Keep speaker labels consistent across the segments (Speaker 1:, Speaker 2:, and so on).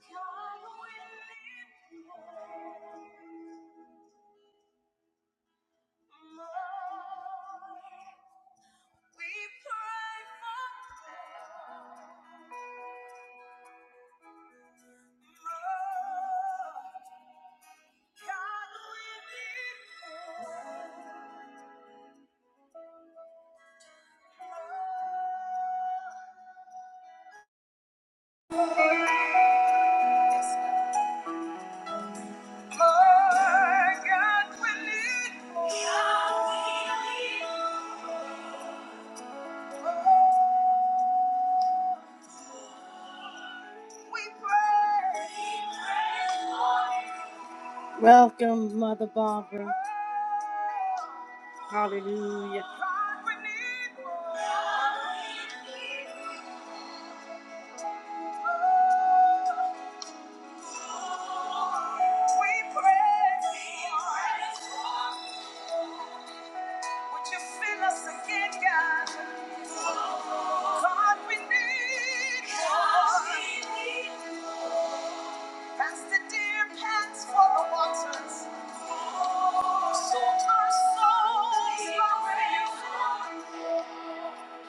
Speaker 1: God will lift you up. we pray for them. More, God will lift you up. We pray. We pray for more. Welcome, Mother Barbara. Hallelujah.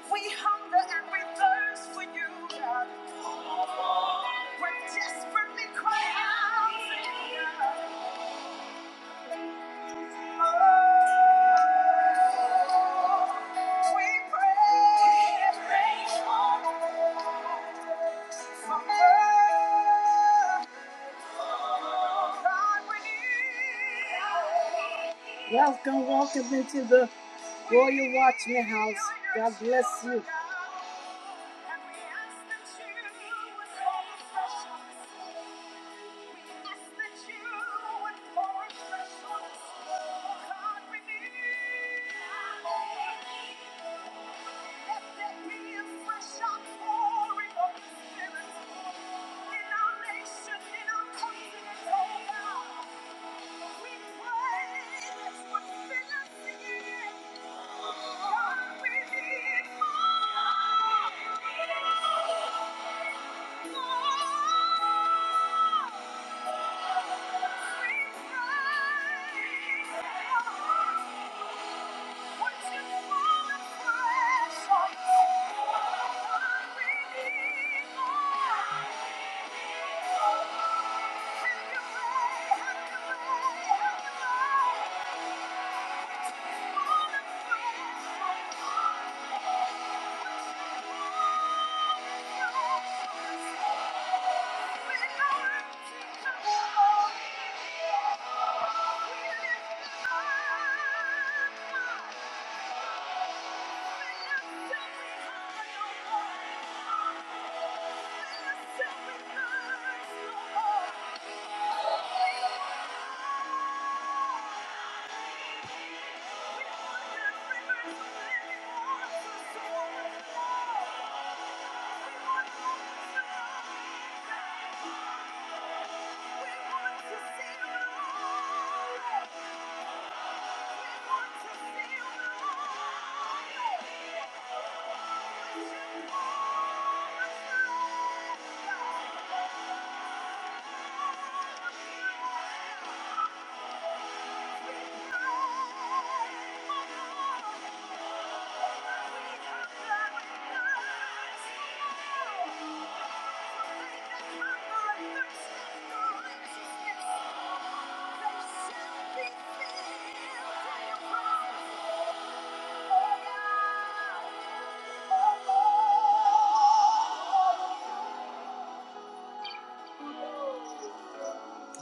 Speaker 1: We hunger and we thirst for you, God. We're desperately crying out for you, God. Oh, we pray for mercy. Welcome, welcome into the Royal Watchman House. God bless you. Oh! Thank you. up. Thank you. Oh,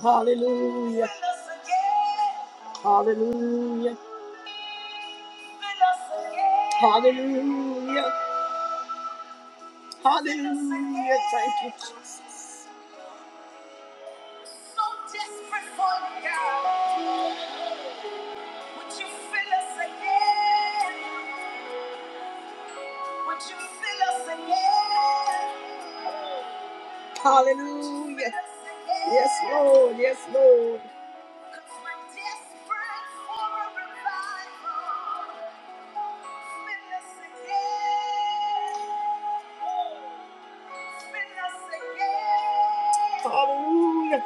Speaker 1: Hallelujah. Hallelujah. Hallelujah. Hallelujah. Thank you, Jesus. So desperate for you, God. Would you fill us again? Would you fill us again? Hallelujah. Yes, Lord. Yes, Lord. Hallelujah, hallelujah.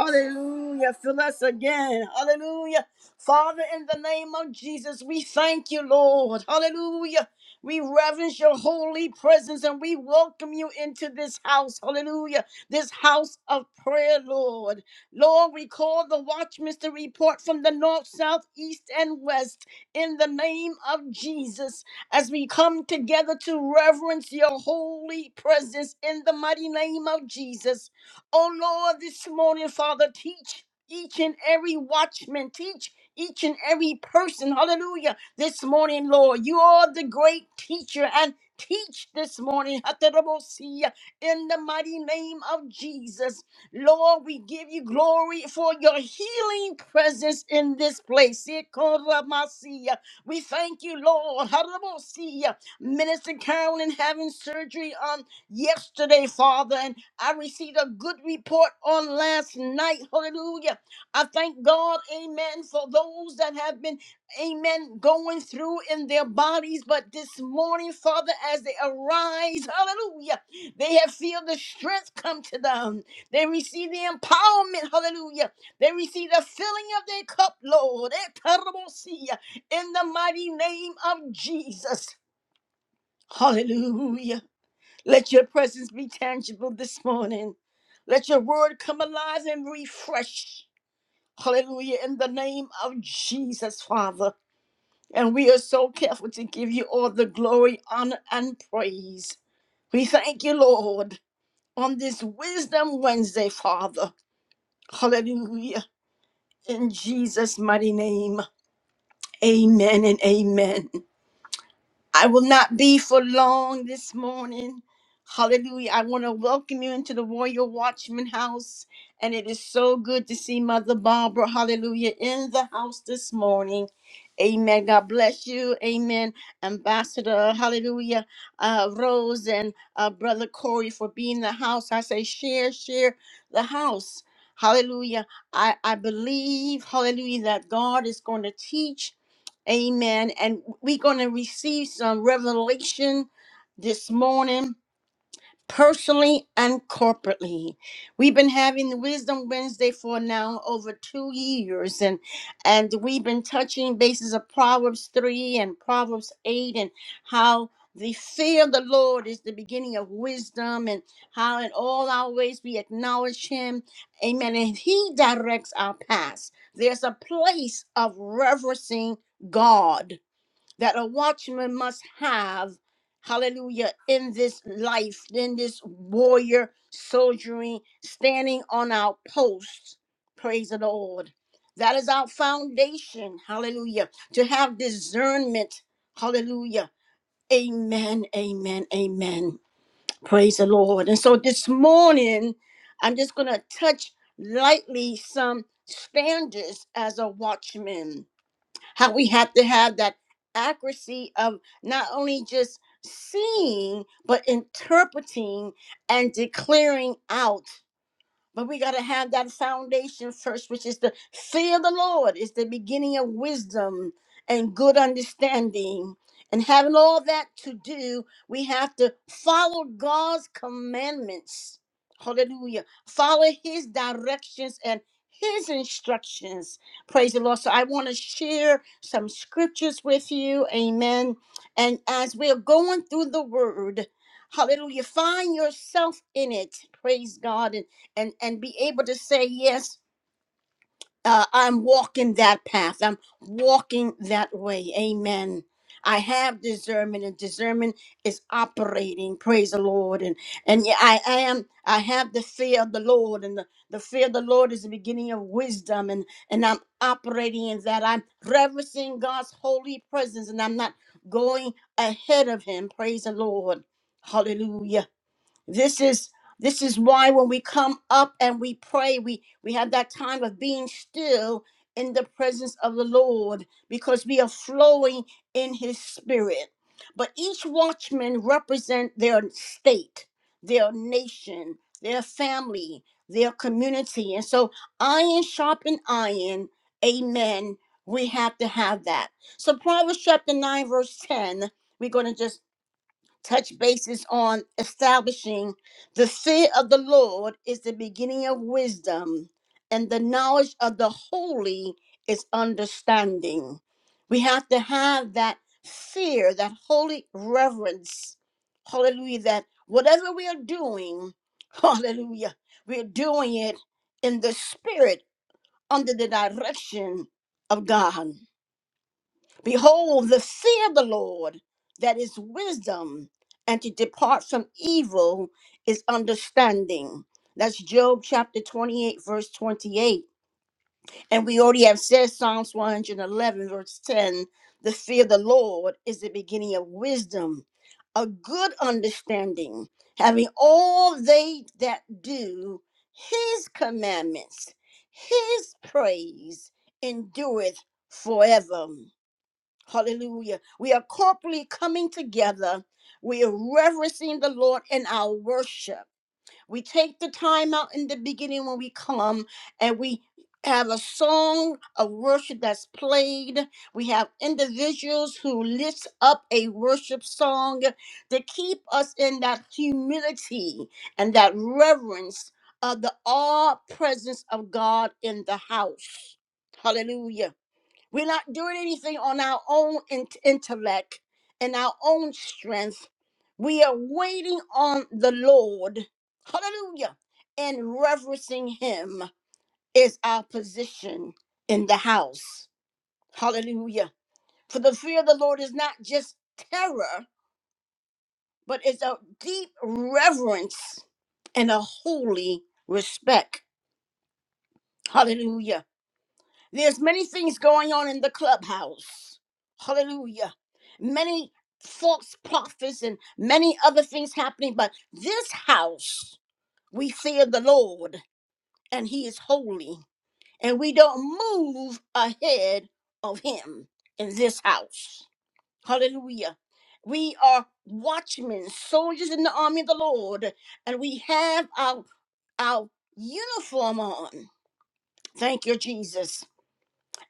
Speaker 1: Hallelujah, fill us again. Hallelujah. Father, in the name of Jesus, we thank you, Lord. Hallelujah. We reverence your holy presence and we welcome you into this house. Hallelujah. This house of prayer, Lord. Lord, we call the watchmen to report from the north, south, east, and west in the name of Jesus as we come together to reverence your holy presence in the mighty name of Jesus. Oh Lord, this morning, Father, teach each and every watchman, teach each and every person, hallelujah this morning, Lord. You are the great teacher and teach this morning. Hatarabosia, In the mighty name of Jesus, Lord, we give you glory for your healing presence in this place. Ikoramasia. We thank you, Lord. Hatarabosia. Minister Carolyn having surgery on yesterday, Father, and I received a good report on last night. Hallelujah. I thank God, amen, for those that have been amen, going through in their bodies. But this morning, Father, as they arise, hallelujah, they have feel the strength come to them. They receive the empowerment, hallelujah. They receive the filling of their cup, Lord, Eh, tarabosia, in the mighty name of Jesus. Hallelujah. Let your presence be tangible this morning. Let your word come alive and refresh. Hallelujah. In the name of Jesus, Father. And we are so careful to give you all the glory, honor, and praise. We thank you, Lord, on this Wisdom Wednesday, Father. Hallelujah. In Jesus' mighty name, amen and amen. I will not be for long this morning. Hallelujah. I want to welcome you into the Royal Watchman house. And it is so good to see Mother Barbara, hallelujah, in the house this morning. Amen. God bless you. Amen. Ambassador, hallelujah, uh, Rose and uh, Brother Corey for being in the house. I say, share, share the house. Hallelujah. I, I believe, hallelujah, that God is going to teach. Amen. And we're going to receive some revelation this morning, personally and corporately. We've been having the Wisdom Wednesday for now over two years, and and we've been touching bases of Proverbs three and Proverbs eight, and how the fear of the Lord is the beginning of wisdom, and how in all our ways we acknowledge Him. Amen. And He directs our paths. There's a place of reverencing God that a watchman must have, hallelujah, in this life, in this warrior soldiering, standing on our posts. Praise the Lord. That is our foundation, hallelujah, to have discernment, hallelujah. Amen, amen, amen. Praise the Lord. And so this morning, I'm just going to touch lightly some standards as a watchman how we have to have that accuracy of not only just seeing but interpreting and declaring out but we got to have that foundation first, which is the fear of the Lord, is the beginning of wisdom and good understanding. And having all that to do, we have to follow God's commandments. Hallelujah. Follow His directions and His instructions. Praise the Lord. So I want to share some scriptures with you. Amen. And as we're going through the word, hallelujah, find yourself in it. Praise God and and and be able to say yes uh, i'm walking that path i'm walking that way amen i have discernment and discernment is operating praise the lord and and yeah, i am i have the fear of the lord and the, the fear of the lord is the beginning of wisdom and and i'm operating in that i'm reverencing god's holy presence and i'm not going ahead of him praise the lord hallelujah this is this is why when we come up and we pray we we have that time of being still in the presence of the lord because we are flowing in his spirit but each watchman represent their state their nation their family their community and so iron sharpen iron amen we have to have that so proverbs chapter 9 verse 10 we're going to just touch bases on establishing the fear of the Lord is the beginning of wisdom, and the knowledge of the holy is understanding. We have to have that fear, that holy reverence. Hallelujah. That whatever we are doing, hallelujah, we are doing it in the spirit under the direction of God. Behold, the fear of the Lord, that is wisdom, and to depart from evil is understanding. That's Job chapter 28, verse 28. And we already have said Psalms 111, verse 10 the fear of the Lord is the beginning of wisdom, a good understanding, having all they that do his commandments, his praise endureth forever. Hallelujah. We are corporately coming together. We are reverencing the Lord in our worship. We take the time out in the beginning when we come and we have a song of worship that's played. We have individuals who lift up a worship song to keep us in that humility and that reverence of the all presence of God in the house. Hallelujah. We're not doing anything on our own in- intellect and our own strength. We are waiting on the Lord. Hallelujah. And reverencing Him is our position in the house. Hallelujah. For the fear of the Lord is not just terror, but it's a deep reverence and a holy respect. Hallelujah There's many things going on in the clubhouse. Hallelujah. Many false prophets and many other things happening, but this house, we fear the Lord and he is holy, and we don't move ahead of him in this house. Hallelujah. We are watchmen, soldiers in the army of the Lord, and we have our our uniform on. Thank you, Jesus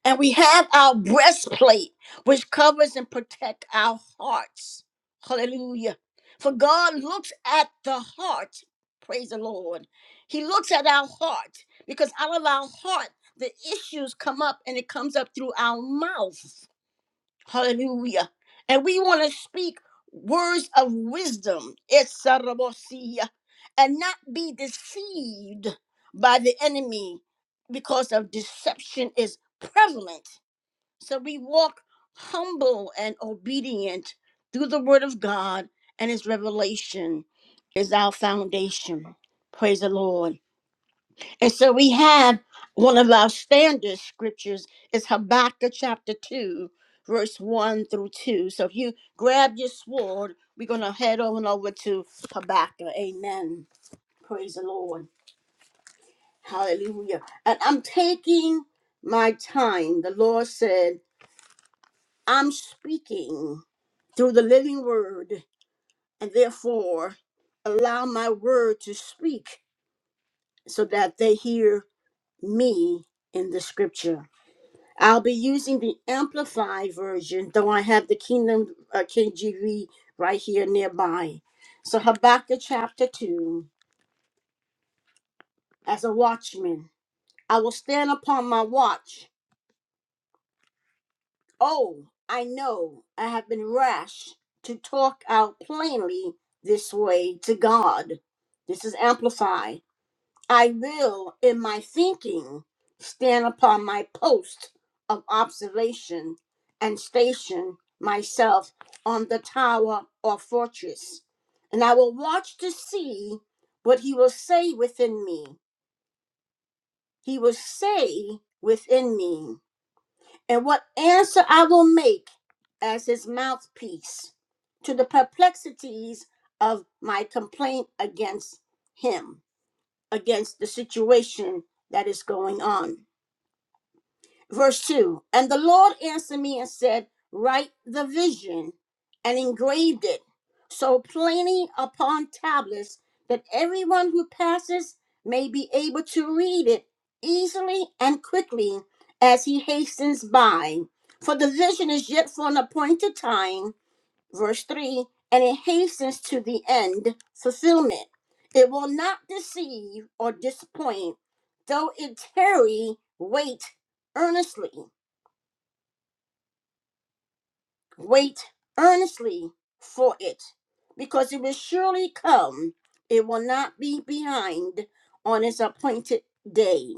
Speaker 1: and we have our breastplate, which covers and protects our hearts. Hallelujah. For God looks at the heart. Praise the Lord. He looks at our heart because out of our heart, the issues come up and it comes up through our mouth. Hallelujah. And we want to speak words of wisdom. It's a And not be deceived by the enemy because of deception is prevalent so we walk humble and obedient through the word of God and his revelation is our foundation. Praise the Lord. And so we have one of our standard scriptures is Habakkuk chapter 2, verse 1 through 2. So if you grab your sword, we're going to head on over to Habakkuk. Amen. Praise the Lord. Hallelujah. And I'm taking my time. The Lord said, I'm speaking through the living word, and therefore allow my word to speak so that they hear me in the scripture. I'll be using the Amplified version, though I have the Kingdom uh, KGV right here nearby. So Habakkuk chapter 2 As a watchman, I will stand upon my watch. Oh, I know I have been rash to talk out plainly this way to God. This is Amplified. I will, in my thinking, stand upon my post of observation and station myself on the tower or fortress. And I will watch to see what he will say within me. He will say within me, and what answer I will make as his mouthpiece to the perplexities of my complaint against him against the situation that is going on. Verse 2 And the Lord answered me and said, Write the vision and engraved it so plainly upon tablets that everyone who passes may be able to read it easily and quickly as he hastens by. For the vision is yet for an appointed time verse 3 and it hastens to the end fulfillment it will not deceive or disappoint though it tarry wait earnestly Wait earnestly for it, because it will surely come. It will not be behind on its appointed day.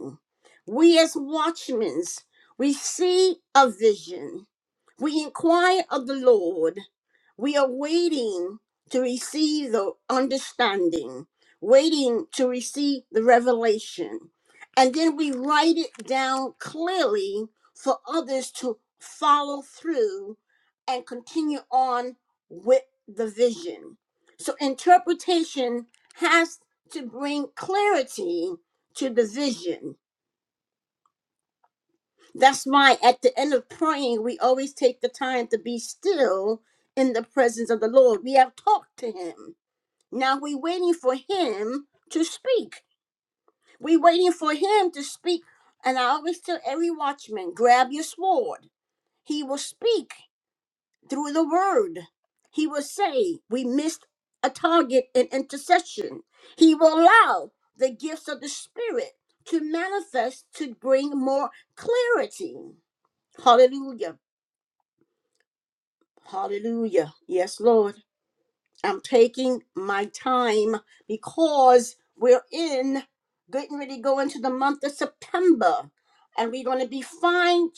Speaker 1: We, as watchmen, we see a vision. We inquire of the Lord. We are waiting to receive the understanding, waiting to receive the revelation. And then we write it down clearly for others to follow through and continue on with the vision. So, interpretation has to bring clarity to the vision. That's why at the end of praying, we always take the time to be still in the presence of the Lord. We have talked to Him. Now we're waiting for Him to speak. We're waiting for Him to speak. And I always tell every watchman grab your sword. He will speak through the word. He will say, We missed a target in intercession. He will allow the gifts of the Spirit to manifest to bring more clarity. Hallelujah. Hallelujah. Yes, Lord. I'm taking my time because we're in, getting ready to go into the month of September, and we're going to be fine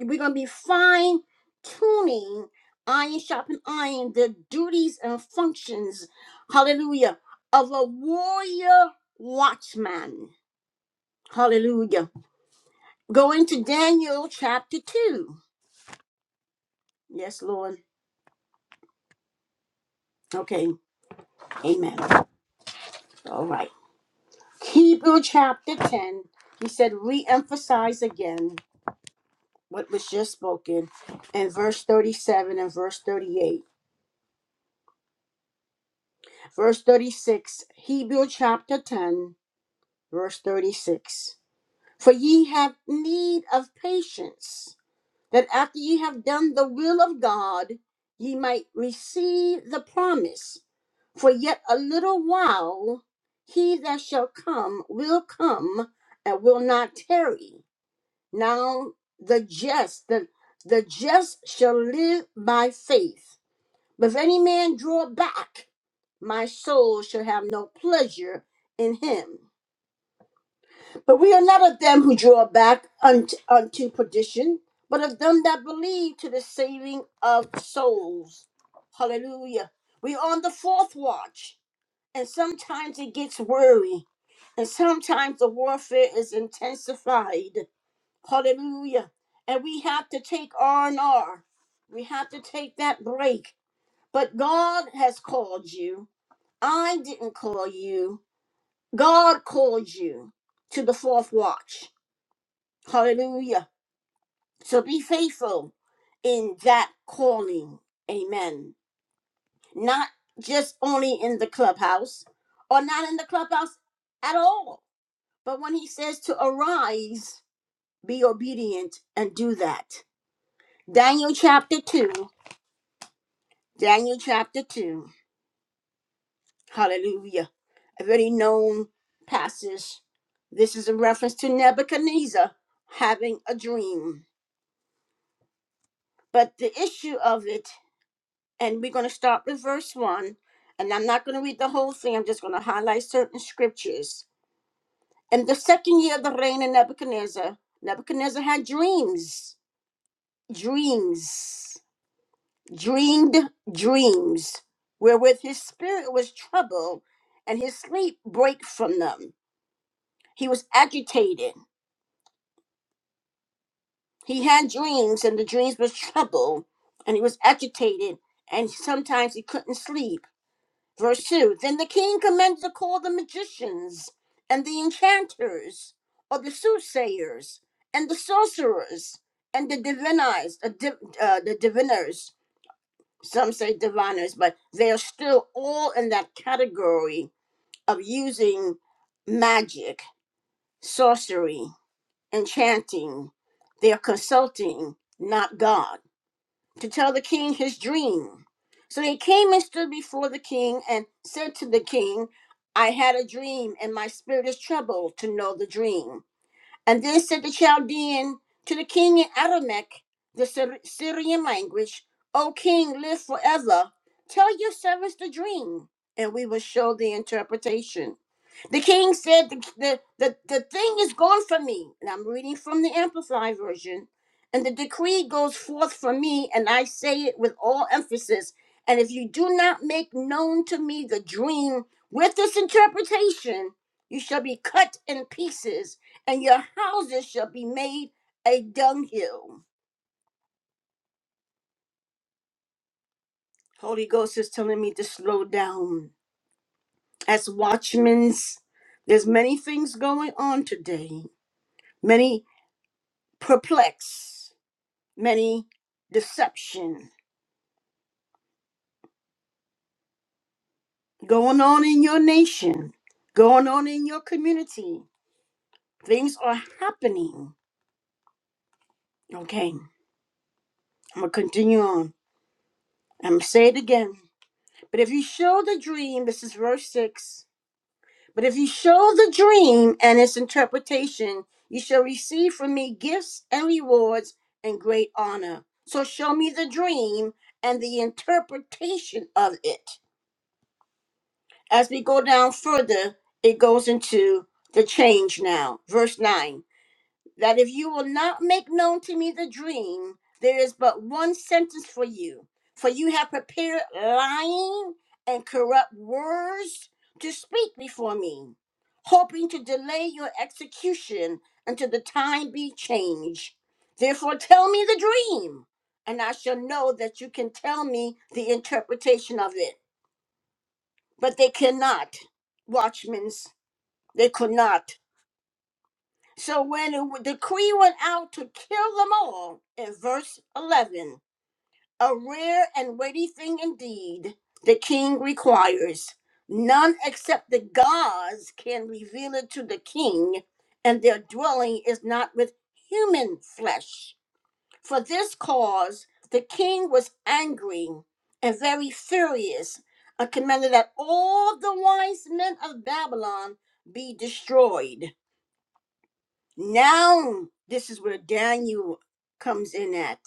Speaker 1: we're going to be fine tuning iron sharpen iron the duties and functions hallelujah of a warrior watchman hallelujah going to daniel chapter 2 yes lord okay amen all right hebrew chapter 10 he said re-emphasize again what was just spoken in verse 37 and verse 38 verse 36 hebrew chapter 10 verse 36 For ye have need of patience, that after ye have done the will of God, ye might receive the promise. For yet a little while, he that shall come will come and will not tarry. Now the just, the, the just shall live by faith. But if any man draw back, my soul shall have no pleasure in him. But we are not of them who draw back unto, unto perdition, but of them that believe to the saving of souls. Hallelujah. We're on the fourth watch, and sometimes it gets weary, and sometimes the warfare is intensified. Hallelujah. And we have to take R&R. We have to take that break. But God has called you. I didn't call you. God called you to the fourth watch. Hallelujah. So be faithful in that calling. Amen. Not just only in the clubhouse or not in the clubhouse at all. But when he says to arise, be obedient and do that. Daniel chapter 2. Daniel chapter 2. Hallelujah. A very known passage. This is a reference to Nebuchadnezzar having a dream. But the issue of it and we're going to start with verse 1. And I'm not going to read the whole thing, I'm just going to highlight certain scriptures. In the second year of the reign of Nebuchadnezzar, Nebuchadnezzar had dreams, dreams, dreamed dreams, wherewith his spirit was troubled and his sleep brake from them. He was agitated. He had dreams, and the dreams was troubled, and he was agitated, and sometimes he couldn't sleep Verse 2 Then the king commanded to call the magicians, and the enchanters, or the soothsayers, and the sorcerers, and the diviners, uh, div- uh, the diviners. Some say diviners, but they are still all in that category of using magic, sorcery, enchanting. They are consulting, not God to tell the king his dream. So he came and stood before the king and said to the king, I had a dream, and my spirit is troubled to know the dream. And then said the Chaldean to the king in Aramaic, the Syr- Syrian language, O king, live forever. Tell your servants the dream, and we will show the interpretation. The king said, the, the, the, the thing is gone from me. And I'm reading from the Amplified Version. And the decree goes forth from me, and I say it with all emphasis. And if you do not make known to me the dream with this interpretation, you shall be cut in pieces, and your houses shall be made a dunghill. Holy Ghost is telling me to slow down. As watchmen, there's many things going on today. Many perplex, many deception going on in your nation, going on in your community. Things are happening. Okay, I'm gonna continue on. I'm gonna say it again. But if you show the dream, this is verse 6. But if you show the dream and its interpretation, you shall receive from me gifts and rewards and great honor. So show me the dream and the interpretation of it As we go down further, it goes into the change now. Verse 9 that if you will not make known to me the dream, there is but one sentence for you. For you have prepared lying and corrupt words to speak before me, hoping to delay your execution until the time be changed. Therefore, tell me the dream, and I shall know that you can tell me the interpretation of it but they cannot. watchmen. they could not. So when the queen went out to kill them all, in verse 11, a rare and weighty thing indeed the king requires. None except the gods can reveal it to the king, and their dwelling is not with human flesh. For this cause the king was angry and very furious, and commanded that all the wise men of Babylon be destroyed. Now, this is where Daniel comes in at.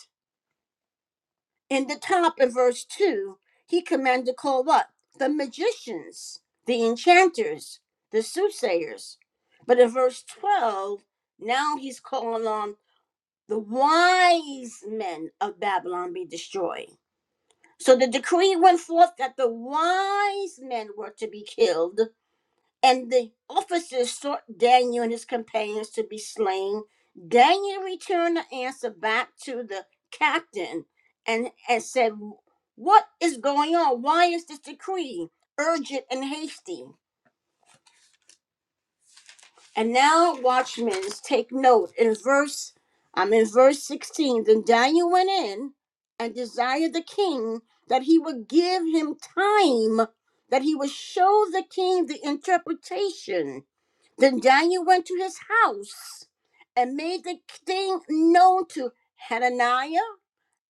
Speaker 1: In the top in verse 2, he commanded to call what? The magicians, the enchanters, the soothsayers. But in verse 12, now he's calling on the wise men of Babylon be destroyed. So the decree went forth that the wise men were to be killed, and the officers sought Daniel and his companions to be slain. Daniel returned the answer back to the captain and, and said, What is going on? Why is this decree urgent and hasty? And now, watchmen, take note. In verse, I'm in verse 16. Then Daniel went in and desired the king that he would give him time, that he would show the king the interpretation. Then Daniel went to his house and made the thing known to Hananiah.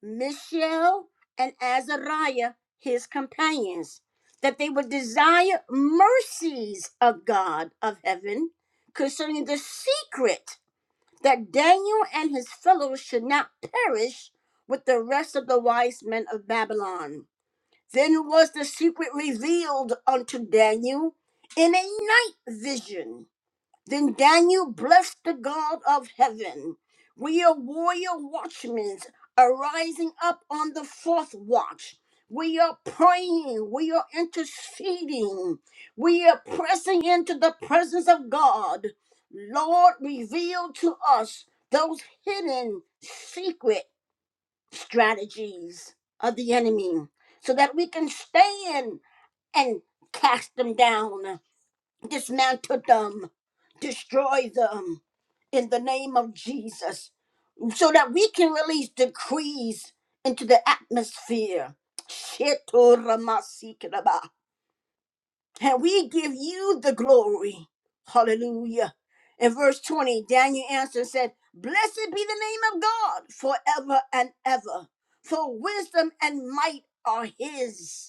Speaker 1: Mishael and Azariah, his companions, that they would desire mercies of God of heaven concerning the secret that Daniel and his fellows should not perish with the rest of the wise men of Babylon. Then was the secret revealed unto Daniel in a night vision then Daniel blessed the God of heaven. We are warrior watchmen arising up on the fourth watch. We are praying. We are interceding. We are pressing into the presence of God. Lord, reveal to us those hidden secret strategies of the enemy so that we can stand and cast them down dismantle them, destroy them in the name of Jesus, so that we can release decrees into the atmosphere. Shetoramasikiraba. And we give you the glory. Hallelujah. In verse 20, Daniel answered and said, Blessed be the name of God forever and ever, for wisdom and might are his.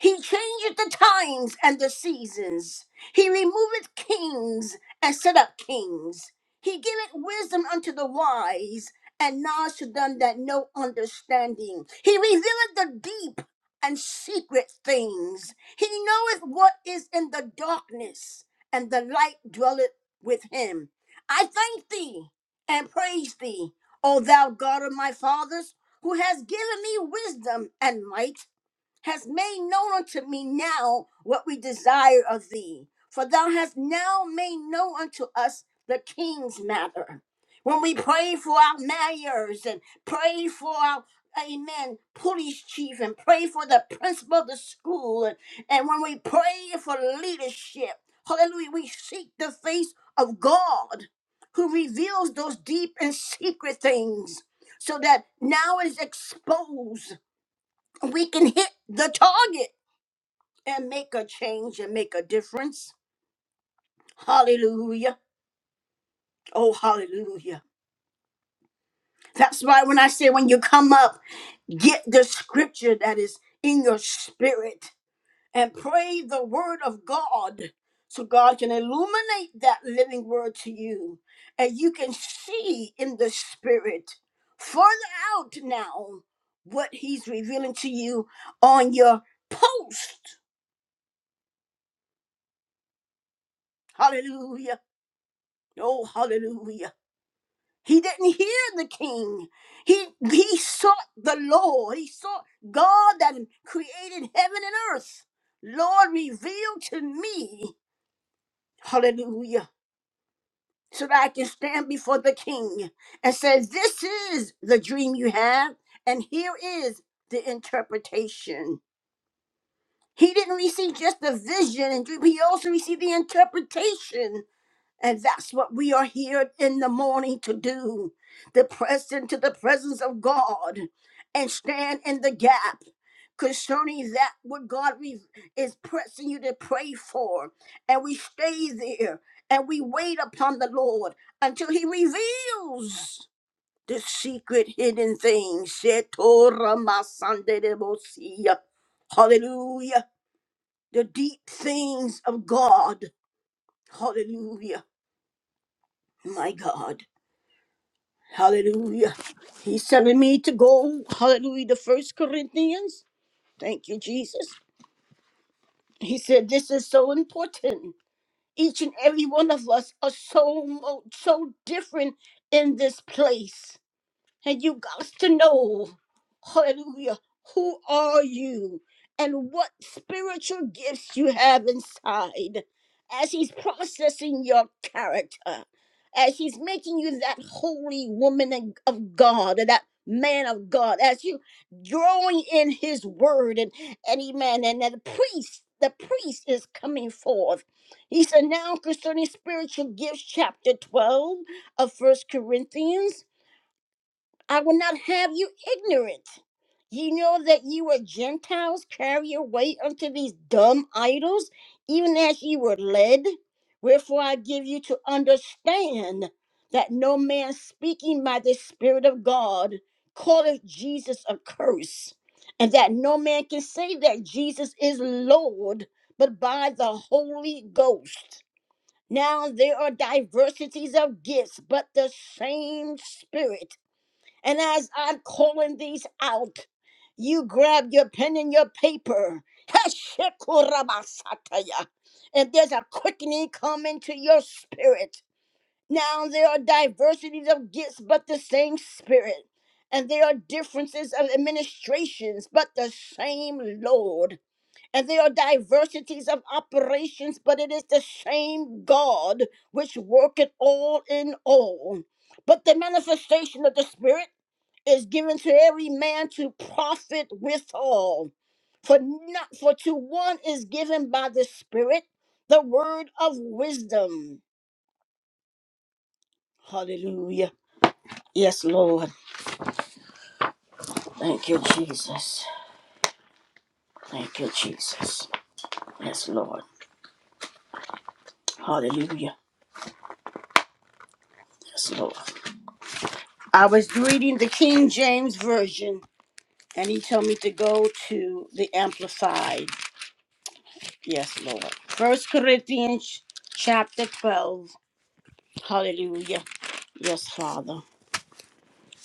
Speaker 1: He changeth the times and the seasons. He removeth kings and set up kings. He giveth wisdom unto the wise and knowledge to them that know understanding. He revealeth the deep and secret things. He knoweth what is in the darkness, and the light dwelleth with him. I thank thee and praise thee, O thou God of my fathers, who has given me wisdom and might has made known unto me now what we desire of thee. For thou hast now made known unto us the king's matter. When we pray for our mayors and pray for our Amen. Police chief and pray for the principal of the school. And, and when we pray for leadership, hallelujah, we seek the face of God who reveals those deep and secret things so that now is exposed we can hit the target and make a change and make a difference. Hallelujah. Oh, hallelujah. That's why when I say when you come up, get the scripture that is in your spirit and pray the word of God so God can illuminate that living word to you and you can see in the spirit further out now what he's revealing to you on your post. Hallelujah Oh, hallelujah. He didn't hear the king. He he sought the Lord. He sought God that created heaven and earth. Lord, reveal to me, hallelujah, so that I can stand before the king and say, This is the dream you have, and here is the interpretation. He didn't receive just the vision and dream, he also received the interpretation And that's what we are here in the morning to do to press into the presence of God and stand in the gap concerning that what God re- is pressing you to pray for. And we stay there and we wait upon the Lord until He reveals the secret hidden things. Shetoramasandedebosia. Hallelujah. The deep things of God. Hallelujah. My God. Hallelujah. He's telling me to go, hallelujah, to First Corinthians. Thank you, Jesus. He said this is so important. Each and every one of us are so mo- so different in this place. And you got to know, hallelujah, who are you and what spiritual gifts you have inside as he's processing your character, as he's making you that holy woman and- of God and that man of God, as you drawing in his word and, and amen, and that the priest, the priest is coming forth. He said now concerning spiritual gifts, chapter 12 of First Corinthians. I will not have you ignorant. You know that you were Gentiles, carry away unto these dumb idols, even as ye were led. Wherefore I give you to understand that no man speaking by the Spirit of God calleth Jesus a curse, and that no man can say that Jesus is Lord but by the Holy Ghost. Now there are diversities of gifts, but the same Spirit and as I'm calling these out, you grab your pen and your paper. Heshekurabasataya. And there's a quickening coming to your spirit. Now there are diversities of gifts, but the same spirit. And there are differences of administrations, but the same Lord. And there are diversities of operations, but it is the same God which worketh all in all. But the manifestation of the Spirit is given to every man to profit withal. For not for to one is given by the Spirit the word of wisdom. Hallelujah. Yes, Lord. Thank you, Jesus. Thank you, Jesus. Yes, Lord. Hallelujah. Yes, Lord. I was reading the King James Version, and he told me to go to the Amplified. Yes, Lord. First Corinthians chapter 12. Hallelujah. Yes, Father.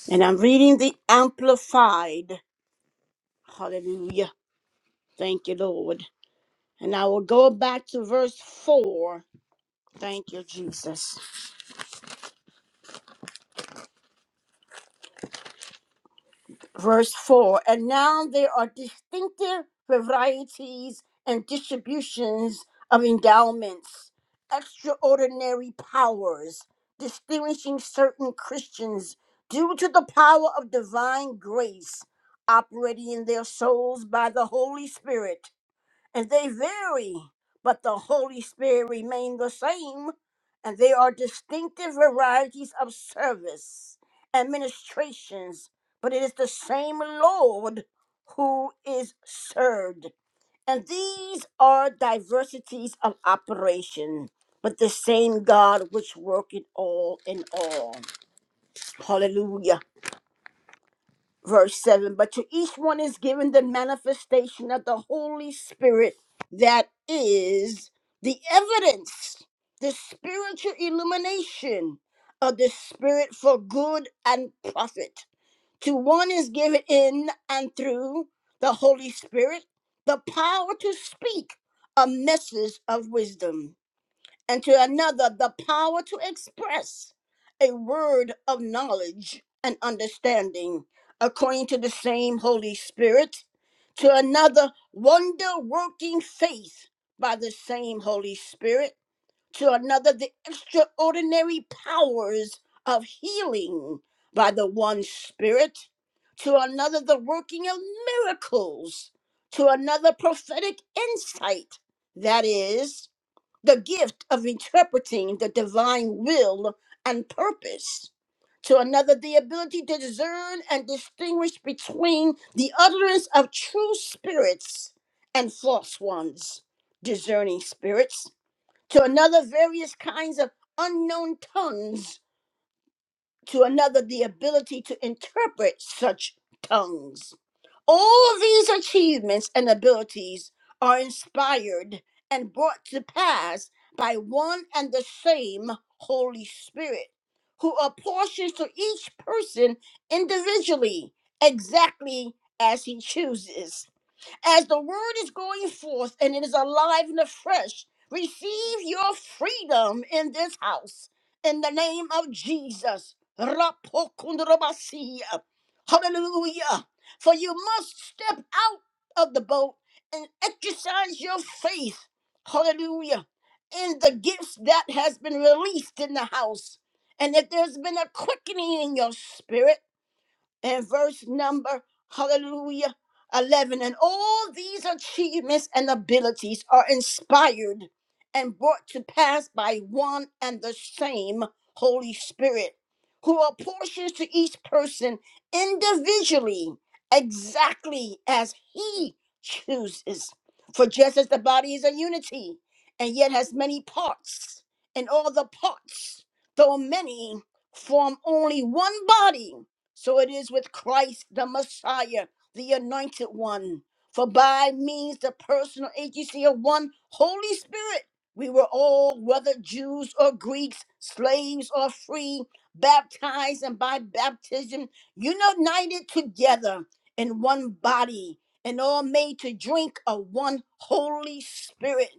Speaker 1: And I'm reading the Amplified. Hallelujah. Thank you, Lord. And I will go back to verse 4. Thank you, Jesus. Verse 4. And now there are distinctive varieties and distributions of endowments, extraordinary powers, distinguishing certain Christians due to the power of divine grace operating in their souls by the Holy Spirit and they vary, but the Holy Spirit remain the same, and they are distinctive varieties of service, administrations, but it is the same Lord who is served. And these are diversities of operation, but the same God which worketh all in all. Hallelujah verse 7 but to each one is given the manifestation of the holy spirit that is the evidence the spiritual illumination of the spirit for good and profit to one is given in and through the holy spirit the power to speak a message of wisdom and to another the power to express a word of knowledge and understanding according to the same Holy Spirit, to another wonder working faith by the same Holy Spirit, to another the extraordinary powers of healing by the one Spirit, to another the working of miracles, to another prophetic insight, that is, the gift of interpreting the divine will and purpose. To another, the ability to discern and distinguish between the utterance of true spirits and false ones, discerning spirits. To another, various kinds of unknown tongues to another the ability to interpret such tongues. All these achievements and abilities are inspired and brought to pass by one and the same Holy Spirit, who apportions to each person individually exactly as he chooses as the word is going forth and it is alive and afresh. Receive your freedom in this house in the name of Jesus. Rapokundurabasiya. Hallelujah. For you must step out of the boat and exercise your faith. Hallelujah. In the gifts that has been released in the house. And if there's been a quickening in your spirit, and verse number, hallelujah, 11. And all these achievements and abilities are inspired and brought to pass by one and the same Holy Spirit, who apportions to each person individually exactly as he chooses. For just as the body is a unity and yet has many parts, and all the parts, though many, form only one body so it is with Christ, the Messiah, the Anointed One. For by means the personal agency of one Holy Spirit, we were all, whether Jews or Greeks, slaves or free, baptized and by baptism united together in one body, and all made to drink of one Holy Spirit.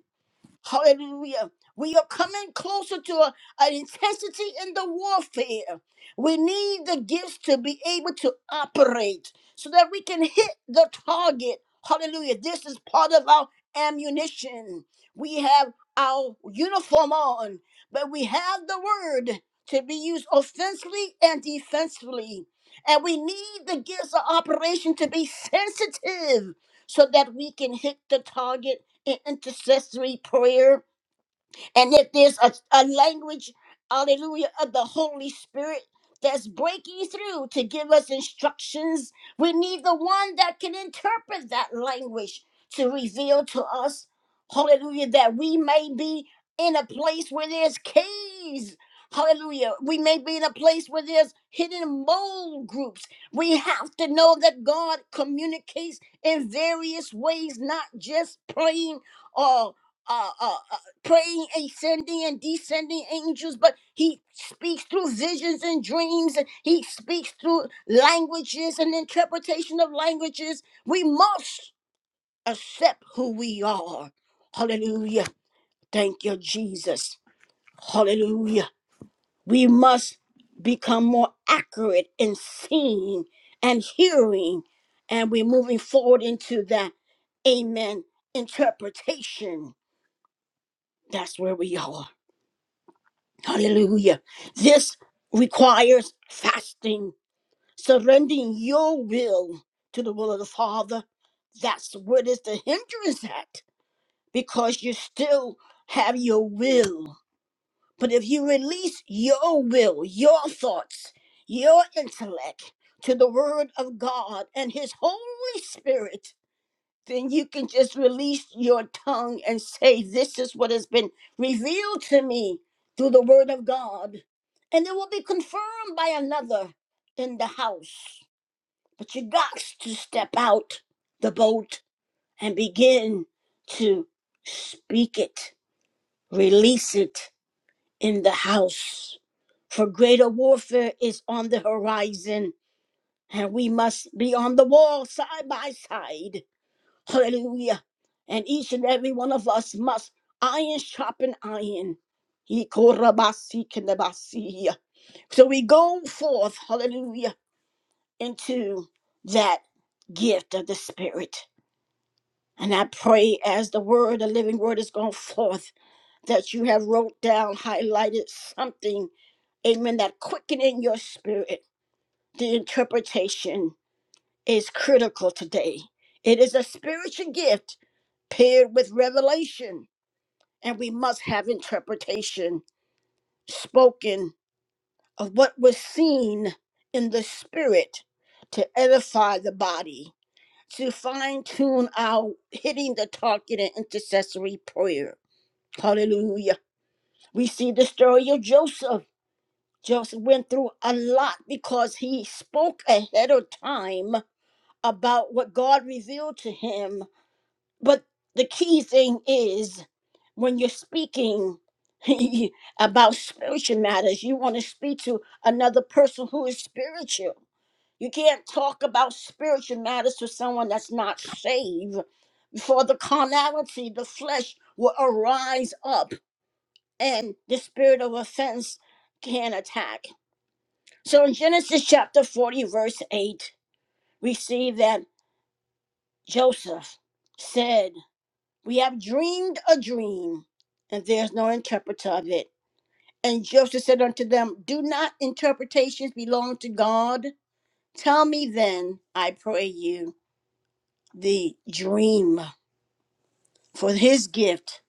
Speaker 1: Hallelujah. We are coming closer to a- an intensity in the warfare. We need the gifts to be able to operate so that we can hit the target. Hallelujah. This is part of our ammunition. We have our uniform on, but we have the word to be used offensively and defensively. And we need the gifts of operation to be sensitive so that we can hit the target in intercessory prayer and if there's a, a language, hallelujah, of the Holy Spirit that's breaking through to give us instructions, we need the one that can interpret that language to reveal to us, hallelujah, that we may be in a place where there's caves. Hallelujah. We may be in a place where there's hidden mole groups. We have to know that God communicates in various ways, not just plain or praying and sending and descending angels, but he speaks through visions and dreams, and he speaks through languages and interpretation of languages. We must accept who we are. Hallelujah. Thank you, Jesus. Hallelujah. We must become more accurate in seeing and hearing, and we're moving forward into that amen interpretation. That's where we are. Hallelujah. This requires fasting, surrendering your will to the will of the Father. That's what is the hindrance at, because you still have your will. But if you release your will, your thoughts, your intellect to the Word of God and His Holy Spirit, then you can just release your tongue and say, This is what has been revealed to me through the word of God. And it will be confirmed by another in the house. But you got to step out the boat and begin to speak it, release it in the house. For greater warfare is on the horizon, and we must be on the wall side by side Hallelujah. And each and every one of us must iron sharpen iron. He korabasi kendabasi. So we go forth, hallelujah, into that gift of the Spirit. And I pray as the word, the living word is going forth, that you have wrote down, highlighted something, amen, that quicken in your spirit. The interpretation is critical today. It is a spiritual gift paired with revelation and we must have interpretation spoken of what was seen in the spirit to edify the body, to fine tune our hitting the target in intercessory prayer. Hallelujah. We see the story of Joseph. Joseph went through a lot because he spoke ahead of time about what God revealed to him But the key thing is when you're speaking about spiritual matters, you want to speak to another person who is spiritual. You can't talk about spiritual matters to someone that's not saved, for the carnality, the flesh will arise up, and the spirit of offense can attack. So in Genesis chapter 40, verse 8, we see that Joseph said, We have dreamed a dream, and there's no interpreter of it. And Joseph said unto them, Do not interpretations belong to God? Tell me then, I pray you, the dream, for his gift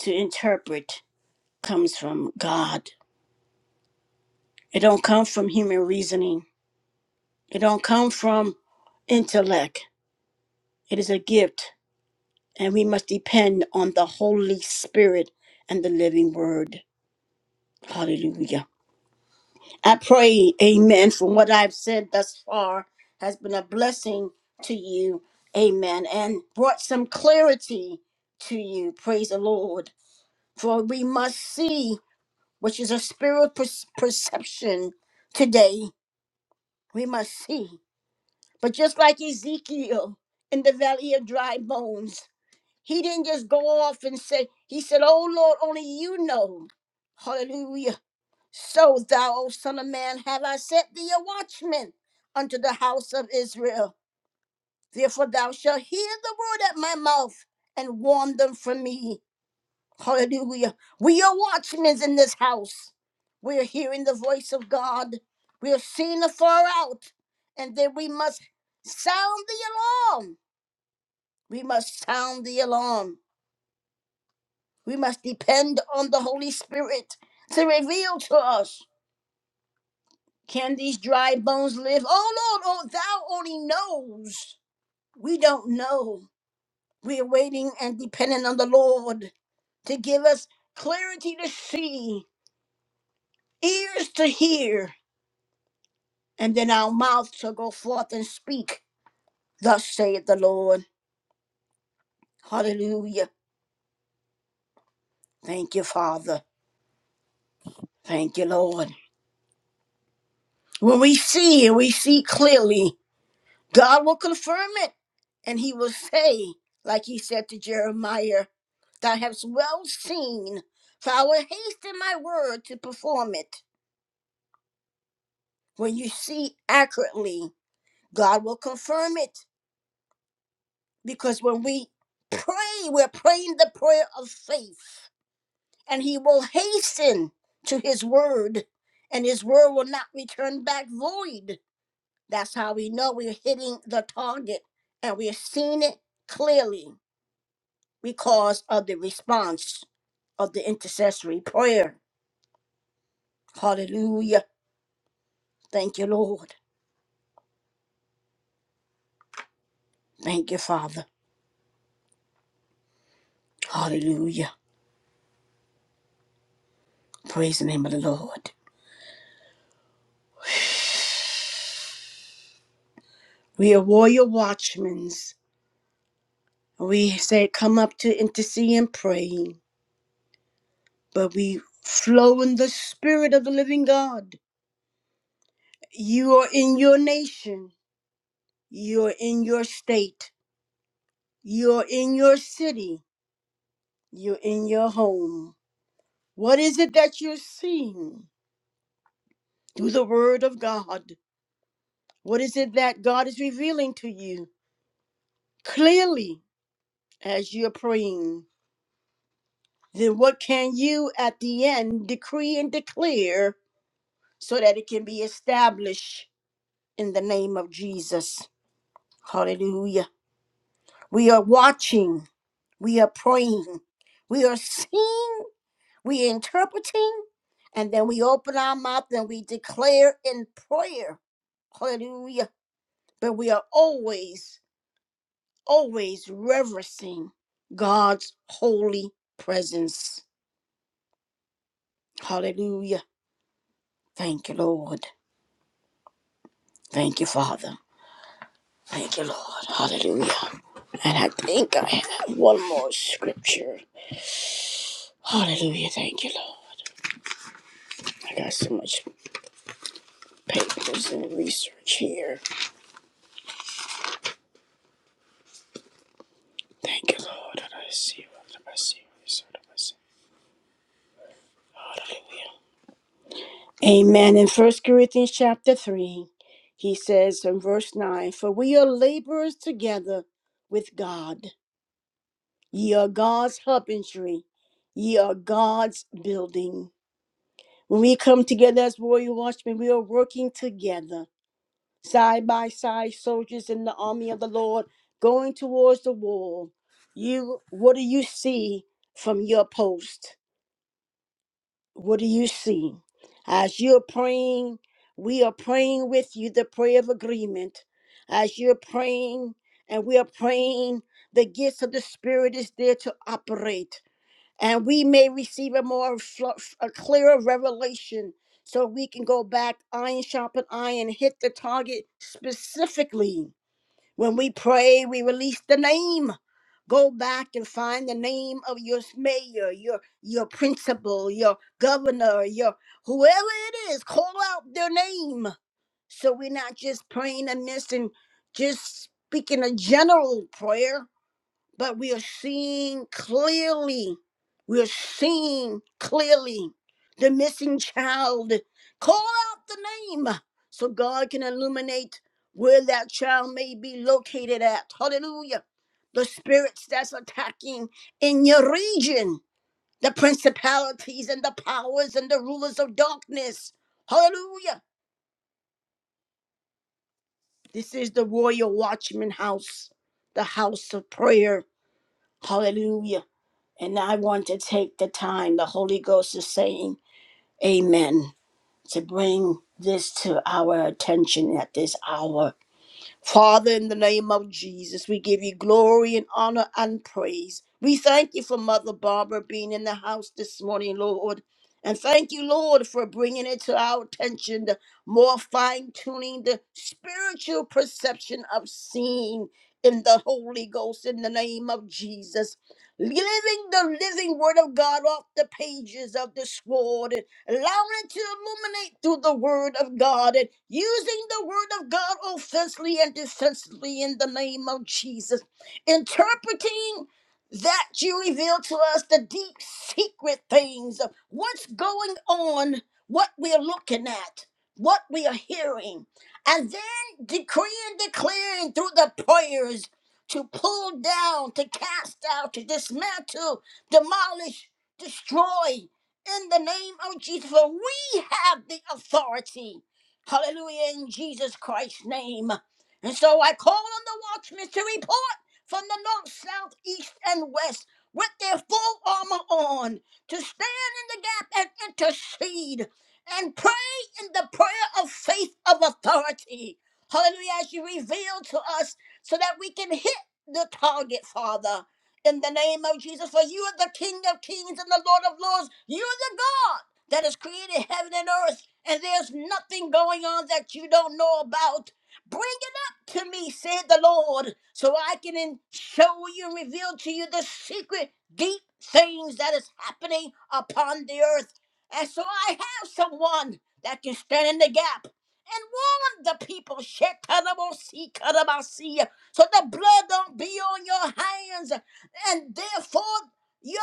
Speaker 1: to interpret comes from God. It don't come from human reasoning. It don't come from intellect. It is a gift, and we must depend on the Holy Spirit and the living word. Hallelujah. I pray, amen, from what I've said thus far has been a blessing to you, amen, and brought some clarity to you. Praise the Lord. For we must see, which is a spiritual per- perception today, we must see. But just like Ezekiel in the valley of dry bones, he didn't just go off and say, He said, Oh Lord, only you know. Hallelujah so thou, O son of man, have I set thee a watchman unto the house of Israel. Therefore thou shalt hear the word at my mouth and warn them from me. Hallelujah. We are watchmen in this house. We are hearing the voice of God. We are seeing afar out. And then we must sound the alarm. We must sound the alarm. We must depend on the Holy Spirit to reveal to us Can these dry bones live? Oh Lord, oh thou only knows. We don't know. We're waiting and depending on the Lord to give us clarity to see, ears to hear, and then our mouth shall go forth and speak. Thus saith the Lord. Hallelujah. Thank you, Father. Thank you, Lord. When we see, we see clearly. God will confirm it. And he will say, like he said to Jeremiah, Thou hast well seen, for I will hasten my word to perform it. When you see accurately, God will confirm it. Because when we pray, we're praying the prayer of faith, and he will hasten to his word, and his word will not return back void. That's how we know we're hitting the target and we're seeing it clearly. because of the response of the intercessory prayer. Hallelujah. Thank you, Lord. Thank you, Father. Hallelujah. Praise the name of the Lord. We are warrior watchmen. We say, come up to intercede and pray, but we flow in the spirit of the living God. You are in your nation. You're in your state. You're in your city. You're in your home. What is it that you're seeing? through the Word of God. What is it that God is revealing to you clearly as you're praying? Then what can you at the end decree and declare so that it can be established in the name of Jesus? Hallelujah. We are watching, we are praying, we are seeing, we are interpreting, and then we open our mouth and we declare in prayer. Hallelujah. But we are always always reverencing God's holy presence. Hallelujah. Thank you, Lord. Thank you, Father. Thank you, Lord. Hallelujah. And I think I have one more scripture. Hallelujah. Thank you, Lord. I got so much papers and research here. Thank you, Lord. And I see what I see. Hallelujah. Amen. In First Corinthians chapter 3, he says in verse 9, For we are laborers together with God. Ye are God's husbandry. Ye are God's building. When we come together as warrior watchmen, we are working together, side by side, soldiers in the army of the Lord, going towards the wall. You, what do you see from your post? What do you see? As you're praying, we are praying with you the prayer of agreement. As you're praying and we are praying, the gifts of the Spirit is there to operate. And we may receive a more fl- a clearer revelation so we can go back iron sharpen iron, hit the target specifically when we pray, we release the name. Go back and find the name of your mayor, your your principal, your governor, your whoever it is. Call out their name, so we're not just praying amiss and just speaking a general prayer but we are seeing clearly. We are seeing clearly the missing child. Call out the name so God can illuminate where that child may be located at. Hallelujah. The spirits that's attacking in your region, the principalities and the powers and the rulers of darkness. Hallelujah. This is the royal watchman house, the house of prayer. Hallelujah. And I want to take the time the Holy Ghost is saying, Amen, to bring this to our attention at this hour. Father, in the name of Jesus, we give you glory and honor and praise. We thank you for Mother Barbara being in the house this morning, Lord. And thank you, Lord, for bringing it to our attention, the more fine tuning the spiritual perception of seeing in the Holy Ghost in the name of Jesus. Living the living word of God off the pages of the sword allowing it to illuminate through the word of God and using the word of God offensively and defensively in the name of Jesus, interpreting that you reveal to us the deep secret things of what's going on, what we're looking at, what we are hearing, and then decreeing, declaring through the prayers to pull down, to cast out, to dismantle, demolish, destroy in the name of Jesus, for we have the authority. Hallelujah, in Jesus Christ's name. And so I call on the watchmen to report from the north, south, east, and west with their full armor on to stand in the gap and intercede and pray in the prayer of faith of authority. Hallelujah, as you reveal to us so that we can hit the target, Father in the name of Jesus, for you are the King of kings and the Lord of lords. You are the God that has created heaven and earth, and there's nothing going on that you don't know about. Bring it up to me, said the Lord, so I can in- show you and reveal to you the secret, deep things that is happening upon the earth. And so I have someone that can stand in the gap and warn the people. Shekarabasi, karabasi, so the blood don't be on your hands and therefore your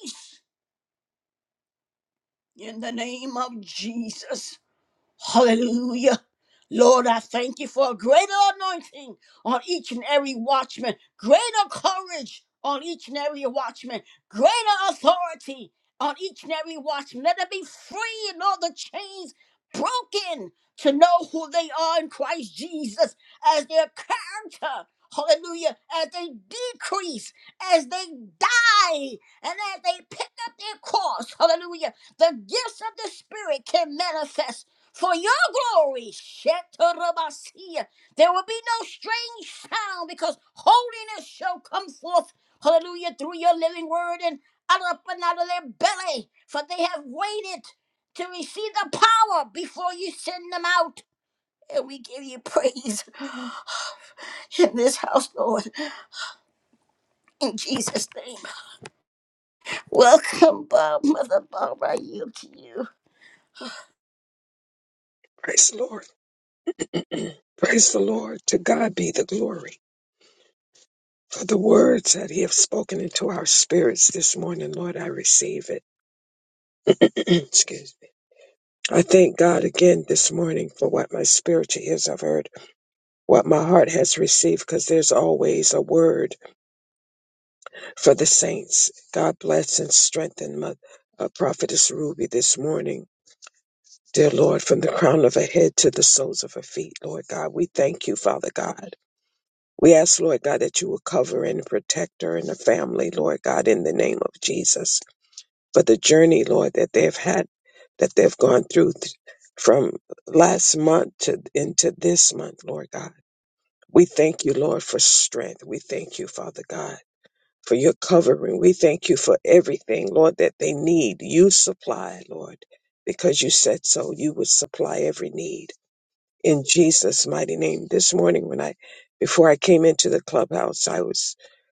Speaker 1: release in the name of Jesus. Hallelujah. Lord, I thank you for a greater anointing on each and every watchman, greater courage on each and every watchman, greater authority on each and every watchman. Let them be free and all the chains broken to know who they are in Christ Jesus as their character. Hallelujah. As they decrease, as they die, and as they pick up their cross. Hallelujah. The gifts of the Spirit can manifest for your glory. Shetarabasia. There will be no strange sound because holiness shall come forth, hallelujah, through your living word and out up and out of their belly, for they have waited to receive the power before you send them out. And we give you praise in this house, Lord, in Jesus' name. Welcome, Bob, Mother Barbara. I yield to you.
Speaker 2: Praise the Lord. Praise the Lord. To God be the glory for the words that He has spoken into our spirits this morning. Lord, I receive it. Excuse me. I thank God again this morning for what my spiritual ears have heard, what my heart has received, because there's always a word for the saints. God bless and strengthen my uh, prophetess Ruby this morning. Dear Lord, from the crown of her head to the soles of her feet, Lord God, we thank you, Father God. We ask, Lord God, that you will cover and protect her and the family, Lord God, in the name of Jesus, for the journey, Lord, that they've had, that they've gone through th- from last month to into this month, Lord God. We thank you, Lord, for strength. We thank you, Father God, for your covering. We thank you for everything, Lord, that they need. You supply, Lord, because you said so. You would supply every need in Jesus' mighty name. This morning when I before I came into the clubhouse, I was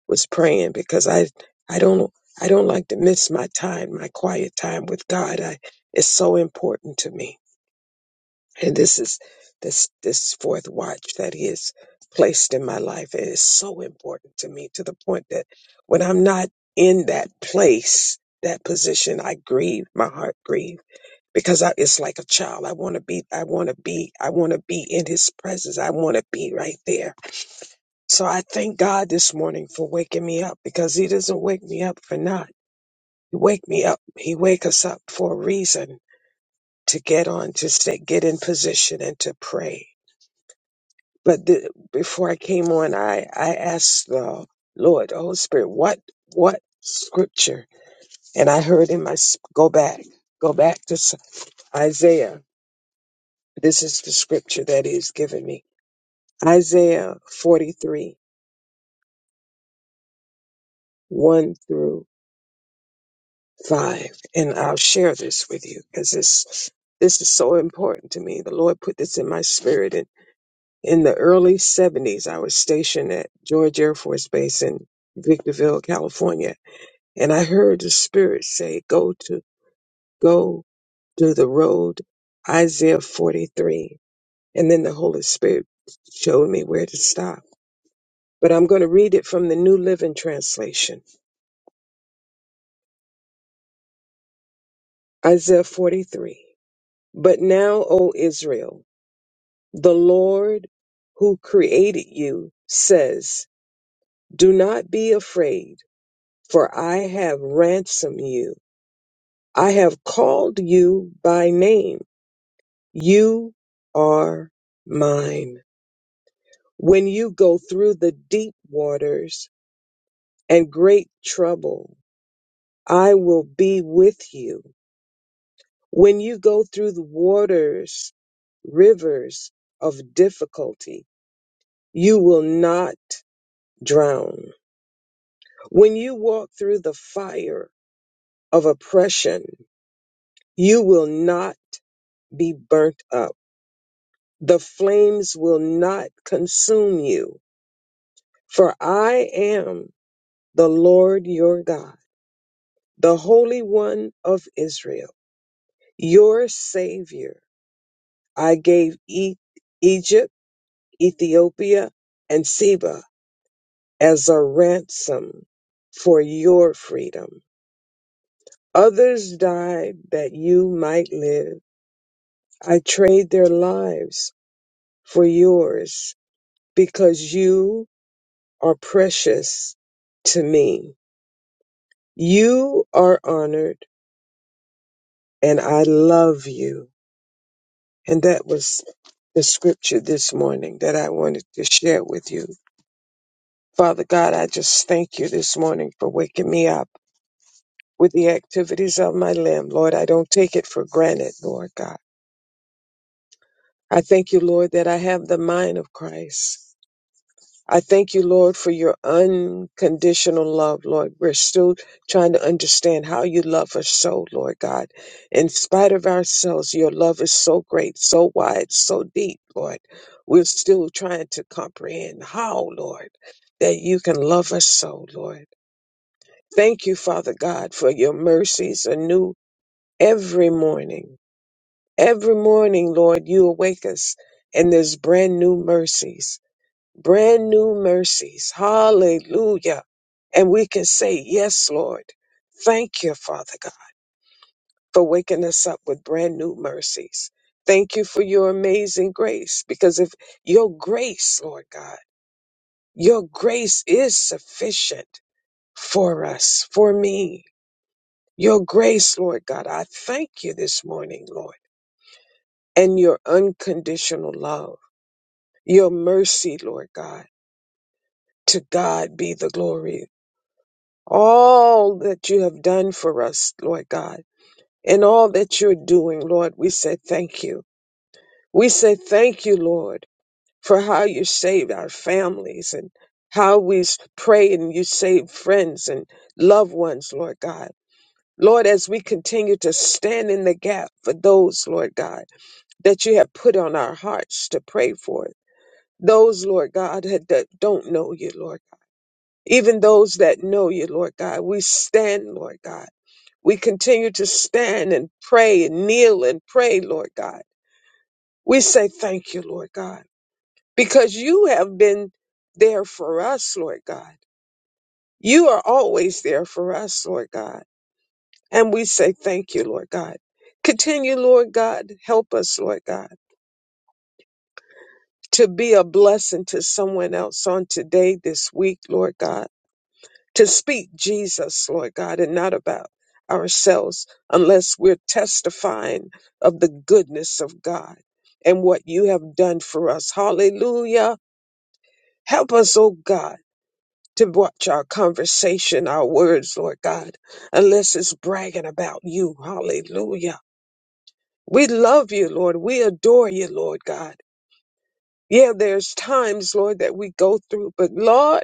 Speaker 2: was praying because I I don't I don't like to miss my time, my quiet time with God. I it's so important to me. And this is this this fourth watch that he has placed in my life. It is so important to me to the point that when I'm not in that place, that position, I grieve, my heart grieves because I, it's like a child. I want to be, I want to be, I want to be in his presence. I want to be right there. So I thank God this morning for waking me up because he doesn't wake me up for naught. He wake me up. He wake us up for a reason to get on, to stay, get in position and to pray. But the, before I came on, I, I asked the Lord, Holy Spirit, what, what scripture? And I heard him, I s- go back, go back to S- Isaiah. This is the scripture that he's given me Isaiah 43, 1 through 5. And I'll share this with you because this, this is so important to me. The Lord put this in my spirit. And in the early 70s, I was stationed at George Air Force Base in Victorville, California. And I heard the Spirit say, Go to, go to the road, Isaiah 43. And then the Holy Spirit showed me where to stop. But I'm going to read it from the New Living Translation. Isaiah 43. But now, O Israel, the Lord who created you says, Do not be afraid, for I have ransomed you. I have called you by name. You are mine. When you go through the deep waters and great trouble, I will be with you. When you go through the waters, rivers of difficulty, you will not drown. When you walk through the fire of oppression, you will not be burnt up. The flames will not consume you, for I am the Lord your God, the Holy One of Israel, your Savior. I gave e- Egypt, Ethiopia, and Seba as a ransom for your freedom. Others died that you might live I trade their lives for yours because you are precious to me. You are honored and I love you. And that was the scripture this morning that I wanted to share with you. Father God, I just thank you this morning for waking me up with the activities of my limb. Lord, I don't take it for granted, Lord God. I thank you, Lord, that I have the mind of Christ. I thank you, Lord, for your unconditional love, Lord. We're still trying to understand how you love us so, Lord God. In spite of ourselves, your love is so great, so wide, so deep, Lord. We're still trying to comprehend how, Lord, that you can love us so, Lord. Thank you, Father God, for your mercies anew every morning. Every morning, Lord, you awake us, and there's brand new mercies brand new mercies. Hallelujah. And we can say, Yes, Lord. Thank you, Father God, for waking us up with brand new mercies. Thank you for your amazing grace, because if your grace, Lord God, your grace is sufficient for us, for me. Your grace, Lord God, I thank you this morning, Lord, and your unconditional love, your mercy, Lord God. To God be the glory all that you have done for us, Lord God, and all that you're doing, Lord. We say thank you. We say thank you, Lord, for how you saved our families and how we s- pray and you save friends and loved ones, Lord God. Lord, as we continue to stand in the gap for those, Lord God, that you have put on our hearts to pray for, those, Lord God, that that don't know you, Lord, even those that know you, Lord God, we stand, Lord God We continue to stand and pray and kneel and pray, Lord God. We say thank you, Lord God, because you have been there for us, Lord God. You are always there for us, Lord God. And we say thank you, Lord God. Continue, Lord God. Help us, Lord God, to be a blessing to someone else on today, this week, Lord God. to speak Jesus, Lord God, and not about ourselves unless we're testifying of the goodness of God and what you have done for us. Hallelujah. Help us, oh God. To watch our conversation, our words, Lord God, unless it's bragging about you. Hallelujah. We love you, Lord. We adore you, Lord God. Yeah, there's times, Lord, that we go through, but Lord,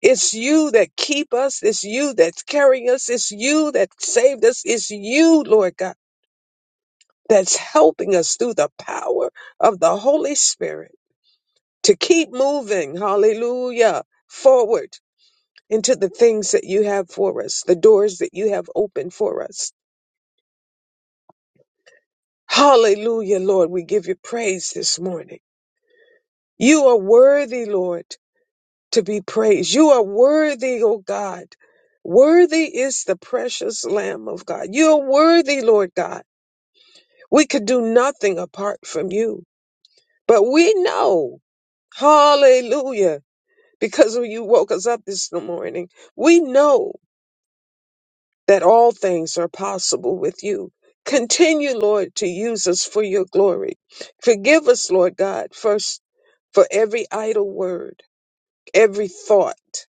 Speaker 2: It's you that keep us. It's you that's carrying us. It's you that saved us. It's you, Lord God, that's helping us through the power of the Holy Spirit to keep moving. Hallelujah. Forward into the things that you have for us, the doors that you have opened for us. Hallelujah, Lord. We give you praise this morning. You are worthy, Lord. to be praised. You are worthy, O God. Worthy is the precious Lamb of God. You are worthy, Lord God. We could do nothing apart from you, but we know, hallelujah, because when you woke us up this morning, we know that all things are possible with you. Continue, Lord, to use us for your glory. Forgive us, Lord God, first for every idle word, every thought.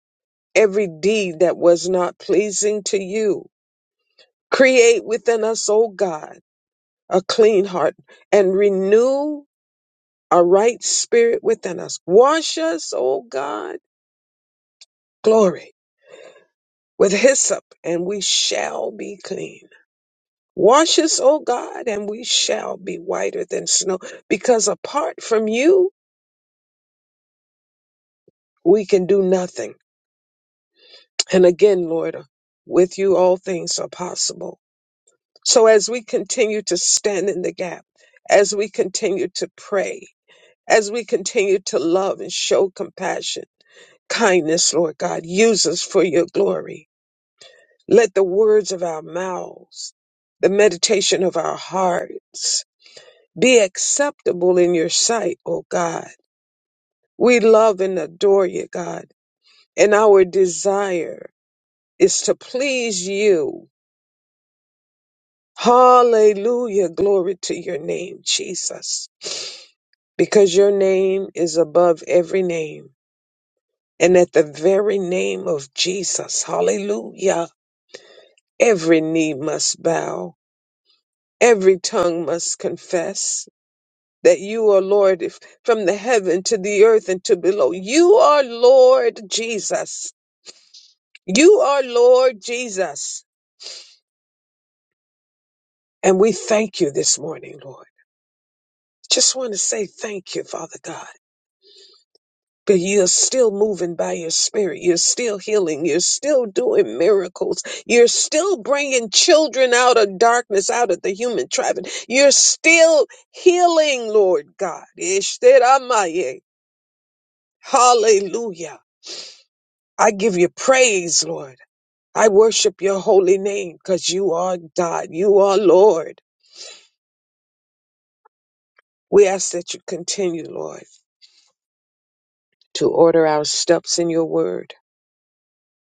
Speaker 2: every deed that was not pleasing to you. Create within us, O God, a clean heart and renew a right spirit within us. Wash us, O God, glory, with hyssop, and we shall be clean. Wash us, O God, and we shall be whiter than snow, because apart from you, we can do nothing. And again, Lord, with you all things are possible. So as we continue to stand in the gap, as we continue to pray, as we continue to love and show compassion, kindness, Lord God, use us for your glory. Let the words of our mouths, the meditation of our hearts be acceptable in your sight, O God. We love and adore you, God, and our desire is to please you. Hallelujah. Glory to your name, Jesus. because your name is above every name. And at the very name of Jesus, hallelujah, every knee must bow, every tongue must confess that you are Lord if- from the heaven to the earth and to below. You are Lord Jesus. You are Lord Jesus. And we thank you this morning, Lord. Just want to say thank you, Father God. But you're still moving by your spirit. You're still healing. You're still doing miracles. You're still bringing children out of darkness, out of the human traffic. You're still healing, Lord God. Ishteramaye. Hallelujah. I give you praise, Lord. I worship your holy name because you are God. You are Lord. We ask that you continue, Lord, to order our steps in your word.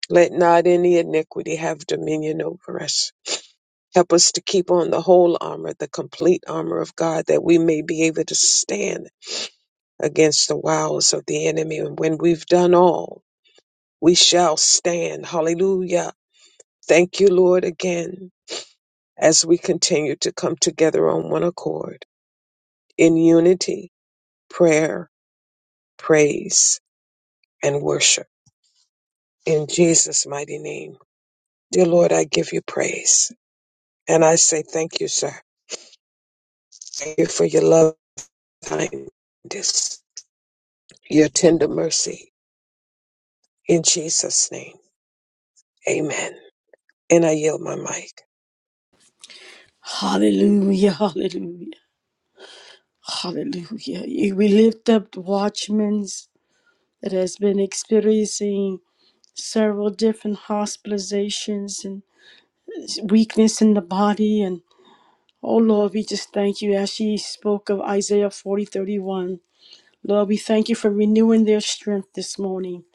Speaker 2: Let not any iniquity have dominion over us. Help us to keep on the whole armor, the complete armor of God, that we may be able to stand against the wiles of the enemy. And when we've done all, we shall stand. Hallelujah. Thank you, Lord, again, as we continue to come together on one accord in unity, prayer, praise, and worship. In Jesus' mighty name. Dear Lord, I give you praise. And I say thank you, sir. Thank you for your love, kindness, your tender mercy In Jesus' name, amen. And I yield my mic.
Speaker 1: Hallelujah, hallelujah. Hallelujah. We lift up the watchmen. that has been experiencing several different hospitalizations and weakness in the body. And oh Lord, we just thank you as she spoke of Isaiah 40 31. Lord, we thank you for renewing their strength this morning.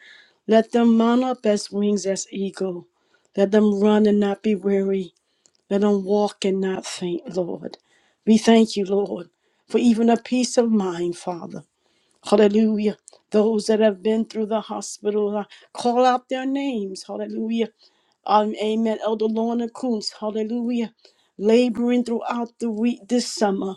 Speaker 1: Let them mount up as wings as eagle. Let them run and not be weary. Let them walk and not faint, Lord. We thank you, Lord, for even a peace of mind, Father. Hallelujah. Those that have been through the hospital, uh, call out their names. Hallelujah. Um, amen. Elder Lorna Coons. Hallelujah. Laboring throughout the week this summer.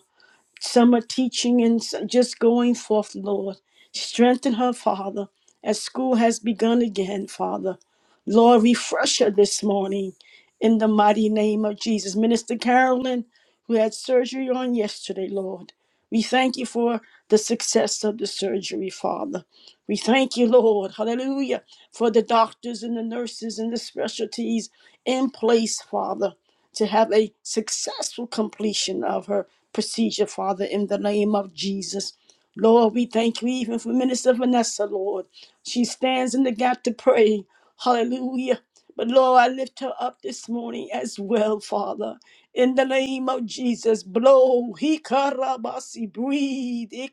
Speaker 1: Some are teaching and some just going forth, Lord. Strengthen her, Father, as school has begun again, Father. Lord, refresh her this morning in the mighty name of Jesus. Minister Carolyn, who had surgery on yesterday, Lord, we thank you for the success of the surgery, Father. We thank you, Lord, hallelujah, for the doctors and the nurses and the specialties in place, Father to have a successful completion of her procedure, Father, in the name of Jesus. Lord, we thank you even for Minister Vanessa, Lord. She stands in the gap to pray. Hallelujah. But Lord, I lift her up this morning as well, Father. In the name of Jesus, blow. He breathe. He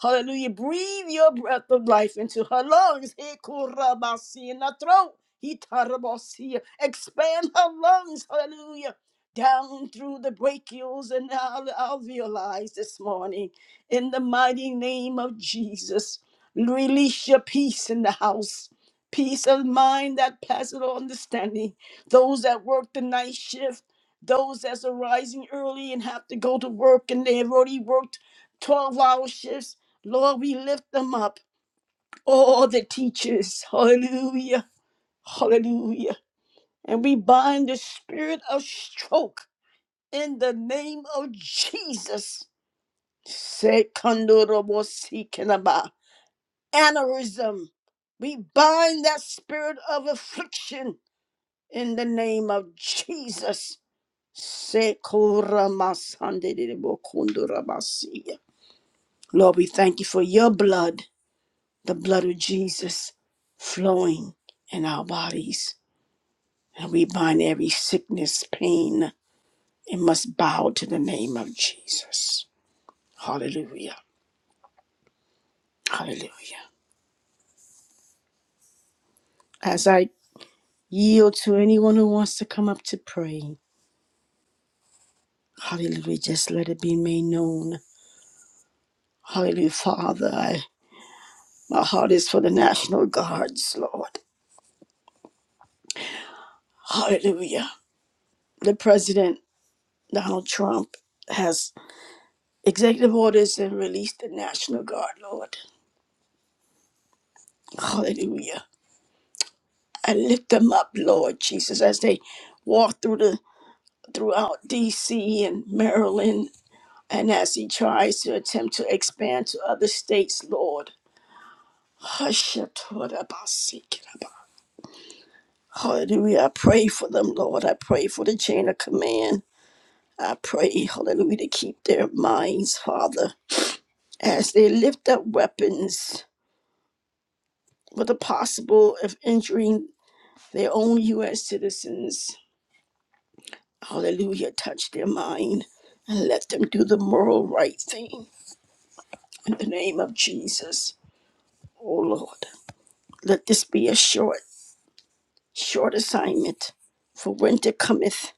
Speaker 1: Hallelujah. Breathe your breath of life into her lungs. He kurabasi in her throat. He tarabasi. Expand her lungs. Hallelujah. Down through the brachials and al- alveoli this morning. In the mighty name of Jesus, release your peace in the house. Peace of mind that passes all understanding. Those that work the night shift, those that's arising early and have to go to work and they've already worked 12 hour shifts Lord, we lift them up, all the teachers. Hallelujah. Hallelujah. And we bind the spirit of stroke in the name of Jesus. Sekandorobosikiraba. Aneurysm. We bind that spirit of affliction in the name of Jesus. Sekoramasandedebokondorabasi. Lord, we thank you for your blood. the blood of Jesus flowing in our bodies. And we bind every sickness, pain, and must bow to the name of Jesus. Hallelujah. Hallelujah. As I yield to anyone who wants to come up to pray, hallelujah, just let it be made known. Hallelujah, Father. I, my heart is for the National Guards, Lord. Hallelujah. The President, Donald Trump, has executive orders and released the National Guard, Lord. Hallelujah. I lift them up, Lord Jesus, as they walk through the throughout DC and Maryland and as he tries to attempt to expand to other states, Lord. Hashatorabasikeraba. Hallelujah. I pray for them, Lord. I pray for the chain of command. I pray, hallelujah, to keep their minds, Father, as they lift up weapons with the possible of injuring their own U.S. citizens Hallelujah. Touch their mind and let them do the moral right thing in the name of Jesus. Oh Lord, let this be a short, short assignment for winter cometh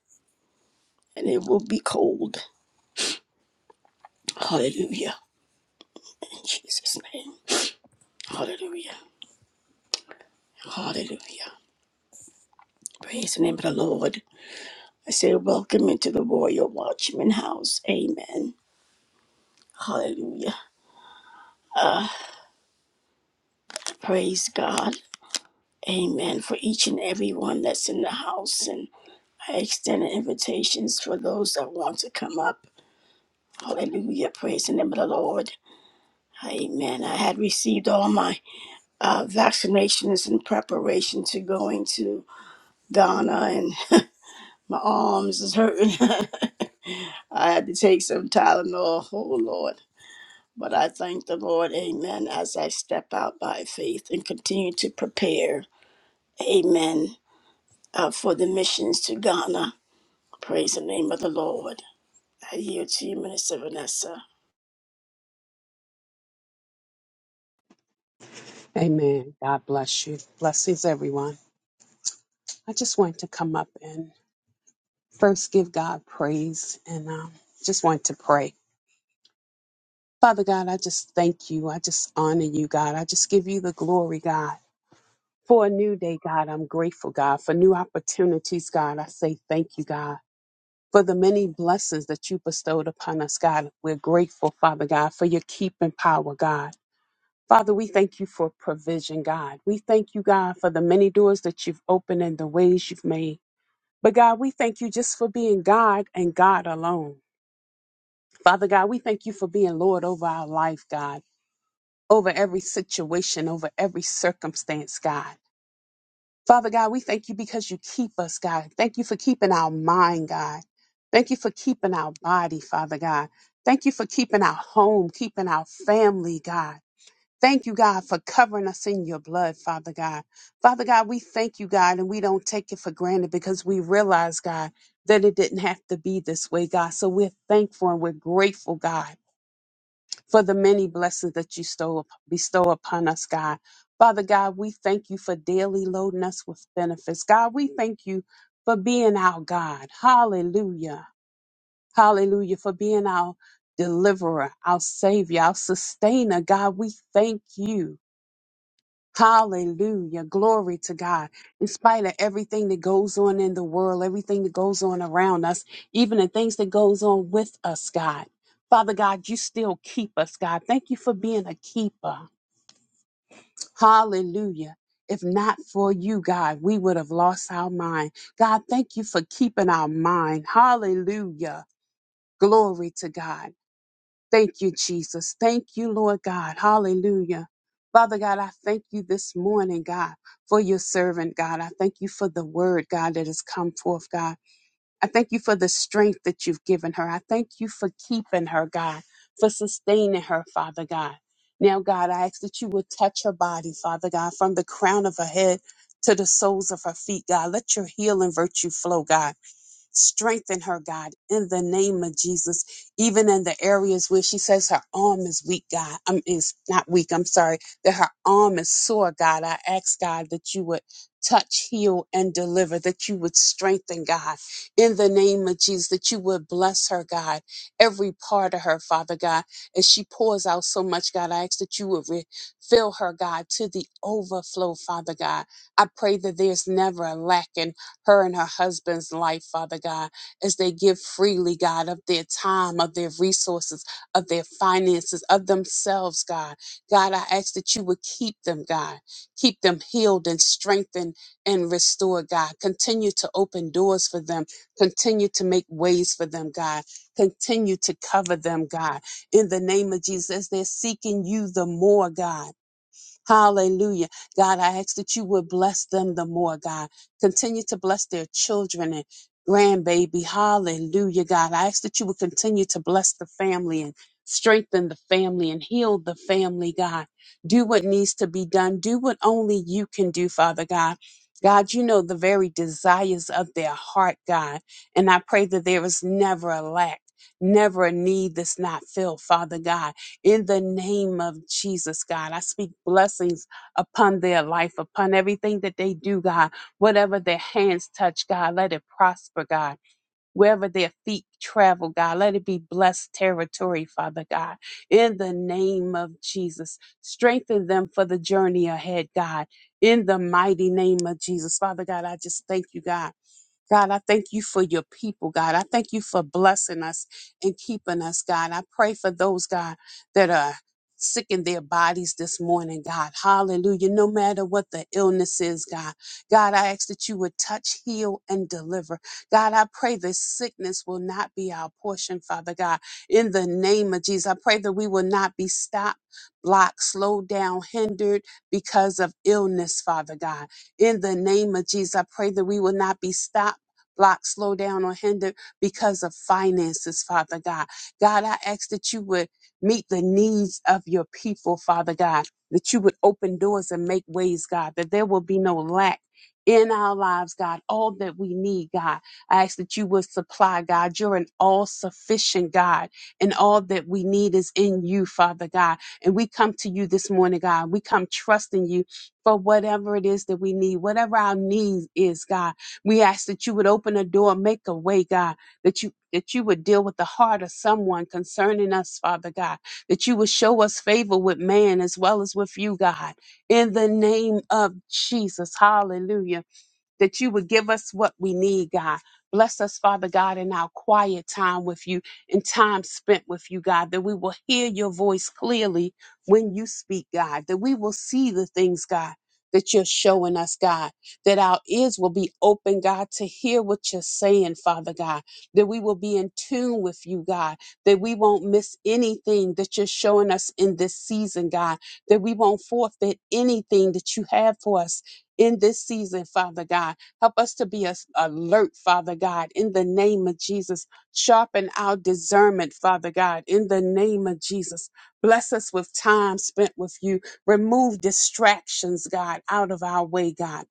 Speaker 1: and it will be cold. Hallelujah. In Jesus' name. Hallelujah. Hallelujah. Praise the name of the Lord. I say, welcome into the Royal Watchman House. Amen. Hallelujah. Uh, praise God. Amen. For each and every one that's in the house I extend invitations for those that want to come up. Hallelujah. Praise the name of the Lord. Amen. I had received all my uh, vaccinations in preparation to going to Ghana, and my arms is hurting. I had to take some Tylenol. Oh, Lord. But I thank the Lord. Amen. As I step out by faith and continue to prepare. Amen. Uh, for the missions to Ghana. Praise the name of the Lord. I yield to you, Minister Vanessa.
Speaker 3: Amen. God bless you. Blessings, everyone. I just want to come up and first give God praise and um, just want to pray. Father God, I just thank you. I just honor you, God. I just give you the glory, God. For a new day, God, I'm grateful, God. For new opportunities, God, I say thank you, God. For the many blessings that you bestowed upon us, God, we're grateful, Father God, for your keeping power, God. Father, we thank you for provision, God. We thank you, God, for the many doors that you've opened and the ways you've made. But God, we thank you just for being God and God alone. Father God, we thank you for being Lord over our life, God, over every situation, over every circumstance, God. Father God, we thank you because you keep us, God. Thank you for keeping our mind, God. Thank you for keeping our body, Father God. Thank you for keeping our home, keeping our family, God. Thank you, God, for covering us in your blood, Father God. Father God, we thank you, God, and we don't take it for granted because we realize, God, that it didn't have to be this way, God. So we're thankful and we're grateful, God, for the many blessings that you stow, bestow upon us, God. Father God, we thank you for daily loading us with benefits. God, we thank you for being our God. Hallelujah. Hallelujah. For being our deliverer, our savior, our sustainer. God, we thank you. Hallelujah. Glory to God. In spite of everything that goes on in the world, everything that goes on around us, even the things that goes on with us, God. Father God, you still keep us, God. Thank you for being a keeper. Hallelujah. If not for you, God, we would have lost our mind. God, thank you for keeping our mind. Hallelujah. Glory to God. Thank you, Jesus. Thank you, Lord God. Hallelujah. Father God, I thank you this morning, God, for your servant, God. I thank you for the word, God, that has come forth, God. I thank you for the strength that you've given her. I thank you for keeping her, God, for sustaining her, Father God. Now, God, I ask that you would touch her body, Father God, from the crown of her head to the soles of her feet, God. Let your healing virtue flow, God. Strengthen her, God, in the name of Jesus, even in the areas where she says her arm is weak, God. I'm is not weak, I'm sorry, that her arm is sore, God. I ask God that you would touch, heal, and deliver, that you would strengthen, God, in the name of Jesus, that you would bless her, God, every part of her, Father God. As she pours out so much, God, I ask that you would refill her, God, to the overflow, Father God. I pray that there's never a lacking her and her husband's life, Father God, as they give freely, God, of their time, of their resources, of their finances, of themselves, God. God, I ask that you would keep them, God. Keep them healed and strengthened and restored, God. Continue to open doors for them. Continue to make ways for them, God. Continue to cover them, God. In the name of Jesus, as they're seeking you the more, God. Hallelujah. God, I ask that you would bless them the more, God. Continue to bless their children and grandbaby. Hallelujah, God. I ask that you would continue to bless the family and strengthen the family and heal the family, God. Do what needs to be done. Do what only you can do, Father God. God, you know the very desires of their heart, God. And I pray that there is never a lack, never a need that's not filled, Father God in the name of Jesus, God. I speak blessings upon their life, upon everything that they do, God. Whatever their hands touch, God, let it prosper, God. Wherever their feet travel, God, let it be blessed territory, Father God. In the name of Jesus, strengthen them for the journey ahead, God. In the mighty name of Jesus, Father God, I just thank you, God God, I thank you for your people, God. I thank you for blessing us and keeping us, God. I pray for those, God, that are sick in their bodies this morning, God. Hallelujah. No matter what the illness is, God. God, I ask that you would touch, heal, and deliver. God, I pray that sickness will not be our portion, Father God. In the name of Jesus, I pray that we will not be stopped, blocked, slowed down, hindered because of illness, Father God. In the name of Jesus, I pray that we will not be stopped block, slow down, or hinder because of finances, Father God. God, I ask that you would meet the needs of your people, Father God, that you would open doors and make ways, God, that there will be no lack. In our lives, God, all that we need, God. I ask that you would supply, God. You're an all sufficient God, and all that we need is in you, Father God. And we come to you this morning, God. We come trusting you for whatever it is that we need, whatever our need is, God. We ask that you would open a door, make a way, God, that you that you would deal with the heart of someone concerning us, Father God, that you would show us favor with man as well as with you, God. In the name of Jesus. Hallelujah that you would give us what we need, God. Bless us, Father God, in our quiet time with you and time spent with you, God, that we will hear your voice clearly when you speak, God, that we will see the things, God, that you're showing us, God, that our ears will be open, God, to hear what you're saying, Father God, that we will be in tune with you, God, that we won't miss anything that you're showing us in this season, God, that we won't forfeit anything that you have for us in this season, Father God. Help us to be as alert, Father God, in the name of Jesus. Sharpen our discernment, Father God, in the name of Jesus. Bless us with time spent with you. Remove distractions, God, out of our way, God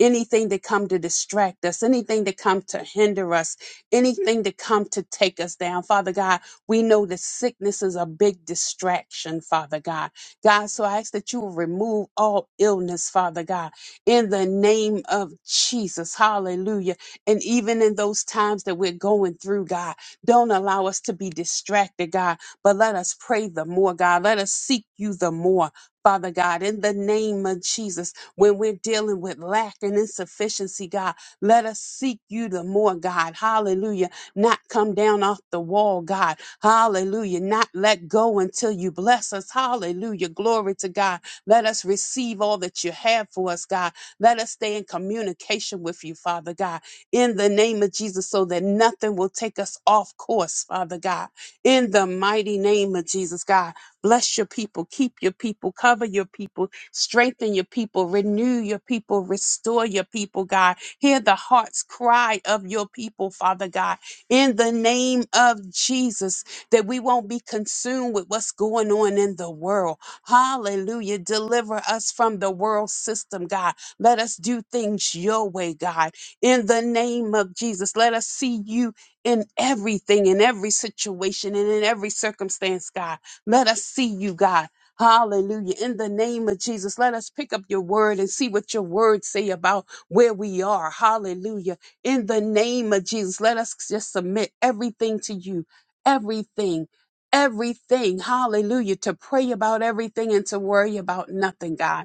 Speaker 3: anything that come to distract us anything that come to hinder us anything that come to take us down father god we know that sickness is a big distraction father god god so i ask that you will remove all illness father god in the name of jesus hallelujah and even in those times that we're going through god don't allow us to be distracted god but let us pray the more god let us seek you the more Father God, in the name of Jesus, when we're dealing with lack and insufficiency, God, let us seek you the more, God. Hallelujah. Not come down off the wall, God. Hallelujah. Not let go until you bless us. Hallelujah. Glory to God. Let us receive all that you have for us, God. Let us stay in communication with you, Father God, in the name of Jesus, so that nothing will take us off course, Father God. In the mighty name of Jesus, God. Bless your people. Keep your people. Cover your people. Strengthen your people, renew your people, restore your people, God. Hear the heart's cry of your people, Father God, in the name of Jesus, that we won't be consumed with what's going on in the world. Hallelujah. Deliver us from the world system, God. Let us do things your way, God. In the name of Jesus, let us see you in everything, in every situation, and in every circumstance, God. Let us see you, God. Hallelujah. In the name of Jesus, let us pick up your word and see what your words say about where we are. Hallelujah. In the name of Jesus, let us just submit everything to you. Everything. Everything. Hallelujah. To pray about everything and to worry about nothing, God.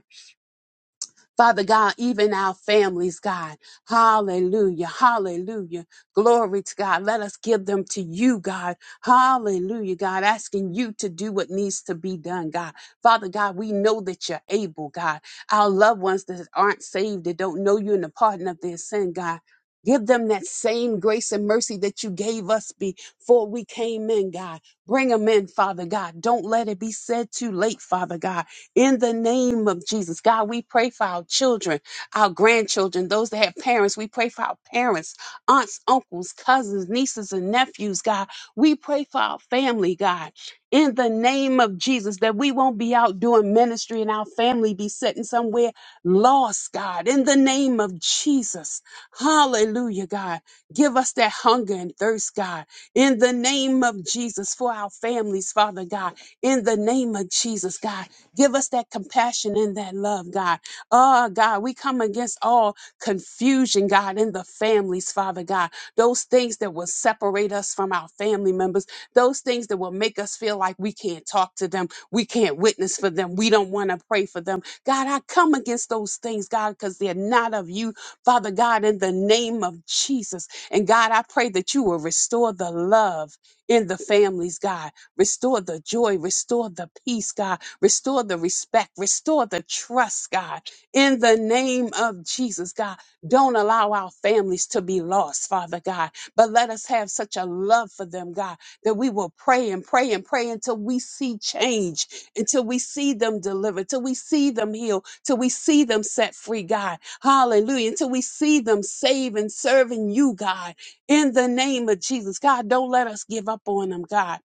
Speaker 3: Father God, even our families, God. Hallelujah. Hallelujah. Glory to God. Let us give them to you, God. Hallelujah, God. Asking you to do what needs to be done, God. Father God, we know that you're able, God. Our loved ones that aren't saved, that don't know you and the pardon of their sin, God. Give them that same grace and mercy that you gave us before we came in, God. Bring them in, Father God. Don't let it be said too late, Father God. In the name of Jesus, God, we pray for our children, our grandchildren, those that have parents. We pray for our parents, aunts, uncles, cousins, nieces, and nephews, God. We pray for our family, God. In the name of Jesus, that we won't be out doing ministry and our family be sitting somewhere lost, God. In the name of Jesus. Hallelujah, God. Give us that hunger and thirst, God. In the name of Jesus for our families, Father God. In the name of Jesus, God. Give us that compassion and that love, God. Oh, God, we come against all confusion, God, in the families, Father God. Those things that will separate us from our family members, those things that will make us feel like we can't talk to them, we can't witness for them, we don't want to pray for them. God, I come against those things, God, because they're not of you, Father God, in the name of Jesus. And God, I pray that you will restore the love in the families, God. Restore the joy, restore the peace, God Restore the respect. Restore the trust, God. In the name of Jesus, God, don't allow our families to be lost, Father God, but let us have such a love for them, God, that we will pray and pray and pray until we see change, until we see them delivered, till we see them healed, till we see them set free, God. Hallelujah. Until we see them saved and serving you, God, in the name of Jesus. God, don't let us give up on them, God.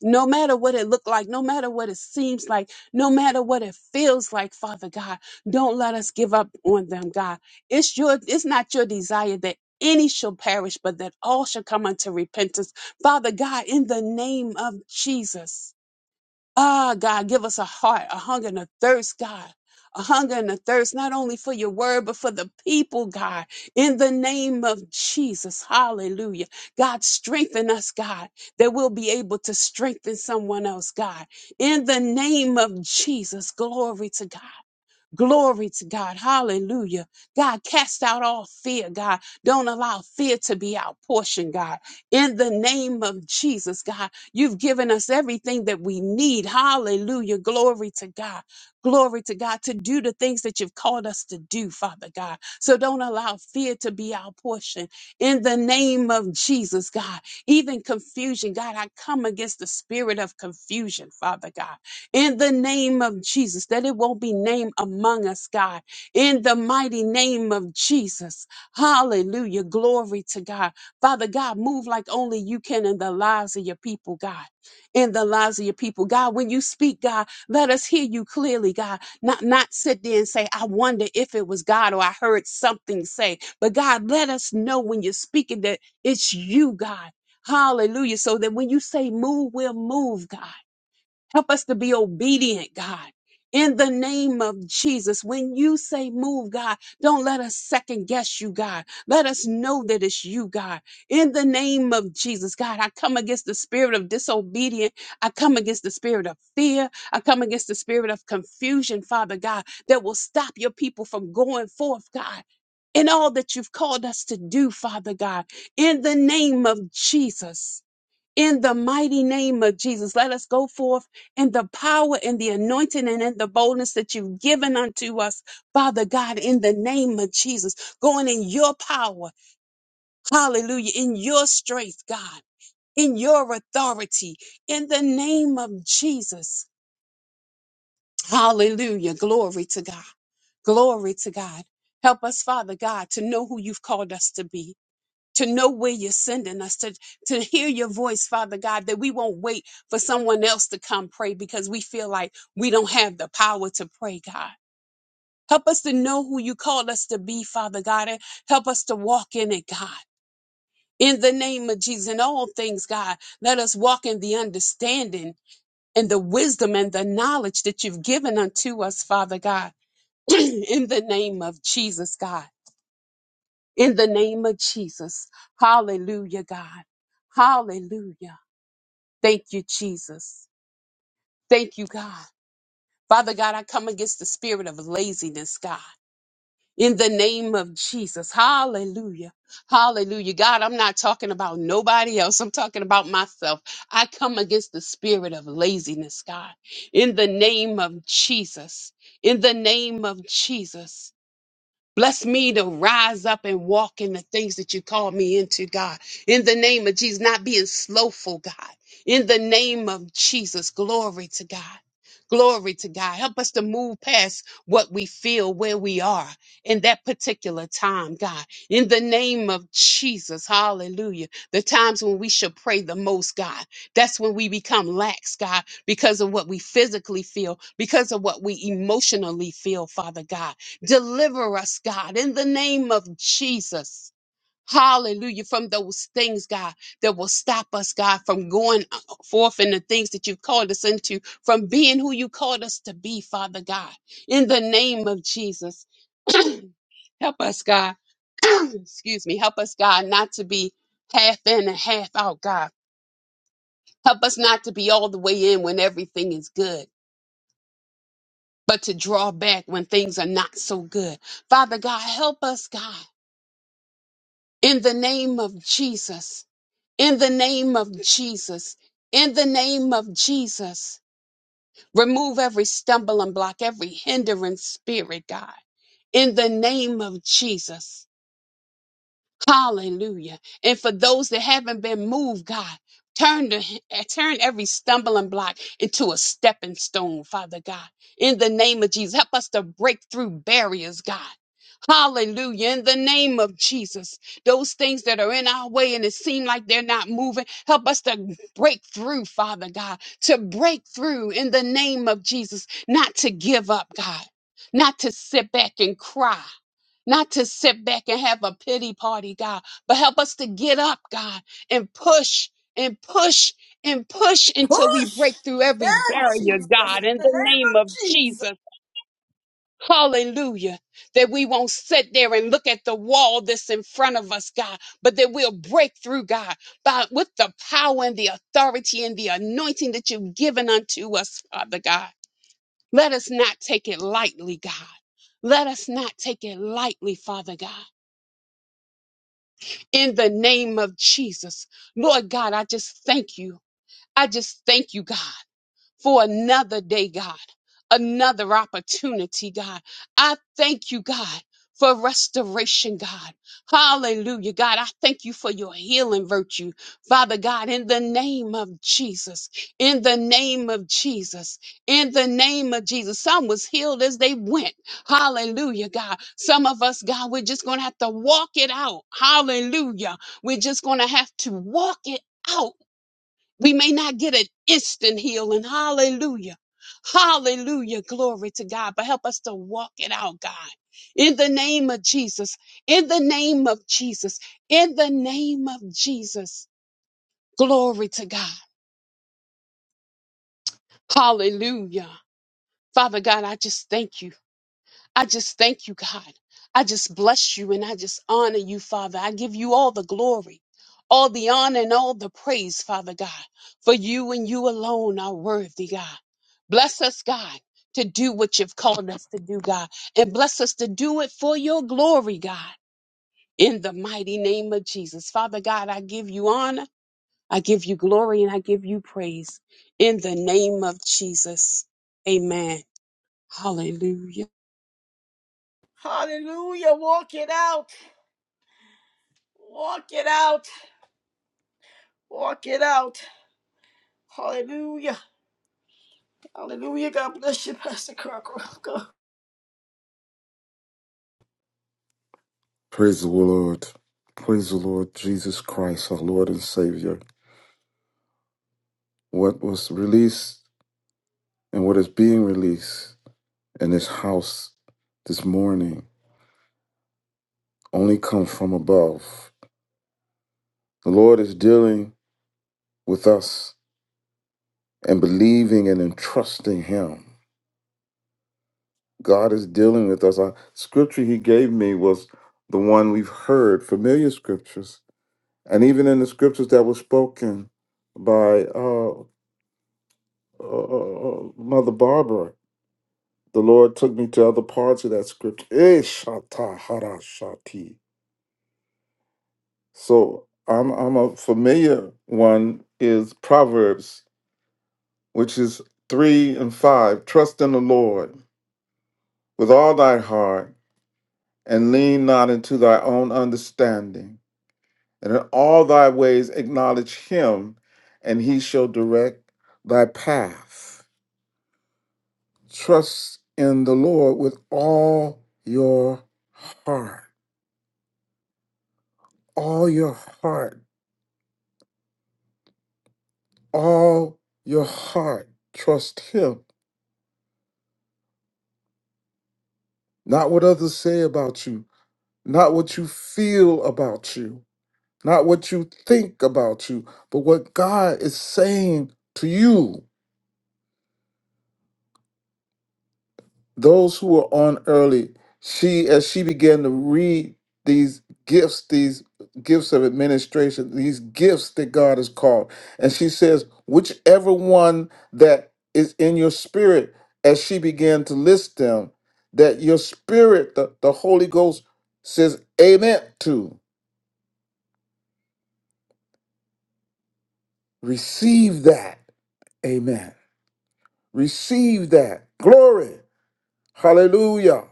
Speaker 3: No matter what it looked like, no matter what it seems like, no matter what it feels like, Father God, don't let us give up on them, God. It's your it's not your desire that any shall perish, but that all shall come unto repentance. Father God, in the name of Jesus. Ah, God, give us a heart, a hunger and a thirst, God. A hunger and a thirst, not only for your word, but for the people, God, in the name of Jesus. Hallelujah. God, strengthen us, God, that we'll be able to strengthen someone else, God, in the name of Jesus. Glory to God. Glory to God. Hallelujah. God, cast out all fear, God. Don't allow fear to be our portion, God. In the name of Jesus, God, you've given us everything that we need. Hallelujah. Glory to God. Glory to God to do the things that you've called us to do, Father God. So don't allow fear to be our portion. In the name of Jesus, God, even confusion, God, I come against the spirit of confusion, Father God in the name of Jesus, that it won't be named among us, God, in the mighty name of Jesus. Hallelujah. Glory to God. Father God, move like only you can in the lives of your people, God. In the lives of your people, God, when you speak, God, let us hear you clearly, God. Not not sit there and say, "I wonder if it was God or I heard something say." But God, let us know when you're speaking that it's you, God. Hallelujah. So that when you say move, we'll move, God. Help us to be obedient, God. In the name of Jesus, when you say move, God, don't let us second guess you, God. Let us know that it's you, God. In the name of Jesus, God, I come against the spirit of disobedience. I come against the spirit of fear. I come against the spirit of confusion, Father God, that will stop your people from going forth, God, in all that you've called us to do, Father God. In the name of Jesus in the mighty name of Jesus. Let us go forth in the power and the anointing and in the boldness that you've given unto us, Father God, in the name of Jesus. Going in your power, hallelujah, in your strength, God, in your authority, in the name of Jesus. Hallelujah. Glory to God. Glory to God. Help us, Father God, to know who you've called us to be to know where you're sending us, to, to hear your voice, Father God, that we won't wait for someone else to come pray because we feel like we don't have the power to pray, God. Help us to know who you called us to be, Father God, and help us to walk in it, God. In the name of Jesus, in all things, God, let us walk in the understanding and the wisdom and the knowledge that you've given unto us, Father God. in the name of Jesus, God. in the name of Jesus. Hallelujah, God. Hallelujah. Thank you, Jesus. Thank you, God. Father God, I come against the spirit of laziness, God. In the name of Jesus. Hallelujah. Hallelujah. God, I'm not talking about nobody else. I'm talking about myself. I come against the spirit of laziness, God. In the name of Jesus. In the name of Jesus. Bless me to rise up and walk in the things that you call me into, God. In the name of Jesus, not being slowful, God. In the name of Jesus, glory to God. Glory to God. Help us to move past what we feel where we are in that particular time, God. In the name of Jesus, hallelujah. The times when we should pray the most, God. That's when we become lax, God, because of what we physically feel, because of what we emotionally feel, Father God. Deliver us, God, in the name of Jesus. Hallelujah. From those things, God, that will stop us, God, from going uh, forth in the things that you've called us into, from being who you called us to be, Father God, in the name of Jesus. help us, God. Excuse me. Help us, God, not to be half in and half out, God. Help us not to be all the way in when everything is good, but to draw back when things are not so good. Father God, help us, God. In the name of Jesus. In the name of Jesus. In the name of Jesus. Remove every stumbling block, every hindering spirit, God. In the name of Jesus. Hallelujah. And for those that haven't been moved, God, turn the turn every stumbling block into a stepping stone, Father God. In the name of Jesus, help us to break through barriers, God. Hallelujah. In the name of Jesus, those things that are in our way and it seem like they're not moving, help us to break through, Father God, to break through in the name of Jesus, not to give up, God, not to sit back and cry not to sit back and have a pity party, God, but help us to get up, God, and push and push and push until we
Speaker 1: Push.
Speaker 3: break through
Speaker 1: Yeah,
Speaker 3: every barrier,
Speaker 1: Jesus. In
Speaker 3: God, in
Speaker 1: the
Speaker 3: the
Speaker 1: name
Speaker 3: name of
Speaker 1: of Jesus.
Speaker 3: Jesus. Hallelujah. That we won't sit there and look at the wall that's in front of us, God, but that we'll break through, God, by with the power and the authority and the anointing that you've given unto us, Father God. Let us not take it lightly, God. Let us not take it lightly, Father God. in the name of Jesus. Lord God, I just thank you. I just thank you, God for another day, God, another opportunity, God. I thank you, God. For restoration, God. Hallelujah, God. I thank you for your healing virtue, Father God, in the name of Jesus. In the name of Jesus. In the name of Jesus. Some was healed as they went. Hallelujah, God. Some of us, God, we're just going to have to walk it out. Hallelujah. We're just going to have to walk it out we may not get an instant healing. Hallelujah. Hallelujah. Glory to God. But help us to walk it out, God. In the name of Jesus. In the name of Jesus. In the name of Jesus. Glory to God. Hallelujah. Father God, I just thank you. I just thank you, God. I just bless you and I just honor you, Father. I give you all the glory, all the honor, and all the praise, Father God, for you and you alone are worthy, God. Bless us, God, to do what you've called us to do, God, and bless us to do it for your glory, God, in the mighty name of Jesus. Father God, I give you honor, I give you glory, and I give you praise in the name of Jesus. Amen. Hallelujah.
Speaker 1: Hallelujah. Walk it out. Walk it out. Walk it out. Hallelujah. Hallelujah. God bless you, Pastor Crocker. God.
Speaker 4: Praise the Lord. Praise the Lord Jesus Christ, our Lord and Savior. What was released and what is being released in this house this morning only comes from above. The Lord is dealing with us and believing and entrusting Him. God is dealing with us. Our scripture He gave me was the one we've heard, familiar scriptures, and even in the scriptures that were spoken by uh, uh, uh, uh, Mother Barbara The Lord took me to other parts of that scripture. Eh, shata hara shati. So I'm I'm a familiar one is Proverbs, which is three and five. Trust in the Lord with all thy heart, and lean not into thy own understanding. And in all thy ways acknowledge him, and he shall direct thy path. Trust in the Lord with all your heart. All your heart all your heart. Trust Him. Not what others say about you, not what you feel about you, not what you think about you, but what God is saying to you. those who were on early, she as she began to read these gifts, these gifts of administration, these gifts that God has called, and she says, whichever one that is in your spirit, as she began to list them, that your spirit, the, the Holy Ghost says, Amen to receive that. Amen. Receive that. Glory. Hallelujah.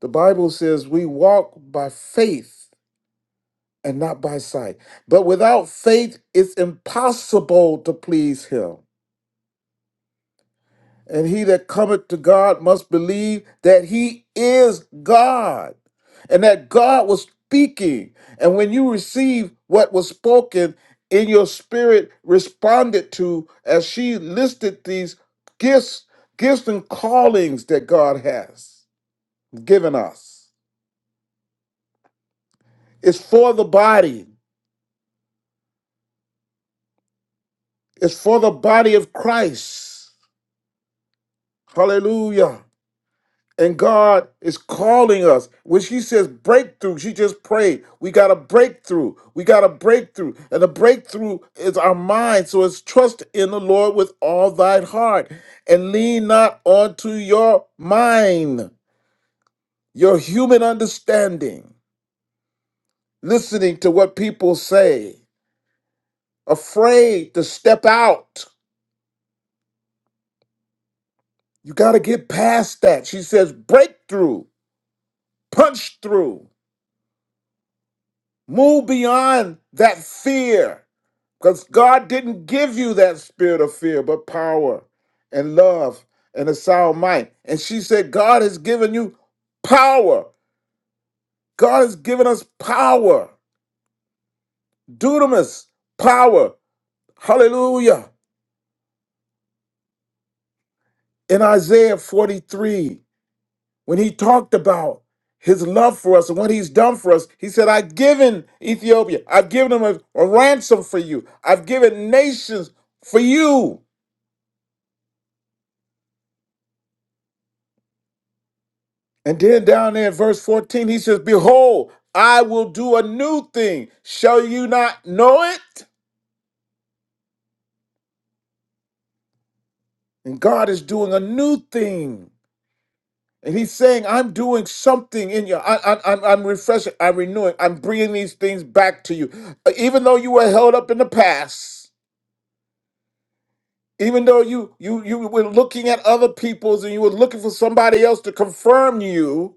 Speaker 4: The Bible says we walk by faith and not by sight. But without faith, it's impossible to please him. And he that cometh to God must believe that he is God and that God was speaking. And when you receive what was spoken, in your spirit responded to as she listed these gifts, gifts and callings that God has given us. It's for the body. It's for the body of Christ. Hallelujah. And God is calling us. When she says breakthrough, she just prayed. We got a breakthrough. We got a breakthrough. And the breakthrough is our mind. So it's trust in the Lord with all thine heart and lean not onto your mind, your human understanding, listening to what people say, afraid to step out. You got to get past that. She says breakthrough, punch through. Move beyond that fear because God didn't give you that spirit of fear, but power and love and a sound mind. And she said, God has given you power. God has given us power. Dunamis, power. Hallelujah. In Isaiah 43, when he talked about his love for us and what he's done for us, he said, I've given Ethiopia, I've given them a, a ransom for you, I've given nations for you. And then down there in verse 14, he says, Behold, I will do a new thing. Shall you not know it? And God is doing a new thing. And he's saying, I'm doing something in you. I, I, I'm, I'm refreshing. I'm renewing. I'm bringing these things back to you. Uh, Even though you were held up in the past, even though you, you, you were looking at other people's and you were looking for somebody else to confirm you,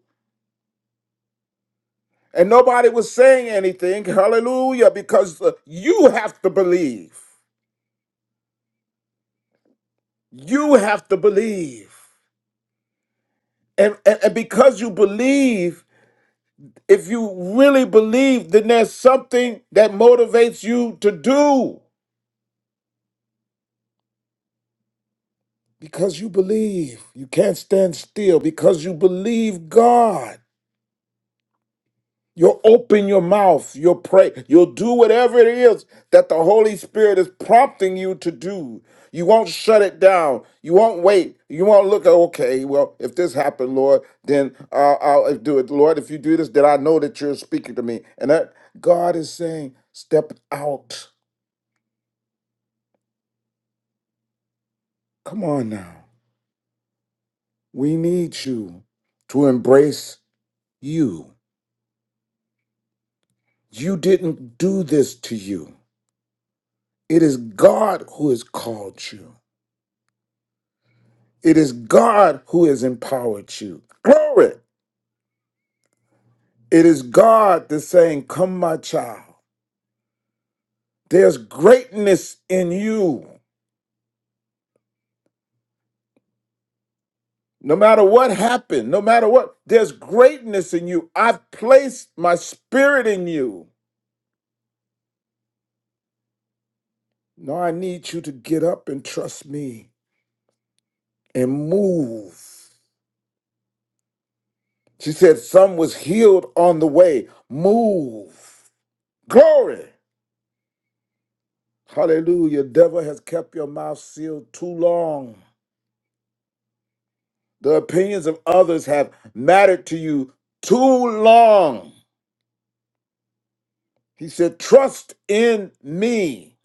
Speaker 4: and nobody was saying anything, hallelujah, because uh, you have to believe. You have to believe. And, and, and because you believe, if you really believe, then there's something that motivates you to do. Because you believe, you can't stand still because you believe God. You'll open your mouth, you'll pray, you'll do whatever it is that the Holy Spirit is prompting you to do. You won't shut it down. You won't wait. You won't look, okay, well, if this happened, Lord, then uh, I'll do it. Lord, if you do this, then I know that you're speaking to me. And that God is saying, step out. Come on now. We need you to embrace you. You didn't do this to you, it is God who has called you. It is God who has empowered you. Glory. It is God that's saying, Come, my child. There's greatness in you. No matter what happened, no matter what, there's greatness in you. I've placed my spirit in you. Now I need you to get up and trust me and move. She said, Some was healed on the way. Move. Glory. Hallelujah. Devil has kept your mouth sealed too long. The opinions of others have mattered to you too long. He said, Trust in me.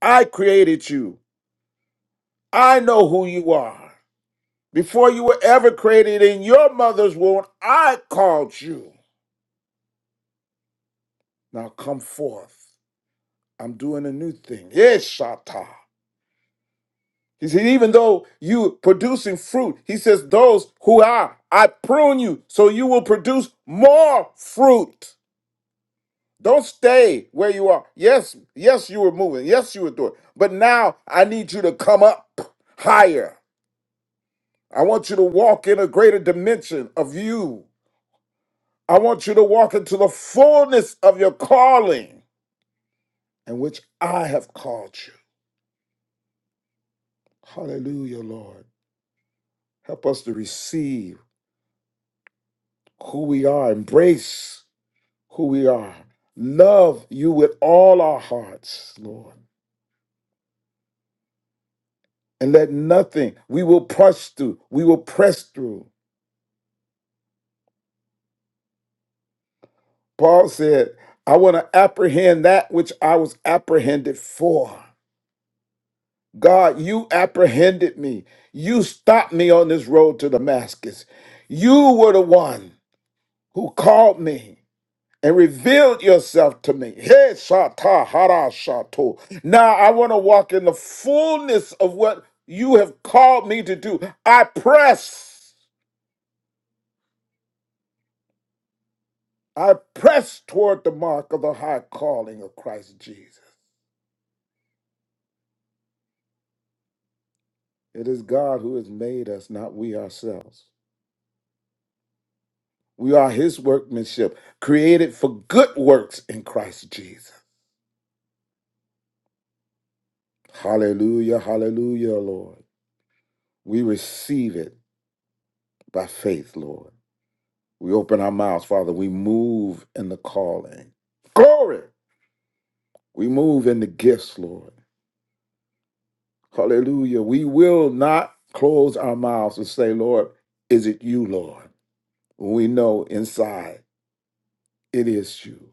Speaker 4: I created you. I know who you are. Before you were ever created in your mother's womb, I called you. Now come forth. I'm doing a new thing. Yes, Shatta. He said, even though you producing fruit, he says, those who are, I prune you so you will produce more fruit. Don't stay where you are. Yes, yes, you were moving. Yes, you were doing. But now I need you to come up higher. I want you to walk in a greater dimension of you. I want you to walk into the fullness of your calling in which I have called you. Hallelujah, Lord. Help us to receive who we are, embrace who we are, love you with all our hearts, Lord. And let nothing, we will press through, we will press through Paul said, I want to apprehend that which I was apprehended for. God, you apprehended me. You stopped me on this road to Damascus. You were the one who called me and revealed yourself to me. Hey, Shata, Hara, Shato. Now I want to walk in the fullness of what you have called me to do. I press. I press toward the mark of the high calling of Christ Jesus. It is God who has made us, not we ourselves. We are his workmanship, created for good works in Christ Jesus. Hallelujah, hallelujah, Lord. We receive it by faith, Lord. We open our mouths, Father. We move in the calling. Glory! We move in the gifts, Lord. Hallelujah. We will not close our mouths and say, Lord, is it you, Lord? We know inside it is you.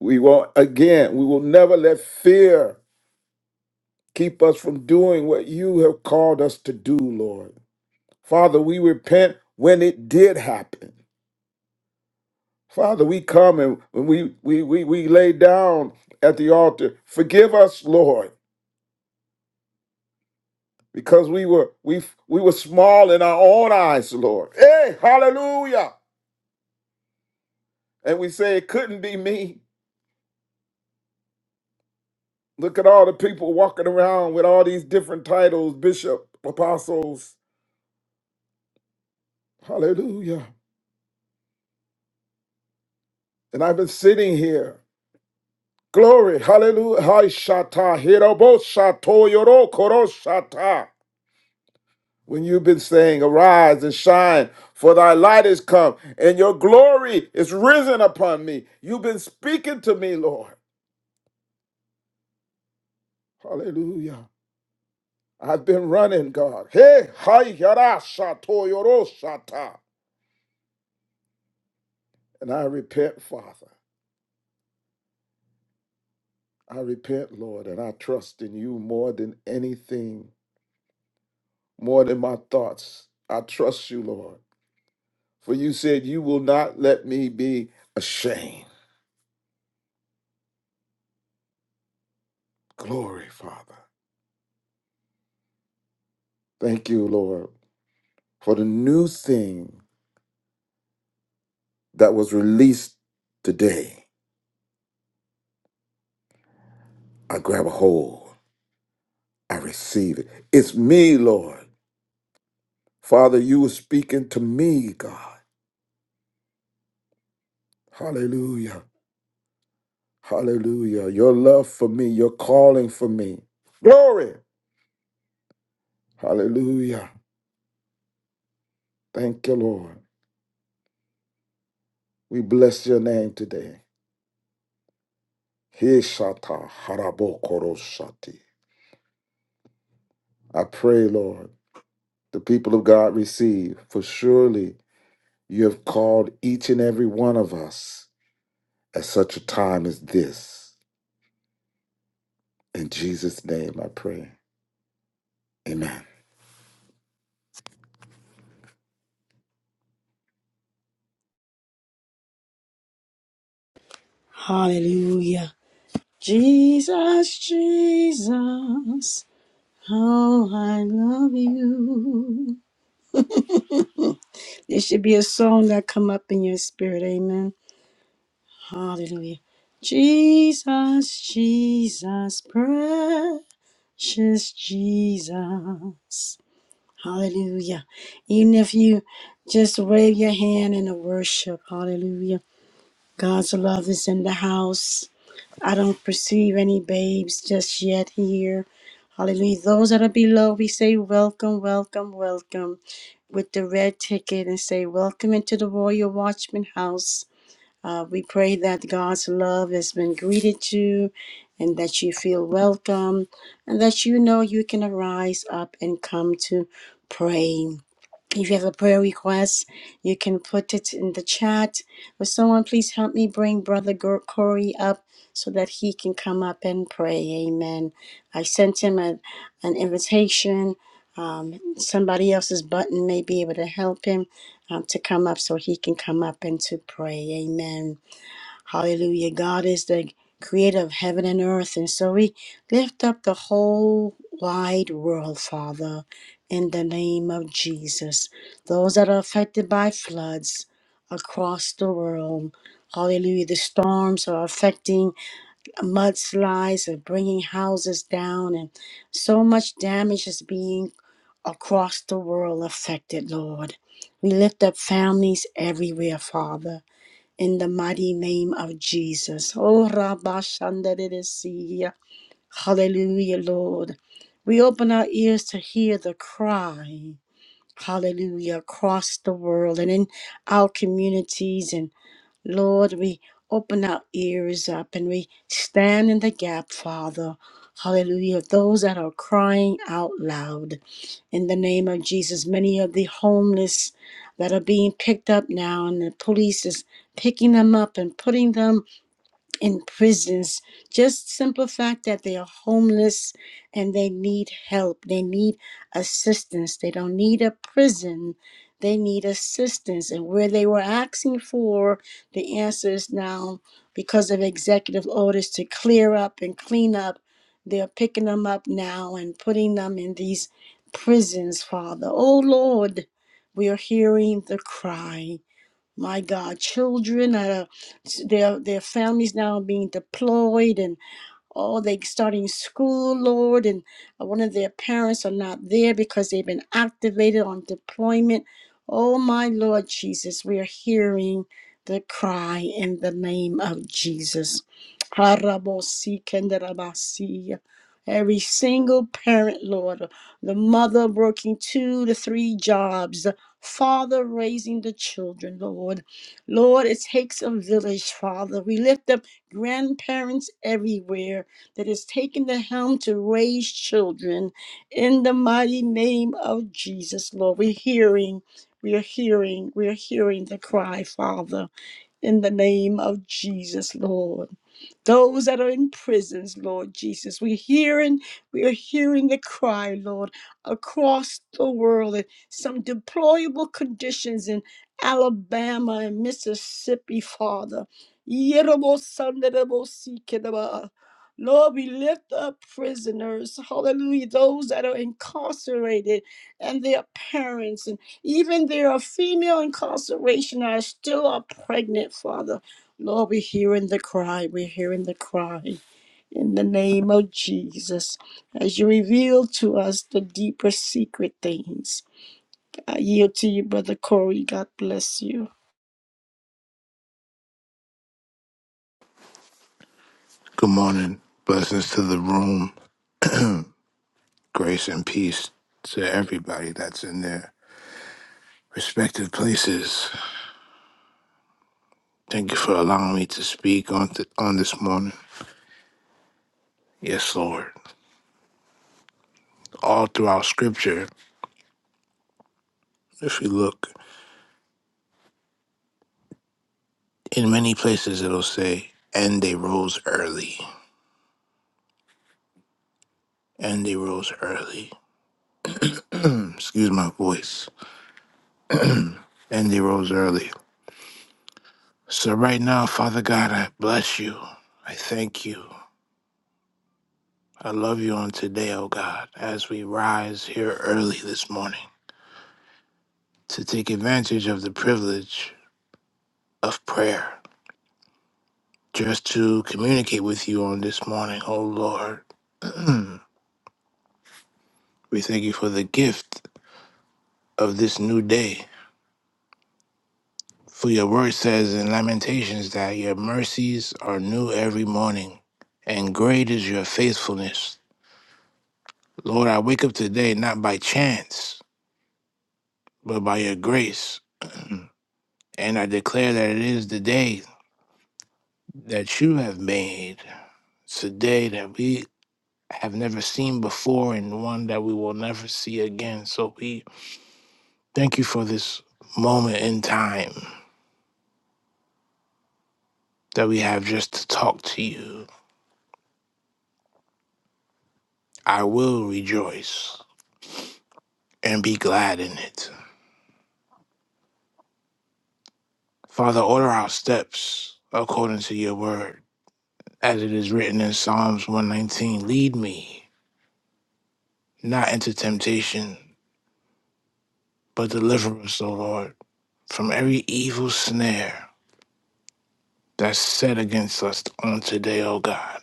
Speaker 4: We will again, we will never let fear keep us from doing what you have called us to do, Lord. Father, we repent when it did happen. Father, we come and when we we we we lay down at the altar. Forgive us, Lord, because we were we we were small in our own eyes, Lord. Hey, hallelujah. And we say it couldn't be me. Look at all the people walking around with all these different titles, bishop, apostles. Hallelujah. And I've been sitting here. Glory, hallelujah, hi shata, hirobo shato, yoro koro shata. When you've been saying, Arise and shine, for thy light is come, and your glory is risen upon me. You've been speaking to me, Lord. Hallelujah. I've been running, God. Hey, hi yara shato, yoro shata. And I repent, Father. I repent, Lord, and I trust in you more than anything, more than my thoughts. I trust you, Lord. For you said, You will not let me be ashamed. Glory, Father. Thank you, Lord, for the new thing that was released today. I grab a hold, I receive it. It's me, Lord. Father, you were speaking to me, God. Hallelujah. Hallelujah. Your love for me, your calling for me. Glory. Hallelujah. Thank you, Lord. We bless your name today. Heshata harabokoroshati. I pray, Lord, the people of God receive, for surely you have called each and every one of us at such a time as this. In Jesus' name I pray. Amen.
Speaker 1: Hallelujah. Jesus, Jesus. How I love you. There should be a song that come up in your spirit. Amen. Hallelujah. Jesus, Jesus, Precious Jesus. Hallelujah. Even if you just wave your hand in the worship, hallelujah. God's love is in the house. I don't perceive any babes just yet here. Hallelujah. Those that are below, we say welcome, welcome, welcome with the red ticket and say welcome into the Royal Watchman house. Uh, we pray that God's love has been greeted you and that you feel welcome and that you know you can arise up and come to pray. If you have a prayer request, you can put it in the chat. Or someone, please help me bring Brother Gor- Corey up so that he can come up and pray. Amen. I sent him a, an invitation. Um, somebody else's button may be able to help him um, to come up so he can come up and to pray. Amen. Hallelujah. God is the creator of heaven and earth. And so we lift up the whole wide world, Father, in the name of Jesus. Those that are affected by floods across the world. Hallelujah. The storms are affecting mudslides and bringing houses down, and so much damage is being across the world affected, Lord. We lift up families everywhere, Father in the mighty name of Jesus. Oh, Rabba Shandaridiya. Hallelujah, Lord. We open our ears to hear the cry, hallelujah, across the world and in our communities. And Lord, we open our ears up and we stand in the gap, Father, hallelujah, of those that are crying out loud in the name of Jesus. Many of the homeless that are being picked up now, and the police is picking them up and putting them in prisons. Just simple fact that they are homeless and they need help. They need assistance. They don't need a prison. They need assistance. And where they were asking for, the answer is now because of executive orders to clear up and clean up. They're picking them up now and putting them in these prisons, Father. Oh Lord, we are hearing the cry my God, children, uh, their their families now being deployed, and. Oh, they starting school, Lord, and uh, one of their parents are not there because they've been activated on deployment. Oh, my Lord Jesus, we are hearing the cry in the name of Jesus. Harabosi kenderabasi. Every single parent, Lord, the mother working two to three jobs, the father raising the children, Lord. Lord, it takes a village, Father. We lift up grandparents everywhere that has taken the helm to raise children in the mighty name of Jesus, Lord. We're hearing, we are hearing, we are hearing the cry, Father in the name of Jesus, Lord. Those that are in prisons, Lord Jesus, we're hearing, we are hearing the cry, Lord, across the world in some deplorable conditions in Alabama and Mississippi, Father. Yerobosanderebosikidaba. Lord, we lift up prisoners, hallelujah, those that are incarcerated and their parents. Even there are female incarceration that still are pregnant, Father. Lord, we're hearing the cry. We're hearing the cry in the name of Jesus. As you reveal to us the deeper secret things, I yield to you, Brother Corey. God bless you.
Speaker 5: Good morning. Blessings to the room. Grace and peace to everybody that's in their respective places. Thank you for allowing me to speak on th- on this morning. Yes, Lord. All throughout Scripture, if you look in many places, it'll say, "And they rose early." And they rose early. Excuse my voice. And they rose early. So right now, Father God, I bless you. I thank you. I love you on today, O God, as we rise here early this morning to take advantage of the privilege of prayer, just to communicate with you on this morning, O Lord. We thank you for the gift of this new day. For your word says in Lamentations that your mercies are new every morning, and great is your faithfulness. Lord, I wake up today not by chance, but by your grace. and I declare that it is the day that you have made today that we have never seen before and one that we will never see again. So we thank you for this moment in time that we have just to talk to you. I will rejoice and be glad in it. Father, order our steps according to your word, as it is written in Psalms 119 Lead me not into temptation, but deliver us, O Lord, from every evil snare that's set against us on today, O God.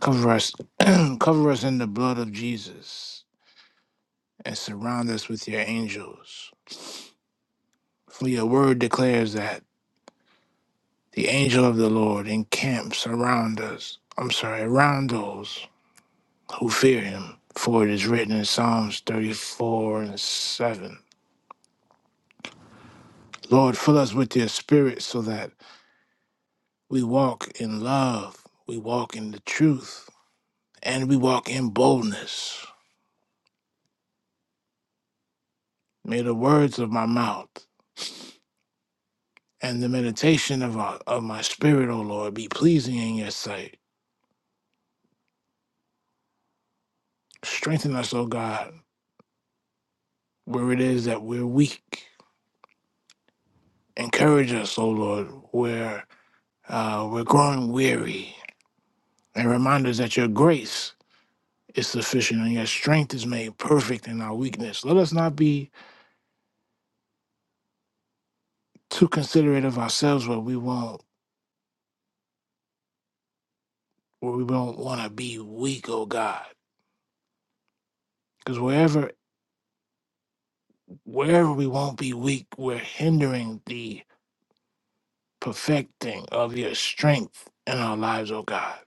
Speaker 5: Cover us, cover us in the blood of Jesus, and surround us with your angels. For your word declares that the angel of the Lord encamps around us. I'm sorry, around those who fear him. For it is written in Psalms 34 and 7. Lord, fill us with your spirit so that we walk in love, we walk in the truth, and we walk in boldness. May the words of my mouth and the meditation of our, of my spirit, O Lord, be pleasing in your sight. Strengthen us, O God, where it is that we're weak. Encourage us, O Lord, where uh, we're growing weary, and remind us that your grace is sufficient and your strength is made perfect in our weakness. Let us not be too considerate of ourselves where we won't where we don't want to be weak, O God, because wherever wherever we won't be weak, we're hindering the perfecting of your strength in our lives, O God.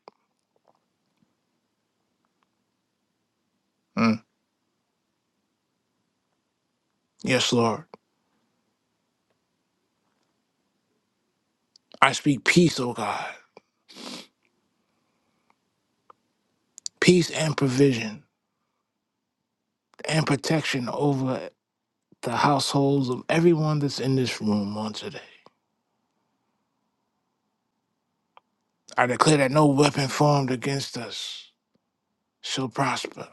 Speaker 5: Mm. Yes, Lord. I speak peace, O God. Peace and provision and protection over the households of everyone that's in this room on today. I declare that no weapon formed against us shall prosper,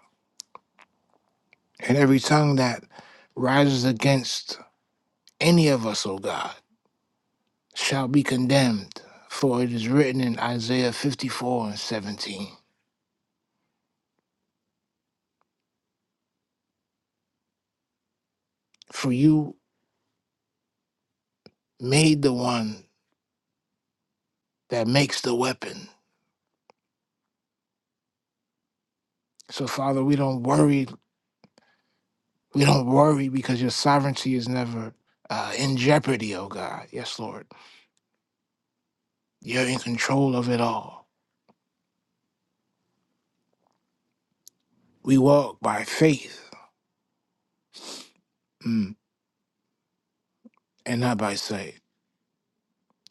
Speaker 5: and every tongue that rises against any of us, O God, shall be condemned. For it is written in Isaiah 54 and 17 For you made the one that makes the weapon. So, Father, we don't worry. We don't worry because your sovereignty is never uh, in jeopardy, oh God. Yes, Lord. You're in control of it all. We walk by faith mm, and not by sight,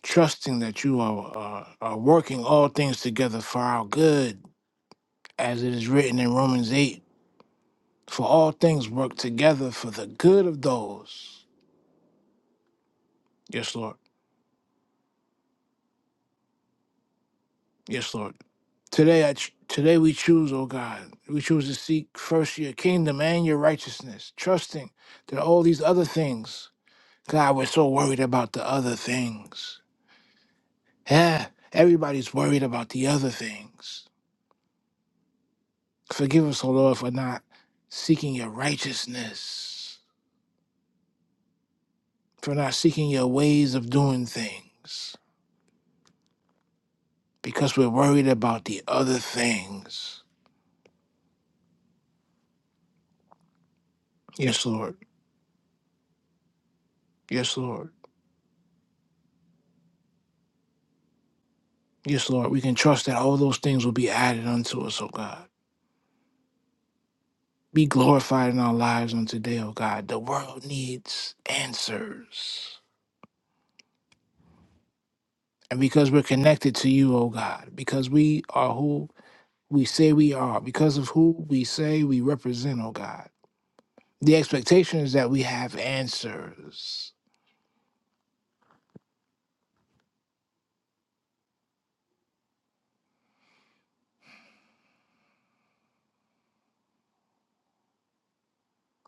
Speaker 5: trusting that you are, are, are working all things together for our good, as it is written in Romans 8 for all things work together for the good of those. Yes, Lord. Yes, Lord Today, I ch- today we choose, oh God, we choose to seek first your kingdom and your righteousness, trusting that all these other things, God, we're so worried about the other things. Yeah, everybody's worried about the other things. Forgive us, oh Lord, for not seeking your righteousness, for not seeking your ways of doing things, because we're worried about the other things. Yes, Lord. Yes, Lord. Yes, Lord. We can trust that all those things will be added unto us, oh God. Be glorified in our lives on today, oh God. The world needs answers. And because we're connected to you, oh God, because we are who we say we are, because of who we say we represent, oh God, the expectation is that we have answers.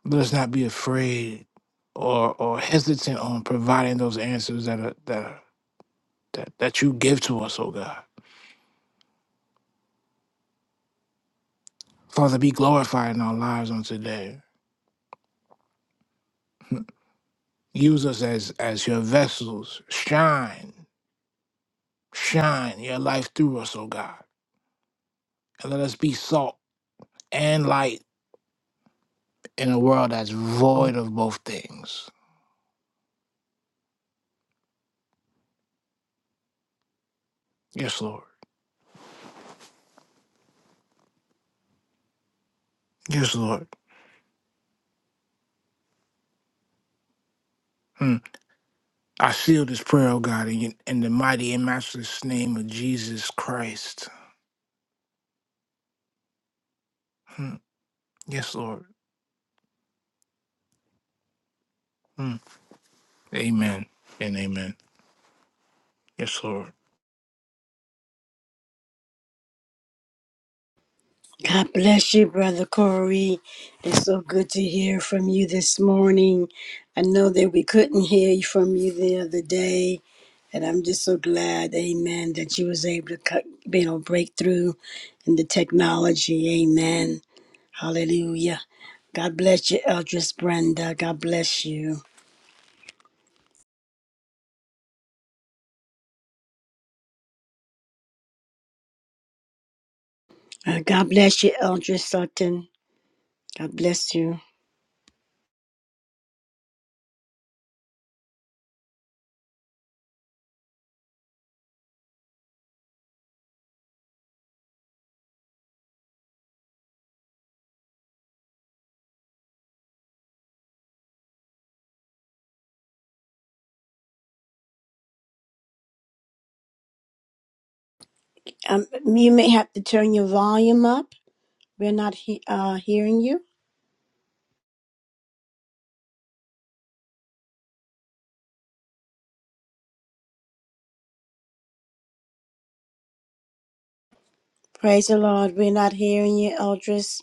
Speaker 5: Let us not be afraid or or hesitant on providing those answers that are that are, that, that you give to us, oh God. Father, be glorified in our lives on today. Use us as as your vessels. Shine. Shine your life through us, O God, and let us be salt and light in a world that's void of both things. Yes, Lord. Yes, Lord. Mm. I seal this prayer, O God, in, in the mighty and matchless name of Jesus Christ. Mm. Yes, Lord. Mm. Amen and amen. Yes, Lord.
Speaker 1: God bless you, Brother Corey. It's so good to hear from you this morning. I know that we couldn't hear from you the other day, and I'm just so glad, Amen, that you was able to cut, you know, break through in the technology, Amen. Hallelujah. God bless you, Eldris Brenda. God bless you. Uh, God bless you, Eldris Sutton. God bless you. Praise the Lord. We're not hearing you, Eldris.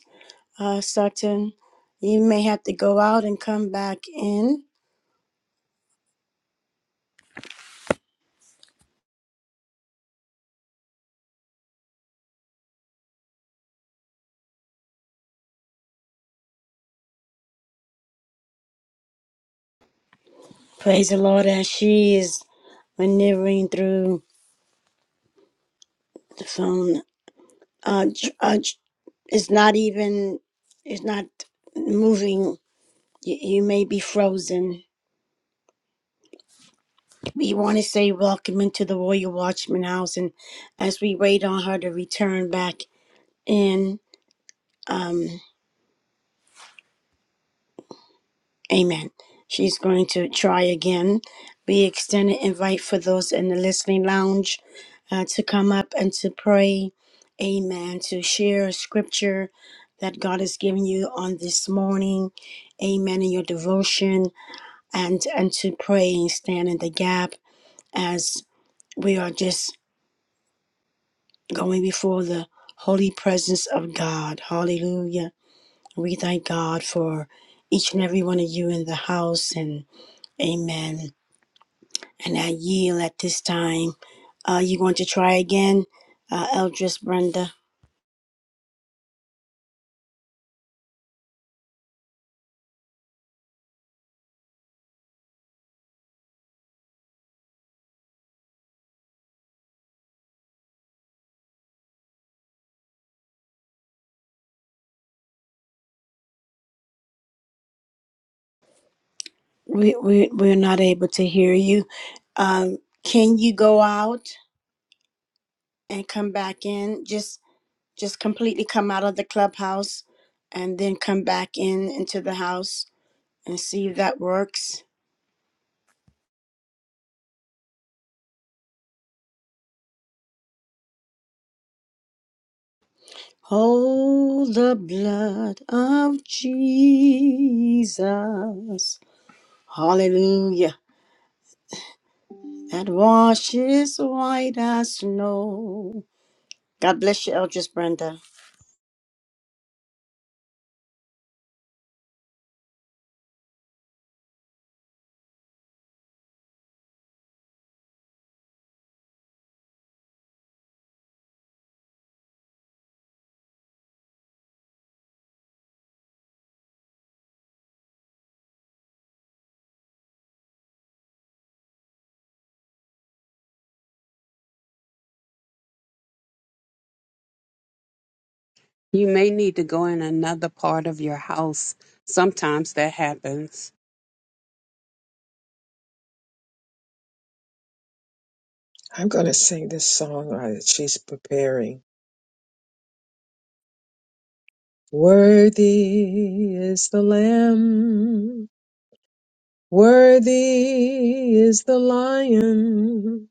Speaker 1: Uh, Sutton, you may have to go out and come back in. Praise the Lord as she is maneuvering through the phone. Uh, tr- uh, tr- it's not even, it's not moving. You, you may be frozen. We want to say welcome into the Royal Watchman House. And as we wait on her to return back in, um, Amen. She's going to try again. We extend an invite for those in the listening lounge uh, to come up and to pray. Amen. To share scripture that God has given you on this morning. Amen. In your devotion and and to pray and stand in the gap as we are just going before the holy presence of God. Hallelujah. We thank God for each and every one of you in the house and amen And I yield at this time. Are you going to try again, uh, Eldris Brenda? We, we, we're not able to hear you. Um, can you go out and come back in? Just just completely come out of the clubhouse and then come back in into the house and see if that works. Hold the blood of Jesus. Hallelujah. That washes white as snow. God bless you, Eldris Brenda.
Speaker 3: You may need to go in another part of your house. Sometimes that happens.
Speaker 2: I'm going to sing this song uh, that she's preparing. Worthy is the Lamb. Worthy is the Lion.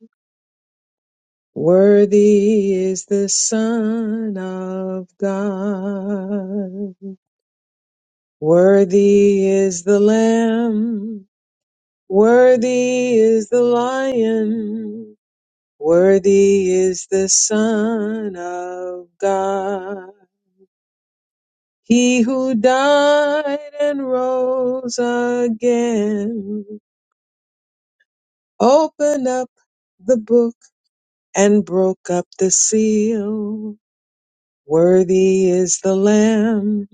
Speaker 2: Worthy is the Son of God. Worthy is the Lamb. Worthy is the Lion. Worthy is the Son of God, he who died and rose again, opened up the book and broke up the seal. Worthy is the Lamb,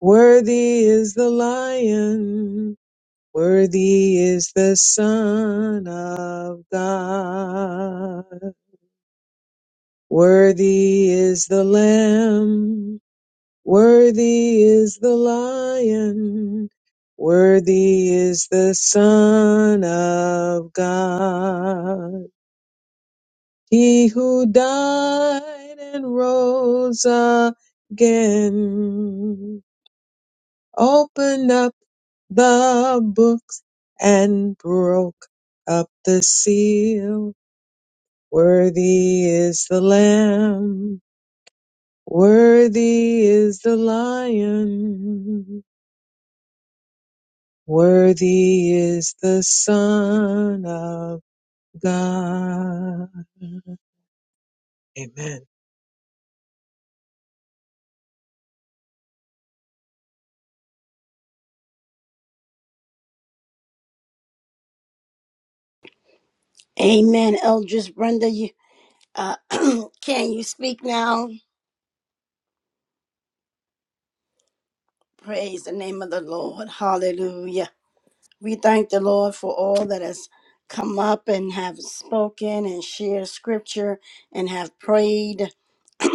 Speaker 2: worthy is the Lion, worthy is the Son of God. Worthy is the Lamb. Worthy is the lion. Worthy is the son of God. He who died and rose again. Opened up the books and broke up the seal. Worthy is the lamb. Worthy is the lion. Worthy is the Son of God. Amen. Name
Speaker 1: Amen, Eldris Brenda. You, uh, can you speak now? Praise the name of the Lord. Hallelujah. We thank the Lord for all that has come up and have spoken and shared scripture and have prayed.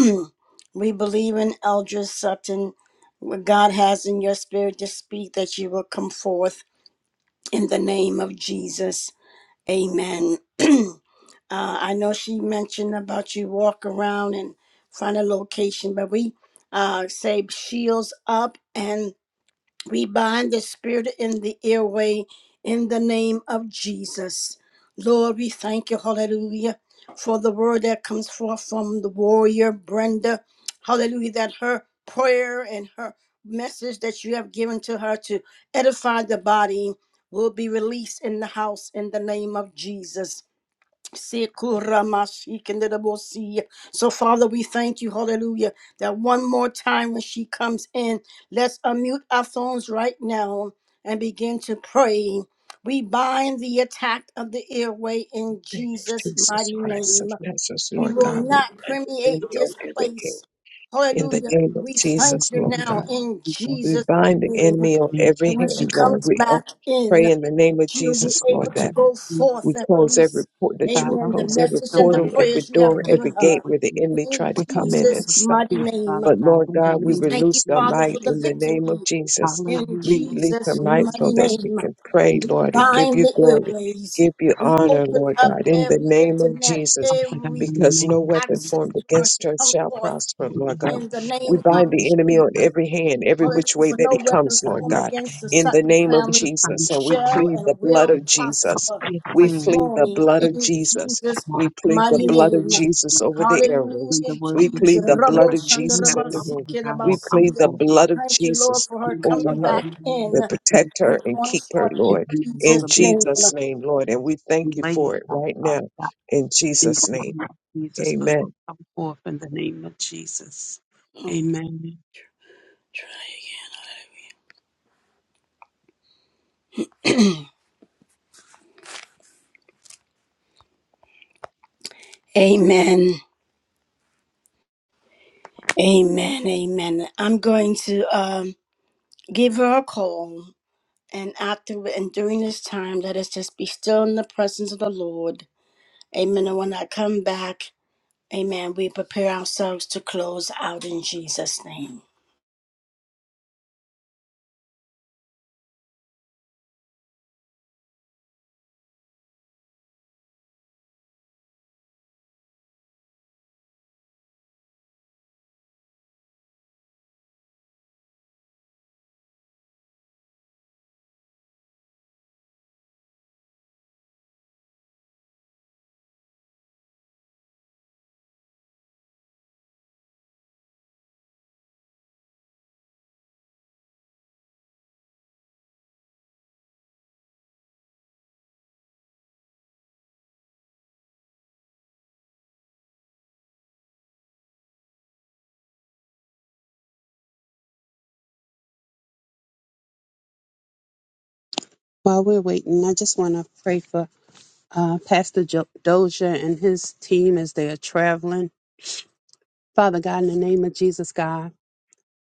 Speaker 1: we believe in Eldris Sutton. What God has in your spirit to speak, that you will come forth in the name of Jesus. Amen. uh, I know she mentioned about you walk around and find a location, but we uh, say shields up, and we bind the spirit in the airway in the name of Jesus. Lord, we thank you, hallelujah, for the word that comes forth from the warrior Brenda. Hallelujah, that her prayer and her message that you have given to her to edify the body will be released in the house in the name of Jesus. Sekuramasikinderabosi. So, Father, we thank you, hallelujah, that one more time when she comes in, let's unmute our phones right now and begin to pray. We bind the attack of the airway in
Speaker 2: of
Speaker 1: Jesus'
Speaker 2: Jesus
Speaker 1: mighty
Speaker 2: Christ of
Speaker 1: name.
Speaker 2: Nazareth,
Speaker 1: You
Speaker 2: Lord
Speaker 1: will
Speaker 2: God, we
Speaker 1: not
Speaker 2: bind the
Speaker 1: permeate
Speaker 2: enemy on
Speaker 1: this
Speaker 2: every hand.
Speaker 1: place.
Speaker 2: In the
Speaker 1: Hallelujah.
Speaker 2: name of
Speaker 1: We thank
Speaker 2: Jesus,
Speaker 1: you
Speaker 2: Lord
Speaker 1: now
Speaker 2: God,
Speaker 1: in
Speaker 2: we
Speaker 1: Jesus' mighty
Speaker 2: bind the
Speaker 1: name.
Speaker 2: enemy on every
Speaker 1: And when she
Speaker 2: hand,
Speaker 3: God,
Speaker 2: Lord.
Speaker 1: comes
Speaker 2: We ask-
Speaker 1: back in,
Speaker 2: pray in the name of
Speaker 1: She'll be
Speaker 2: Jesus, Lord,
Speaker 1: able to
Speaker 2: that
Speaker 1: go forth
Speaker 2: we
Speaker 1: and
Speaker 2: close every
Speaker 1: release,
Speaker 2: port, that you will
Speaker 1: amen, the
Speaker 2: close
Speaker 3: open
Speaker 2: every
Speaker 1: message
Speaker 3: the
Speaker 1: and the
Speaker 3: way,
Speaker 2: portal,
Speaker 3: God.
Speaker 2: every
Speaker 1: prayers you
Speaker 2: door,
Speaker 1: have
Speaker 3: Let us
Speaker 2: every
Speaker 1: given
Speaker 3: speak
Speaker 2: gate
Speaker 1: her.
Speaker 3: with
Speaker 2: where the
Speaker 3: you,
Speaker 2: enemy
Speaker 1: In
Speaker 2: tried to
Speaker 3: with us,
Speaker 2: come in
Speaker 3: let
Speaker 2: and
Speaker 1: Jesus'
Speaker 3: us
Speaker 2: stop.
Speaker 1: mighty
Speaker 3: speak,
Speaker 1: name,
Speaker 3: Father
Speaker 2: But
Speaker 3: God,
Speaker 2: Lord
Speaker 3: in the
Speaker 2: God, we
Speaker 1: we
Speaker 3: name of
Speaker 1: thank you,
Speaker 2: release the
Speaker 1: Father, for
Speaker 3: Jesus.
Speaker 2: might
Speaker 1: the
Speaker 2: in the
Speaker 1: victory.
Speaker 2: name of Jesus.
Speaker 1: In
Speaker 2: We
Speaker 3: Hallelujah.
Speaker 2: release the
Speaker 1: Jesus'
Speaker 3: Glory
Speaker 2: might
Speaker 3: to
Speaker 2: so
Speaker 1: mighty
Speaker 2: that she
Speaker 1: name,
Speaker 2: can pray, Lord, and give
Speaker 1: bind
Speaker 2: you
Speaker 1: the
Speaker 2: glory,
Speaker 1: airways.
Speaker 2: give you
Speaker 1: We
Speaker 3: you,
Speaker 2: honor,
Speaker 1: open
Speaker 2: Lord
Speaker 1: up
Speaker 2: God, in the
Speaker 1: every
Speaker 2: name of
Speaker 1: internet,
Speaker 2: Jesus.
Speaker 3: Father God,
Speaker 1: every
Speaker 3: in the
Speaker 2: Because no
Speaker 3: name of
Speaker 2: weapon
Speaker 1: access
Speaker 3: Jesus.
Speaker 2: formed
Speaker 1: to her
Speaker 2: against
Speaker 1: to
Speaker 2: her
Speaker 1: come
Speaker 2: shall
Speaker 1: forth
Speaker 2: prosper, Lord
Speaker 3: Thank
Speaker 2: God.
Speaker 1: in the
Speaker 2: We
Speaker 1: name
Speaker 3: you,
Speaker 2: bind
Speaker 1: of
Speaker 2: the enemy
Speaker 3: Jesus.
Speaker 2: on
Speaker 1: Jesus.
Speaker 2: every hand, every
Speaker 3: Thank
Speaker 1: Hallelujah.
Speaker 2: which way
Speaker 1: For
Speaker 2: that
Speaker 1: no
Speaker 2: he
Speaker 3: you, my
Speaker 2: comes,
Speaker 1: weapons
Speaker 2: Lord
Speaker 3: son.
Speaker 1: formed
Speaker 2: God,
Speaker 1: against the
Speaker 2: in the
Speaker 1: Sutton
Speaker 2: name of
Speaker 3: This
Speaker 1: family
Speaker 3: is time
Speaker 2: Jesus.
Speaker 3: of
Speaker 2: And we
Speaker 1: shall
Speaker 2: plead
Speaker 3: God.
Speaker 2: the
Speaker 1: and
Speaker 2: blood
Speaker 1: will
Speaker 2: of Jesus.
Speaker 1: prosper
Speaker 3: Your
Speaker 2: We
Speaker 1: this
Speaker 3: plan.
Speaker 2: plead the
Speaker 1: morning
Speaker 2: blood of
Speaker 3: Thank
Speaker 1: in
Speaker 3: you,
Speaker 2: Jesus.
Speaker 1: Jesus'
Speaker 3: God.
Speaker 2: We plead the
Speaker 1: mighty
Speaker 3: In the
Speaker 2: blood
Speaker 3: name of
Speaker 2: of
Speaker 1: name.
Speaker 3: Jesus.
Speaker 2: Jesus over the airwaves.
Speaker 3: and the
Speaker 1: Hallelujah,
Speaker 3: word
Speaker 2: We
Speaker 3: that
Speaker 2: plead
Speaker 1: Jesus.
Speaker 3: you
Speaker 2: the
Speaker 3: will give
Speaker 2: blood
Speaker 1: Rabo
Speaker 3: us.
Speaker 2: of
Speaker 1: shanda
Speaker 3: You
Speaker 2: Jesus
Speaker 3: have
Speaker 2: in
Speaker 1: raba
Speaker 2: the
Speaker 3: given
Speaker 2: room.
Speaker 3: us
Speaker 1: sike
Speaker 3: God
Speaker 1: raba
Speaker 3: will
Speaker 2: We
Speaker 3: come
Speaker 2: plead
Speaker 1: sia.
Speaker 2: the
Speaker 3: forth
Speaker 2: blood of
Speaker 1: Thank you, Lord,
Speaker 2: Jesus
Speaker 1: for her
Speaker 3: in the
Speaker 2: over
Speaker 1: coming
Speaker 3: mighty
Speaker 2: her
Speaker 1: back
Speaker 3: name
Speaker 1: in
Speaker 3: of
Speaker 2: and protect
Speaker 3: Jesus.
Speaker 2: her
Speaker 1: and
Speaker 2: and
Speaker 1: going
Speaker 2: keep her,
Speaker 1: forth in
Speaker 3: It
Speaker 2: Lord,
Speaker 3: will no
Speaker 1: Jesus'
Speaker 2: in
Speaker 3: longer be
Speaker 1: name.
Speaker 3: given.
Speaker 2: Jesus' name, Lord. And we thank
Speaker 3: We
Speaker 2: you
Speaker 3: lay you
Speaker 2: for it
Speaker 3: down,
Speaker 2: right
Speaker 3: Father
Speaker 2: now,
Speaker 3: God,
Speaker 2: in
Speaker 3: in
Speaker 2: Jesus'
Speaker 3: the
Speaker 2: name.
Speaker 3: name of Jesus, but will
Speaker 2: Amen.
Speaker 3: come forth in the name of Jesus. Amen.
Speaker 1: Amen. Amen. Amen. I'm going to um, give her a call And after and during this time, let us just be still in the presence of the Lord. Amen. And when I come back, amen, we prepare ourselves to close out in Jesus' name.
Speaker 3: While we're waiting, I just want to pray for uh, Pastor jo- Doja and his team as they are traveling. Father God, in the name of Jesus, God.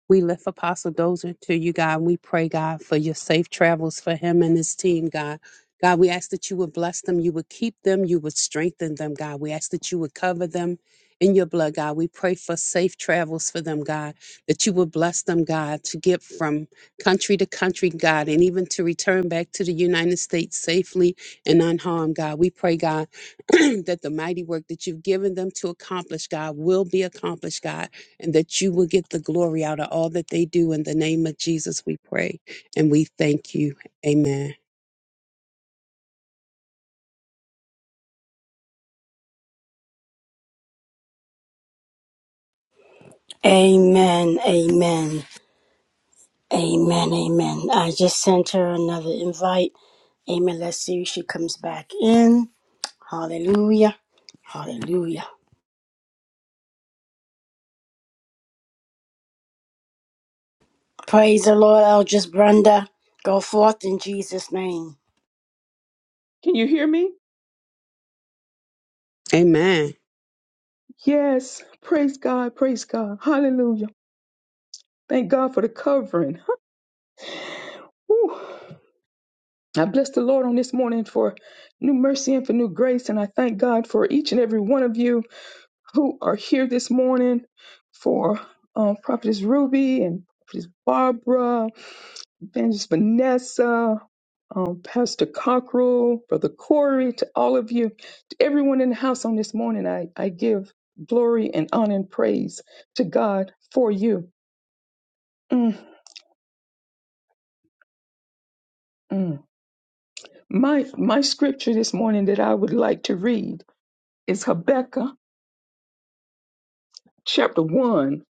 Speaker 3: We lift Apostle Dozer to you, God. We pray, God, for your safe travels for him and his team, God. God, we ask that you would bless them, you would keep them, you would strengthen them, God. We ask that you would cover them in your blood, God. We pray for safe travels for them, God, that you would bless them, God, to get from country to country, God, and even to return back to the United States safely and unharmed, God. We pray, God, that the mighty work that you've given them to accomplish, God, will be accomplished, God and that you will get the glory out of all that they do. In the name of Jesus, we pray and we thank you. Amen.
Speaker 1: Amen. Amen. Amen. Amen. I just sent her another invite. Amen. Let's see if she comes back in. Hallelujah. Hallelujah. Praise the Lord, Eldris Brenda. Go forth in Jesus' name.
Speaker 6: Can you hear me?
Speaker 3: Amen.
Speaker 6: Yes. Praise God. Praise God. Hallelujah. Thank God for the covering. Whew. I bless the Lord on this morning for new mercy and for new grace. And I thank God for each and every one of you who are here this morning for um, Prophetess Ruby and Prophetess Barbara, Evangelist Vanessa, um, Pastor Cockrell, Brother Corey, to all of you, to everyone in the house on this morning. I, I give glory and honor and praise to God for you. Mm, mm. My my scripture this morning that I would like to read is Habakkuk chapter one,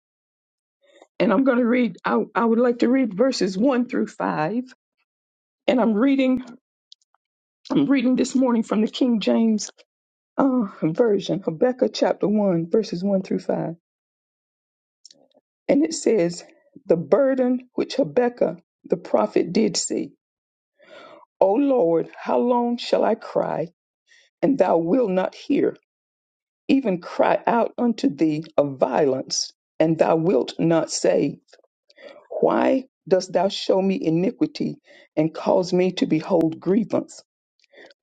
Speaker 6: and I'm going to read. I, I would like to read verses one through five, and I'm reading. I'm reading this morning from the King James uh, version, Habakkuk chapter one, verses one through five, and it says, "The burden which Habakkuk the prophet did see, O Lord, how long shall I cry and thou wilt not hear? even cry out unto thee of violence, and thou wilt not say, Why dost thou show me iniquity and cause me to behold grievance?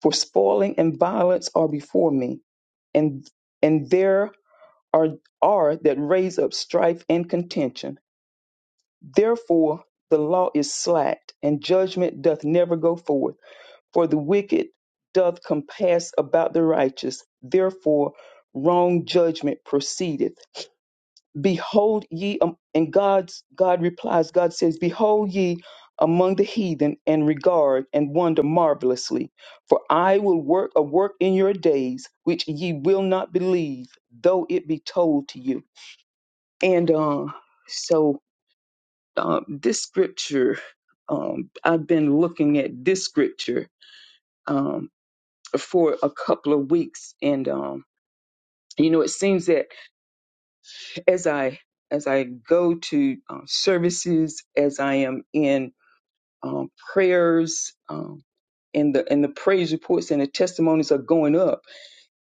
Speaker 6: For spoiling and violence are before me, and and there are are that raise up strife and contention. Therefore the law is slacked, and judgment doth never go forth, for the wicked doth compass about the righteous, therefore wrong judgment proceedeth behold ye am- and god's god replies god says behold ye among the heathen and regard and wonder marvelously for i will work a work in your days which ye will not believe though it be told to you and uh, so um, this scripture um, i've been looking at this scripture um, for a couple of weeks and um, you know it seems that as I as I go to uh, services, as I am in um, prayers, um, and the and the praise reports and the testimonies are going up.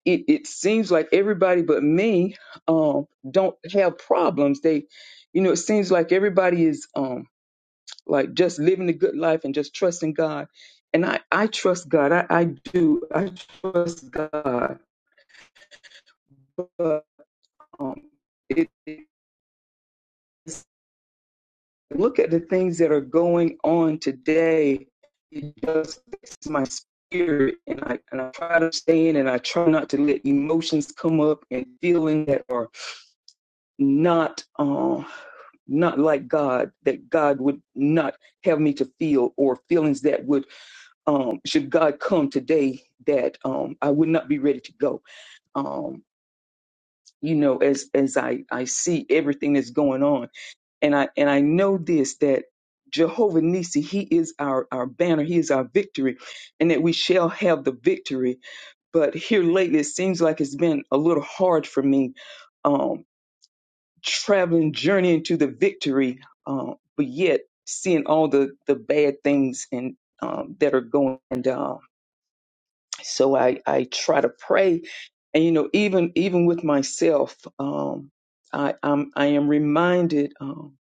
Speaker 6: It it seems like everybody but me um, don't have problems. They, you know, it seems like everybody is um, like just living the good life and just trusting God. And I I trust God. I, I do. I trust God. But um, it it's look at the things that are going on today, it just affects my spirit, and I and I try to stay in, and I try not to let emotions come up and feelings that are not uh, not like God, that God would not have me to feel, or feelings that would um, should God come today that um, I would not be ready to go. Um, you know, as as I I see everything that's going on and I and I know this that Jehovah Nisi, He is our our banner, He is our victory, and that we shall have the victory. But here lately, it seems like it's been a little hard for me, um, traveling, journeying to the victory, uh, but yet seeing all the the bad things and um, that are going. And uh, so I I try to pray, and you know even even with myself, um, I I'm, I am reminded. Um,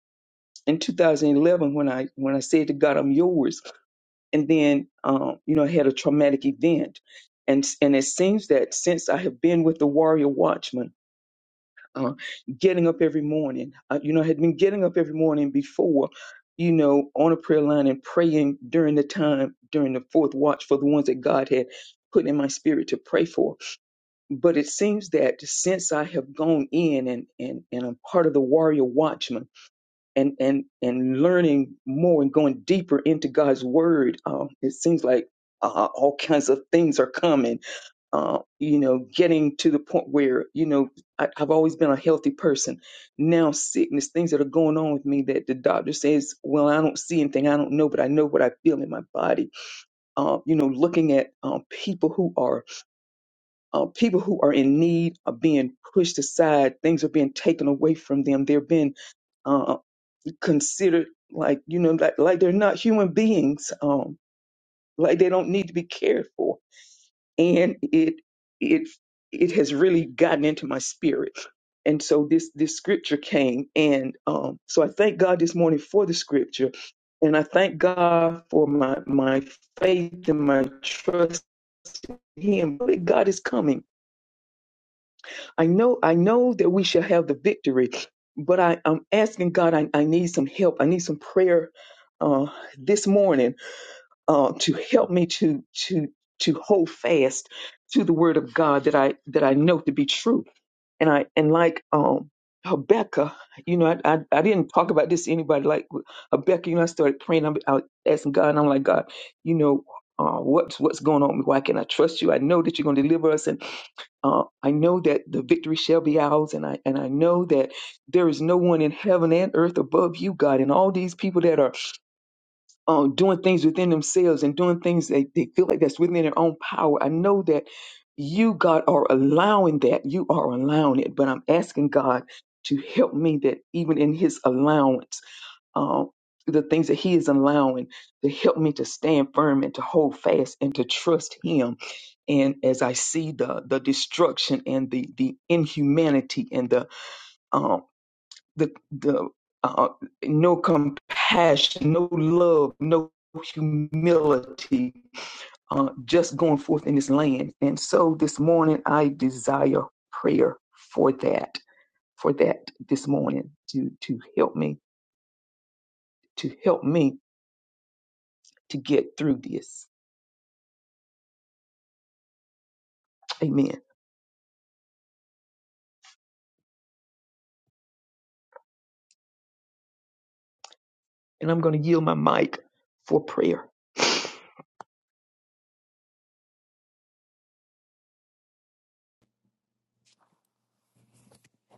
Speaker 6: in 2011 when I when I said to God, "I'm yours," and then um, you know I had a traumatic event, and and it seems that since I have been with the Warrior Watchman, uh, getting up every morning, uh, you know, I had been getting up every morning before, you know, on a prayer line and praying during the time during the fourth watch for the ones that God had put in my spirit to pray for. But it seems that since I have gone in and and and I'm part of the Warrior Watchman and and and learning more and going deeper into God's Word, um, it seems like uh, all kinds of things are coming. Uh, you know, getting to the point where you know I, I've always been a healthy person. Now sickness, things that are going on with me that the doctor says, well, I don't see anything, I don't know, but I know what I feel in my body. Uh, you know, looking at um, people who are uh, people who are in need are being pushed aside. Things are being taken away from them. They're being uh, considered like you know like, like they're not human beings um like they don't need to be cared for and it it it has really gotten into my spirit and so this this scripture came and um so i thank god this morning for the scripture and i thank god for my my faith and my trust in him But god is coming I know I know that we shall have the victory, but I, I'm asking God, I, I need some help. I need some prayer uh, this morning uh, to help me to to to hold fast to the word of God that I that I know to be true. And I and like um Habakkuk, you know, I, I, I didn't talk about this to anybody. Like Habakkuk, you know, I started praying. I'm, I was asking God, and I'm like, God, you know, uh, what's what's going on? Why can not I trust you? I know that you're going to deliver us, uh, I know that the victory shall be ours, and I and I know that there is no one in heaven and earth above you, God. And all these people that are um, doing things within themselves and doing things that they feel like that's within their own power. I know that you, God, are allowing that. You are allowing it, but I'm asking God to help me that even in His allowance um, the things that He is allowing to help me to stand firm and to hold fast and to trust Him. And as I see the the destruction and the the inhumanity and the um the the uh, no compassion, no love, no humility, uh, just going forth in this land. And so this morning, I desire prayer for that, for that this morning to to help me, to help me to get through this. Amen. And I'm going to yield my mic for prayer.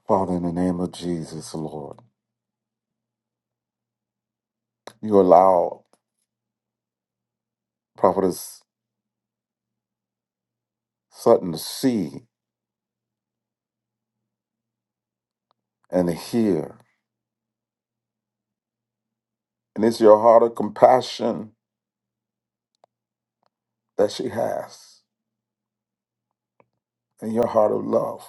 Speaker 4: Father, in the name of Jesus, Lord, you allow Prophetess Sutton to see and to hear. And it's your heart of compassion that she has and your heart of love.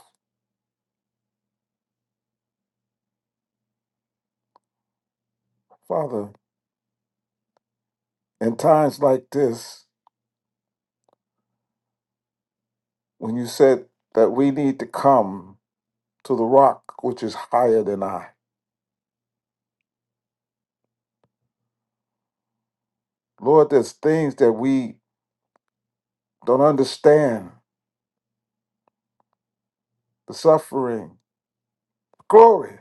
Speaker 4: Father, in times like this, when you said that we need to come to the rock which is higher than I. Lord, there's things that we don't understand the suffering, glory.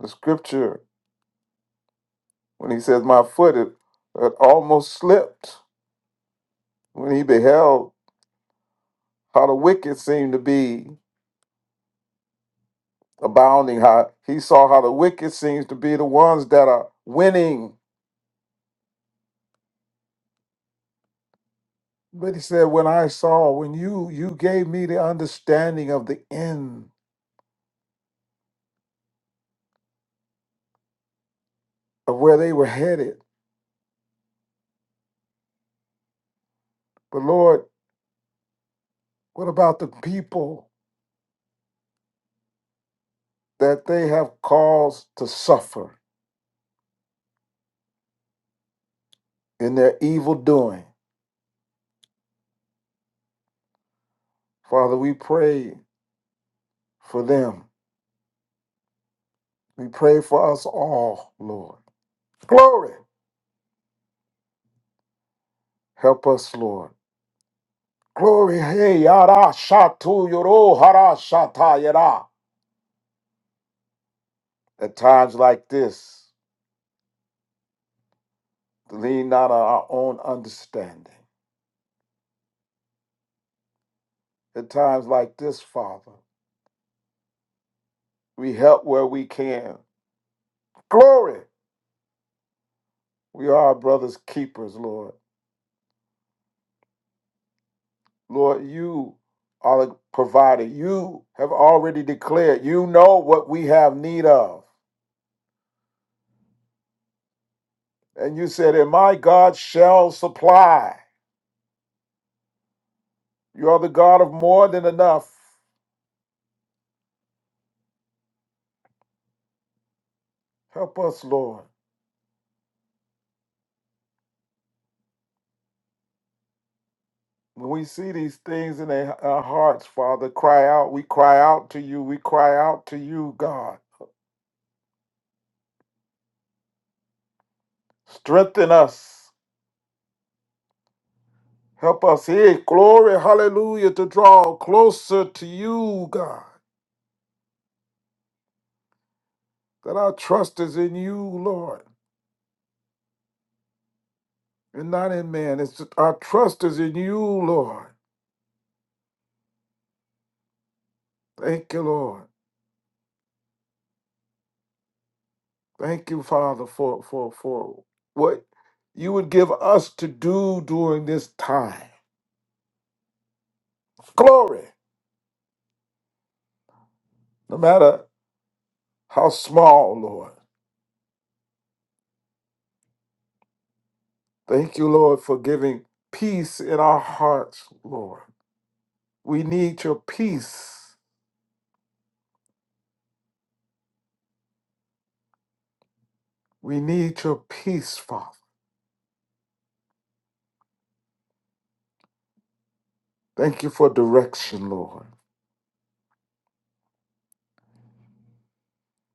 Speaker 4: The scripture, when he says, My foot it, it almost slipped when he beheld how the wicked seem to be abounding, how he saw how the wicked seems to be the ones that are winning. But he said, When I saw, when you you gave me the understanding of the end of where they were headed. But Lord, what about the people that they have cause to suffer in their evil doing. Father, we pray for them. We pray for us all, Lord. Glory. Help us, Lord. Glory. Hey, yara shatu yoro hara shata yara. At times like this, lean not on our own understanding. At times like this, Father, we help where we can. Glory. We are our brother's keepers, Lord. Lord, you are the provider. You have already declared, you know what we have need of. And you said, And my God shall supply. You are the God of more than enough. Help us, Lord. When we see these things in our our hearts, Father, cry out. We cry out to you. We cry out to you, God. Strengthen us. Help us here. Glory, hallelujah, to draw closer to you, God. That our trust is in you, Lord. and not in man. It's our trust is in you, Lord. Thank you, Lord. Thank you, Father, for for for what you would give us to do during this time. Glory, no matter how small, Lord. Thank you, Lord, for giving peace in our hearts, Lord. We need your peace. We need your peace, Father. Thank you for direction, Lord,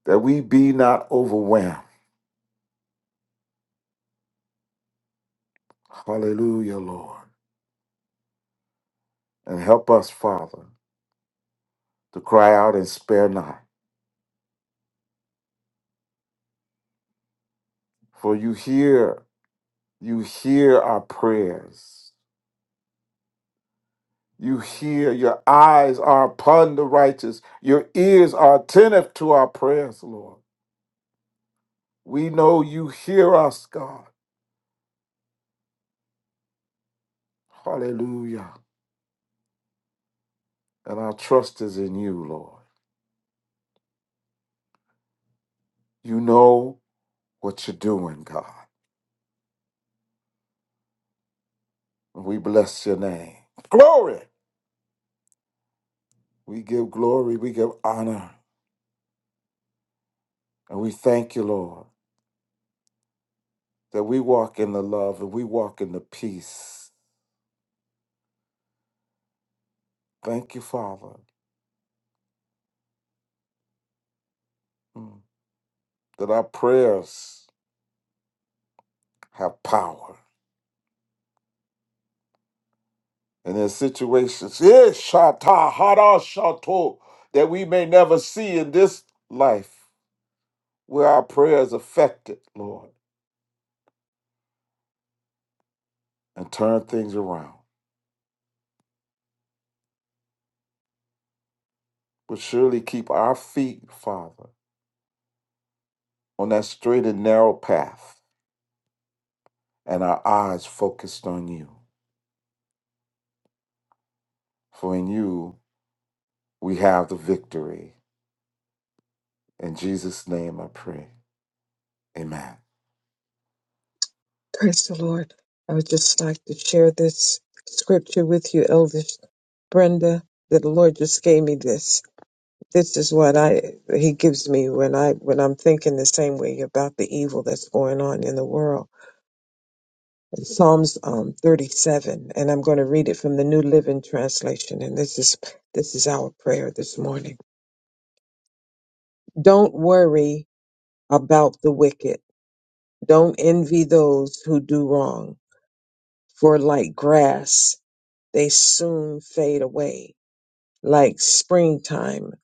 Speaker 4: that we be not overwhelmed. Hallelujah, Lord. And help us, Father. to cry out and spare not. For you hear, you hear our prayers. You hear, your eyes are upon the righteous, your ears are attentive to our prayers, Lord. We know you hear us, God. Hallelujah. And our trust is in you, Lord. You know what you're doing, God. We bless your name. Glory. We give glory, we give honor, and we thank you, Lord, that we walk in the love and we walk in the peace Thank you, Father, mm, that our prayers have power. And in situations, eh, shata, hara, shato, that we may never see in this life, where our prayers affected, Lord, and turn things around. But surely keep our feet, Father, on that straight and narrow path, and our eyes focused on you. For in you we have the victory. In Jesus' name I pray. Amen.
Speaker 2: Praise the Lord. I would just like to share this scripture with you, Elvis Brenda, that the Lord just gave me this. This is what I He gives me when I when I'm thinking the same way about the evil that's going on in the world. Psalms um, 37, and I'm going to read it from the New Living Translation. And this is this is our prayer this morning. Don't worry about the wicked. Don't envy those who do wrong. For like grass, they soon fade away. Like springtime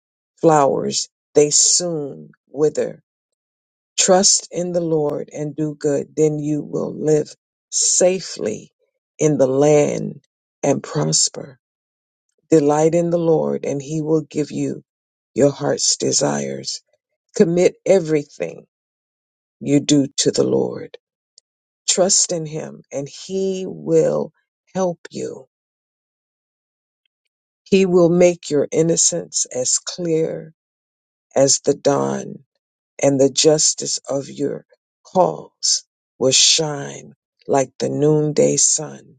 Speaker 2: flowers, they soon wither. Trust in the Lord and do good. Then you will live safely in the land and prosper. Delight in the Lord, and He will give you your heart's desires. Commit everything you do to the Lord. Trust in Him, and He will help you. He will make your innocence as clear as the dawn, and the justice of your cause will shine like the noonday sun.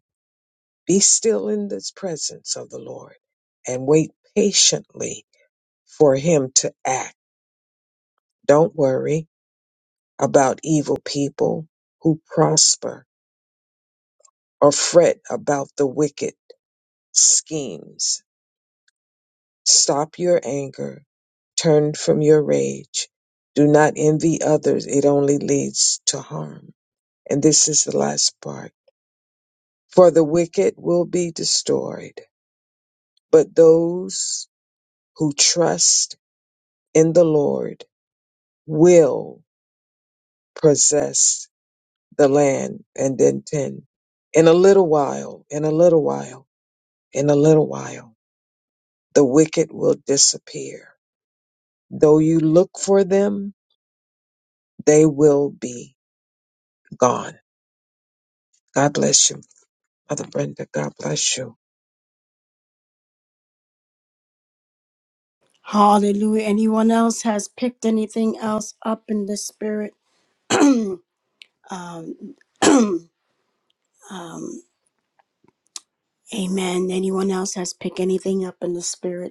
Speaker 2: Be still in the presence of the Lord and wait patiently for Him to act. Don't worry about evil people who prosper or fret about the wicked schemes. Stop your anger. Turn from your rage. Do not envy others. It only leads to harm. And this is the last part. For the wicked will be destroyed, but those who trust in the Lord will possess the land. And then 10. In a little while, in a little while. in a little while the wicked will disappear. Though you look for them, they will be gone. God bless you. Mother Brenda, God bless you.
Speaker 1: Hallelujah. Anyone else has picked anything else up in the spirit? um, um, amen. Anyone else has picked anything up in the spirit?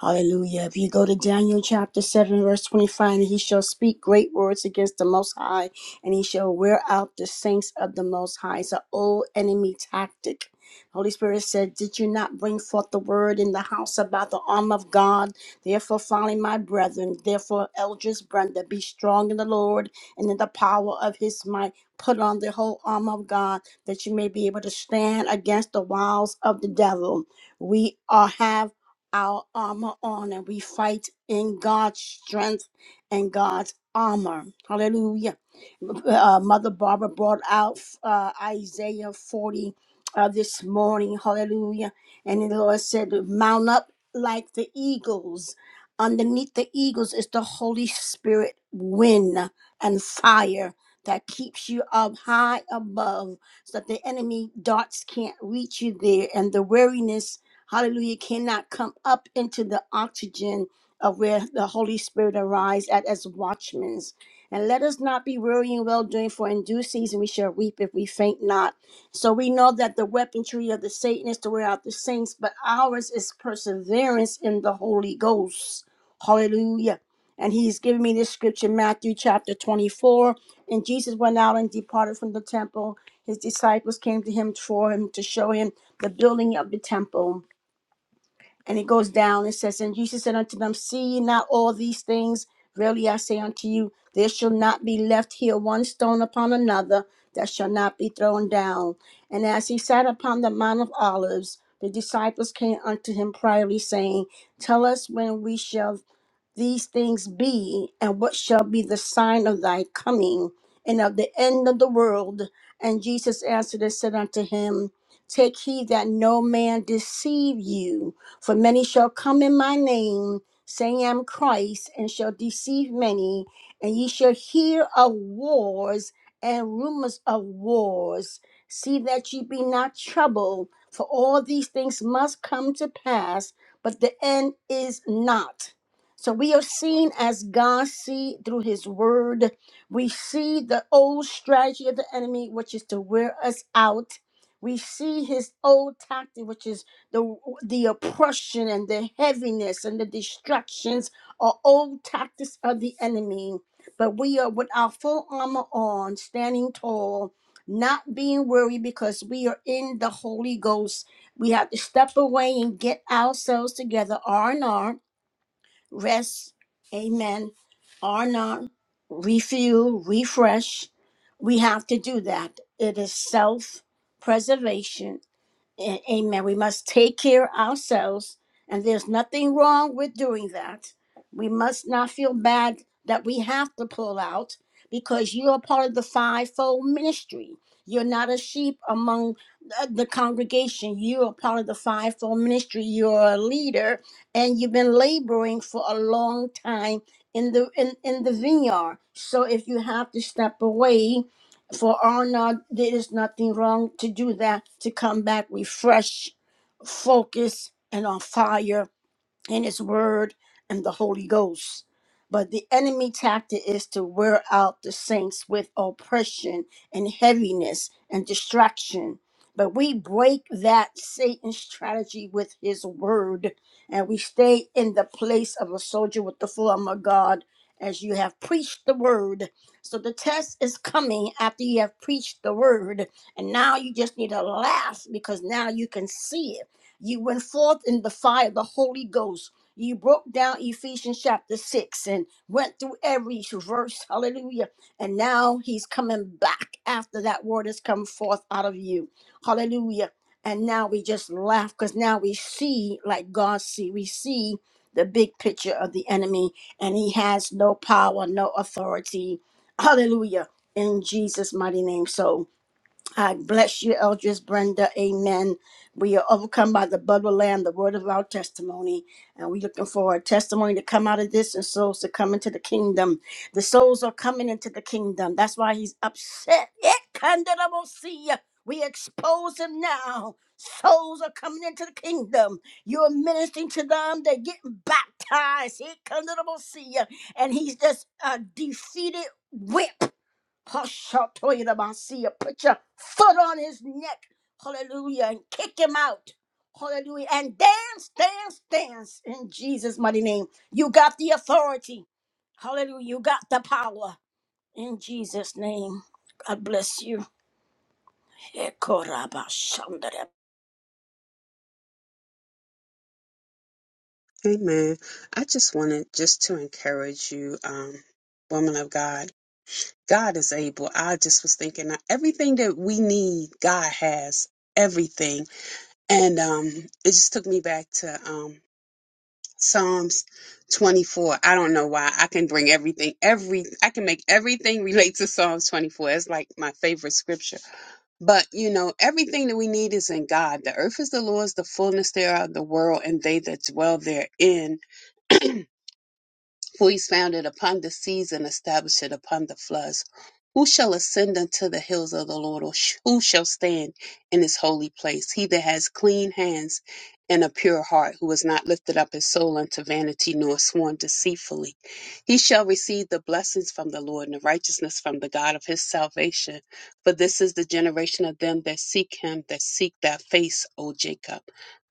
Speaker 1: Hallelujah. If you go to Daniel chapter 7, verse 25, and he shall speak great words against the Most High, and he shall wear out the saints of the Most High. It's an old enemy tactic. Holy Spirit said, Did you not bring forth the word in the house about the arm of God? Therefore, finally, my brethren, therefore, elders, Brenda, be strong in the Lord and in the power of his might. Put on the whole arm of God that you may be able to stand against the wiles of the devil. We are have our armor on and we fight in God's strength and God's armor. Hallelujah. Uh, Mother Barbara brought out uh, Isaiah 40 uh, this morning. Hallelujah. And the Lord said, Mount up like the eagles. Underneath the eagles is the Holy Spirit wind and fire that keeps you up high above so that the enemy darts can't reach you there and the weariness hallelujah, cannot come up into the oxygen of where the Holy Spirit arrives at as watchmen. And let us not be weary in well doing, for in due season we shall reap if we faint not. So we know that the weaponry of the Satan is to wear out the saints, but ours is perseverance in the Holy Ghost. Hallelujah. And he's giving me this scripture, Matthew chapter 24. And Jesus went out and departed from the temple. His disciples came to him for him to show him the building of the temple. And it goes down and says, And Jesus said unto them, See ye not all these things? Verily I say unto you, there shall not be left here one stone upon another that shall not be thrown down. And as he sat upon the Mount of Olives, the disciples came unto him privately, saying, Tell us when we shall these things be, and what shall be the sign of thy coming and of the end of the world? And Jesus answered and said unto him, Take heed that no man deceive you, for many shall come in my name, saying, I am Christ, and shall deceive many. And ye shall hear of wars and rumors of wars. See that ye be not troubled, for all these things must come to pass, but the end is not. So we are seen as God see through his word. We see the old strategy of the enemy, which is to wear us out. We see his old tactic, which is the the oppression and the heaviness and the distractions are old tactics of the enemy. But we are with our full armor on, standing tall, not being weary because we are in the Holy Ghost. We have to step away and get ourselves together, R and R rest, amen, are not, refuel, refresh. We have to do that. It is self preservation a- Amen. We must take care of ourselves, and there's nothing wrong with doing that. We must not feel bad that we have to pull out because you are part of the fivefold ministry. You're not a sheep among the the congregation. You are part of the fivefold ministry. You're a leader, and you've been laboring for a long time in the in, in the vineyard. So if you have to step away, for Arnold, there is nothing wrong to do that, to come back refreshed, focused, and on fire in his word and the Holy Ghost. But the enemy tactic is to wear out the saints with oppression and heaviness and distraction. But we break that Satan's strategy with his word, and we stay in the place of a soldier with the full armor of God as you have preached the word. So the test is coming after you have preached the word, and now you just need to laugh because now you can see it you went forth in the fire of the Holy Ghost. You broke down Ephesians chapter 6 and went through every verse. Hallelujah. And now he's coming back after that word has come forth out of you. Hallelujah. And now we just laugh because now we see like God see. We see the big picture of the enemy and he has no power, no authority. Hallelujah. In Jesus' mighty name. So I bless you, Eldris Brenda. Amen. We are overcome by the blood of the Lamb, the word of our testimony. And we're looking for a testimony to come out of this and souls to come into the kingdom. The souls are coming into the kingdom. That's why he's upset. It kind see you. We expose him now. Souls are coming into the kingdom. You're ministering to them. They're getting baptized. He kind see you. And he's just a defeated whip. Hashatoyedabasiya. Put your foot on his neck. Hallelujah. And kick him out. Hallelujah. And dance, dance, dance in Jesus' mighty name. You got the authority. Hallelujah. You got the power in Jesus' name. God bless you. Ekorabashandere.
Speaker 3: Amen. I just wanted just to encourage you, um, woman of God. God is able. I just was thinking that everything that we need, God has everything. And um, it just took me back to um, Psalms 24. I don't know why. I can bring everything, every, I can make everything relate to Psalms 24. It's like my favorite scripture. But you know, everything that we need is in God. The earth is the Lord's, the fullness thereof, the world, and they that dwell therein. For he sounded upon the seas and established it upon the floods. Who shall ascend unto the hills of the Lord, or sh- who shall stand in his holy place? He that has clean hands and a pure heart, who has not lifted up his soul unto vanity, nor sworn deceitfully. He shall receive the blessings from the Lord and the righteousness from the God of his salvation. For this is the generation of them that seek him, that seek thy face, O Jacob.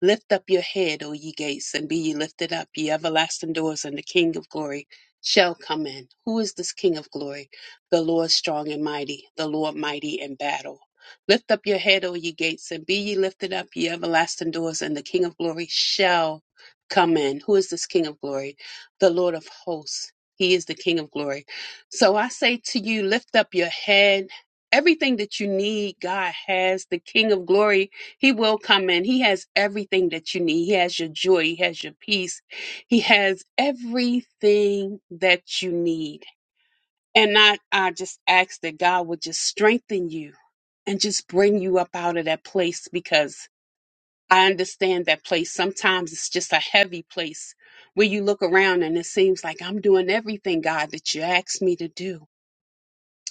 Speaker 3: Lift up your head, O ye gates, and be ye lifted up, ye everlasting doors, and the King of glory shall come in. Who is this King of glory? The Lord strong and mighty, the Lord mighty in battle. Lift up your head, O ye gates, and be ye lifted up, ye everlasting doors, and the King of glory shall come in. Who is this King of glory? The Lord of hosts. He is the King of glory. So I say to you, lift up your head. Everything that you need, God has. The King of glory he will come in. He has everything that you need. He has your joy. He has your peace. He has everything that you need. And I, I just ask that God would just strengthen you and just bring you up out of that place because I understand that place. Sometimes it's just a heavy place where you look around and it seems like I'm doing everything, God, that you asked me to do.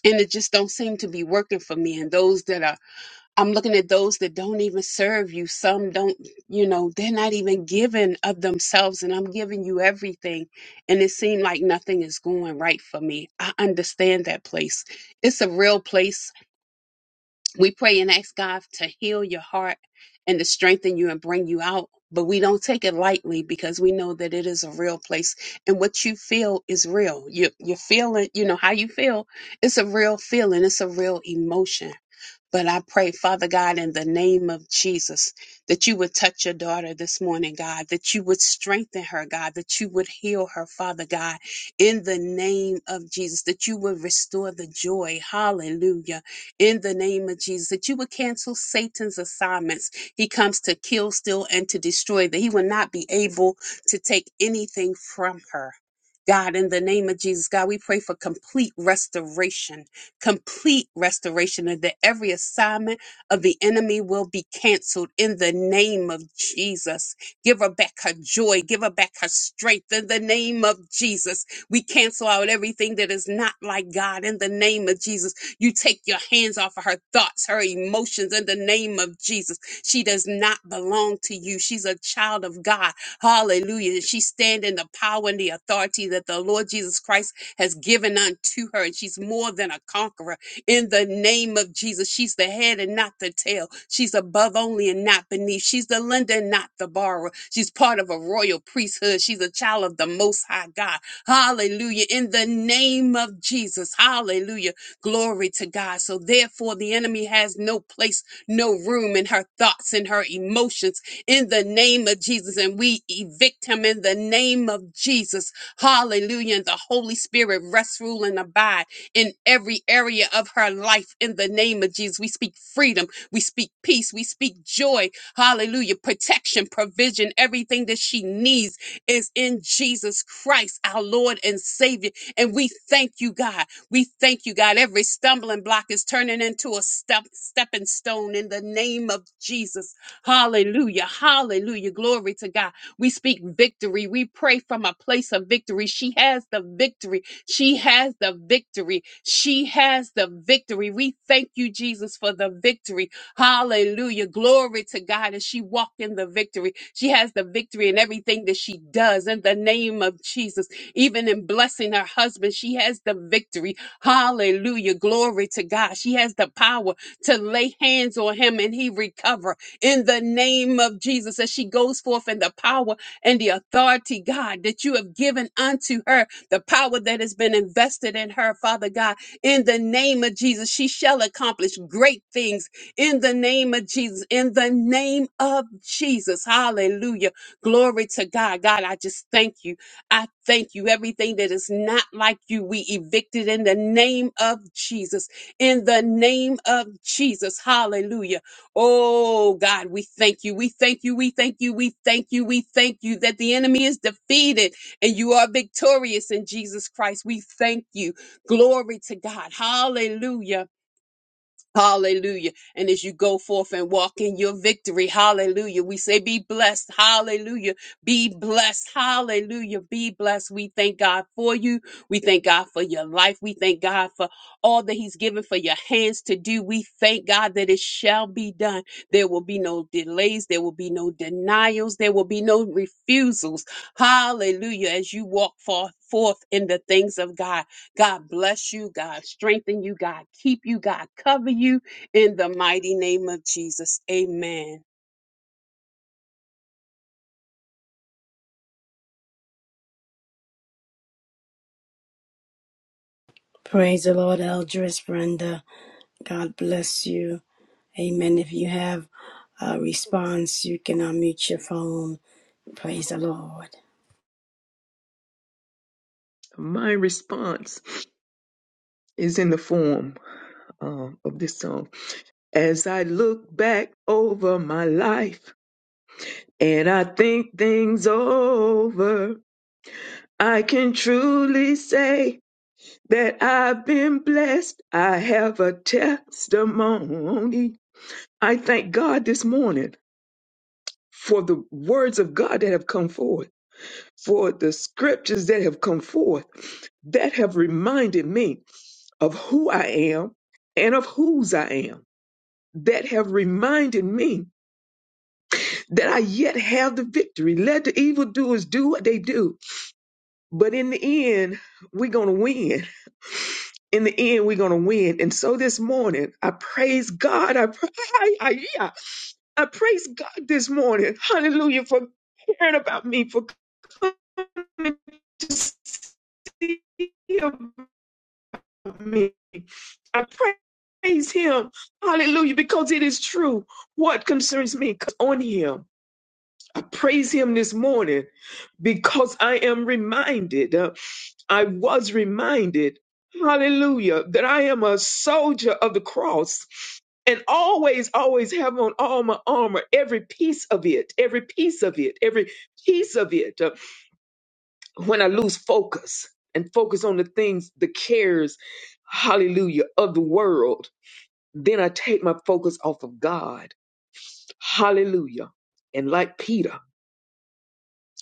Speaker 3: And it just don't seem to be working for me. And those that are I'm looking at those that don't even serve you. Some don't, you know, they're not even giving of themselves, and I'm giving you everything. And it seemed like nothing is going right for me. I understand that place. It's a real place. We pray and ask God to heal your heart and to strengthen you and bring you out. But we don't take it lightly because we know that it is a real place. And what you feel is real. You, you're feeling, you know, how you feel. It's a real feeling, it's a real emotion. But I pray, Father God, in the name of Jesus, that you would touch your daughter this morning, God, that you would strengthen her, God, that you would heal her, Father God, in the name of Jesus, that you would restore the joy. Hallelujah. In the name of Jesus, that you would cancel Satan's assignments. He comes to kill, steal, and to destroy, that he will not be able to take anything from her. God, in the name of Jesus, God, we pray for complete restoration complete restoration and that every assignment of the enemy will be canceled in the name of Jesus. Give her back her joy, give her back her strength in the name of Jesus. We cancel out everything that is not like God in the name of Jesus. You take your hands off of her thoughts, her emotions in the name of Jesus. She does not belong to you. She's a child of God. Hallelujah. She stand in the power and the authority that the Lord Jesus Christ has given unto her, and she's more than a conqueror. In the name of Jesus, she's the head and not the tail. She's above only and not beneath. She's the lender and not the borrower. She's part of a royal priesthood. She's a child of the Most High God. Hallelujah. In the name of Jesus. Hallelujah. Glory to God. So, therefore, the enemy has no place, no room in her thoughts and her emotions in the name of Jesus. And we evict him in the name of Jesus Hallelujah. And the Holy Spirit rest, rule, and abide in every area of her life in the name of Jesus. We speak freedom. We speak peace. We speak joy. Hallelujah. Protection, provision, everything that she needs is in Jesus Christ, our Lord and Savior. And we thank you, God. We thank you, God. Every stumbling block is turning into a step, stepping stone in the name of Jesus. Hallelujah. Hallelujah. Glory to God. We speak victory. We pray from a place of victory. She has the victory. She has the victory. She has the victory. We thank you, Jesus, for the victory. Hallelujah. Glory to God as she walked in the victory. She has the victory in everything that she does in the name of Jesus. Even in blessing her husband, she has the victory. Hallelujah. Glory to God. She has the power to lay hands on him and he recover in the name of Jesus as she goes forth in the power and the authority, God, that you have given unto her, the power that has been invested in her, Father God, in the name of Jesus. She shall accomplish great things in the name of Jesus, in the name of Jesus. Hallelujah. Glory to God. God, I just thank you. I thank you. Everything that is not like you, we evicted in the name of Jesus. In the name of Jesus. Hallelujah. Oh God, we thank you. We thank you. We thank you. We thank you. We thank you that the enemy is defeated and you are victorious in Jesus Christ. We thank you. Glory to God. Hallelujah. Hallelujah. And as you go forth and walk in your victory, hallelujah. We say, be blessed. Hallelujah. Be blessed. Hallelujah. Be blessed. We thank God for you. We thank God for your life. We thank God for all that He's given for your hands to do. We thank God that it shall be done. There will be no delays. There will be no denials. There will be no refusals. Hallelujah. As you walk forth forth in the things of God. God bless you. God strengthen you. God keep you. God cover you in the mighty name of Jesus. Amen.
Speaker 1: Praise the Lord, Eldris Brenda. God bless you. Amen. If you have a response, you can unmute your phone. Praise the Lord.
Speaker 6: My response is in the form um, of this song. As I look back over my life and I think things over, I can truly say that I've been blessed. I have a testimony. I thank God this morning for the words of God that have come forth, for the scriptures that have come forth that have reminded me of who I am and of whose I am, that have reminded me that I yet have the victory. Let the evildoers do what they do, but in the end, we're going to win. In the end, we're going to win. And so this morning, I praise God. I, pra- I, I, yeah, I praise God this morning. Hallelujah for caring about me, for coming. see about me. I praise him. Hallelujah. Because it is true. What concerns me on him. I praise him this morning because I am reminded, uh, I was reminded, hallelujah, that I am a soldier of the cross and always, always have on all my armor, every piece of it, every piece of it, every piece of it. uh, when I lose focus and focus on the things, the cares, hallelujah, of the world, then I take my focus off of God. Hallelujah. And like Peter,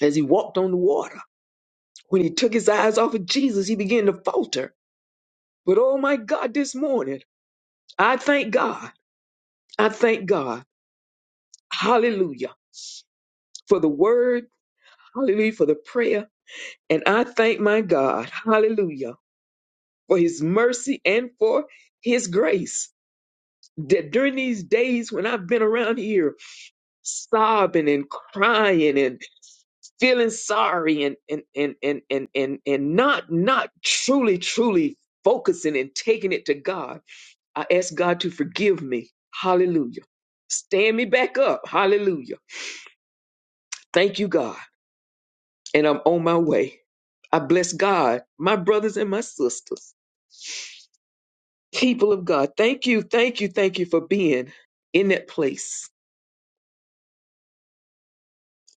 Speaker 6: as he walked on the water, when he took his eyes off of Jesus, he began to falter. But oh my God, this morning, I thank God. I thank God. Hallelujah. For the word, hallelujah, for the prayer. And I thank my God, hallelujah, for his mercy and for his grace. that during these days when I've been around here sobbing and crying and feeling sorry and and and and and and, and not not truly truly focusing and taking it to God, I ask God to forgive me. Hallelujah. Stand me back up. Hallelujah. Thank you, God. And I'm on my way. I bless God, my brothers and my sisters, people of God. Thank you, thank you, thank you for being in that place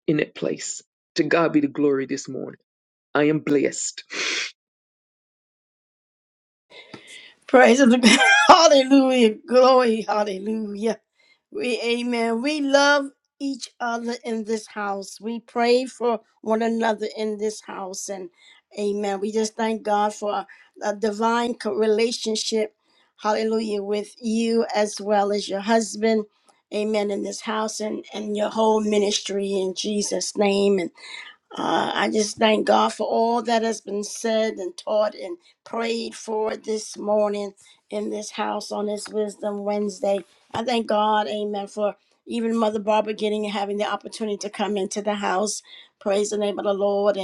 Speaker 6: in that place. To God be the glory this morning. I am blessed.
Speaker 1: Praise of the Hallelujah. Glory. Hallelujah. We amen. We love each other in this house. We pray for one another in this house. And amen. We just thank God for a divine co- relationship. Hallelujah. With you as well as your husband. Amen. In this house and, and your whole ministry in Jesus' name. Uh, I just thank God for all that has been said and taught and prayed for this morning in this house on this Wisdom Wednesday. I thank God, amen, for even Mother Barbara getting and having the opportunity to come into the house. Praise the name of the Lord.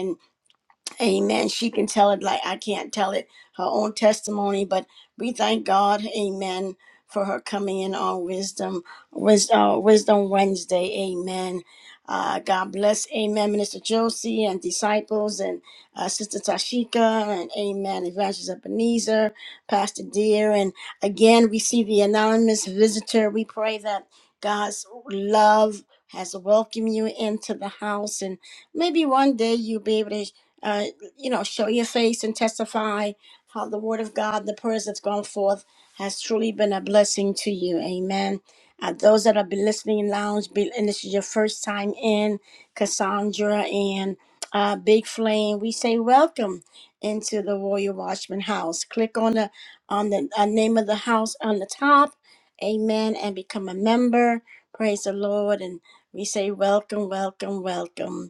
Speaker 1: Amen. She can tell it like I can't tell it, her own testimony, but we thank God, amen, for her coming in on Wisdom, Wisdom, uh, Wisdom Wednesday. Amen. Uh, God bless, amen, Minister Josie and disciples and uh, Sister Tashika and amen, Evangelist Ebenezer, Pastor Dear. And again, we see the anonymous visitor. We pray that God's love has welcomed you into the house and maybe one day you'll be able to uh, you know, show your face and testify how the word of God, the prayers that's gone forth, has truly been a blessing to you. Amen. Uh, those that have been listening in lounge, be, and this is your first time in, Cassandra and uh, Big Flame, we say welcome into the Royal Watchman House. Click on the on the uh, name of the house on the top, Amen, and become a member. Praise the Lord, and we say welcome, welcome, welcome.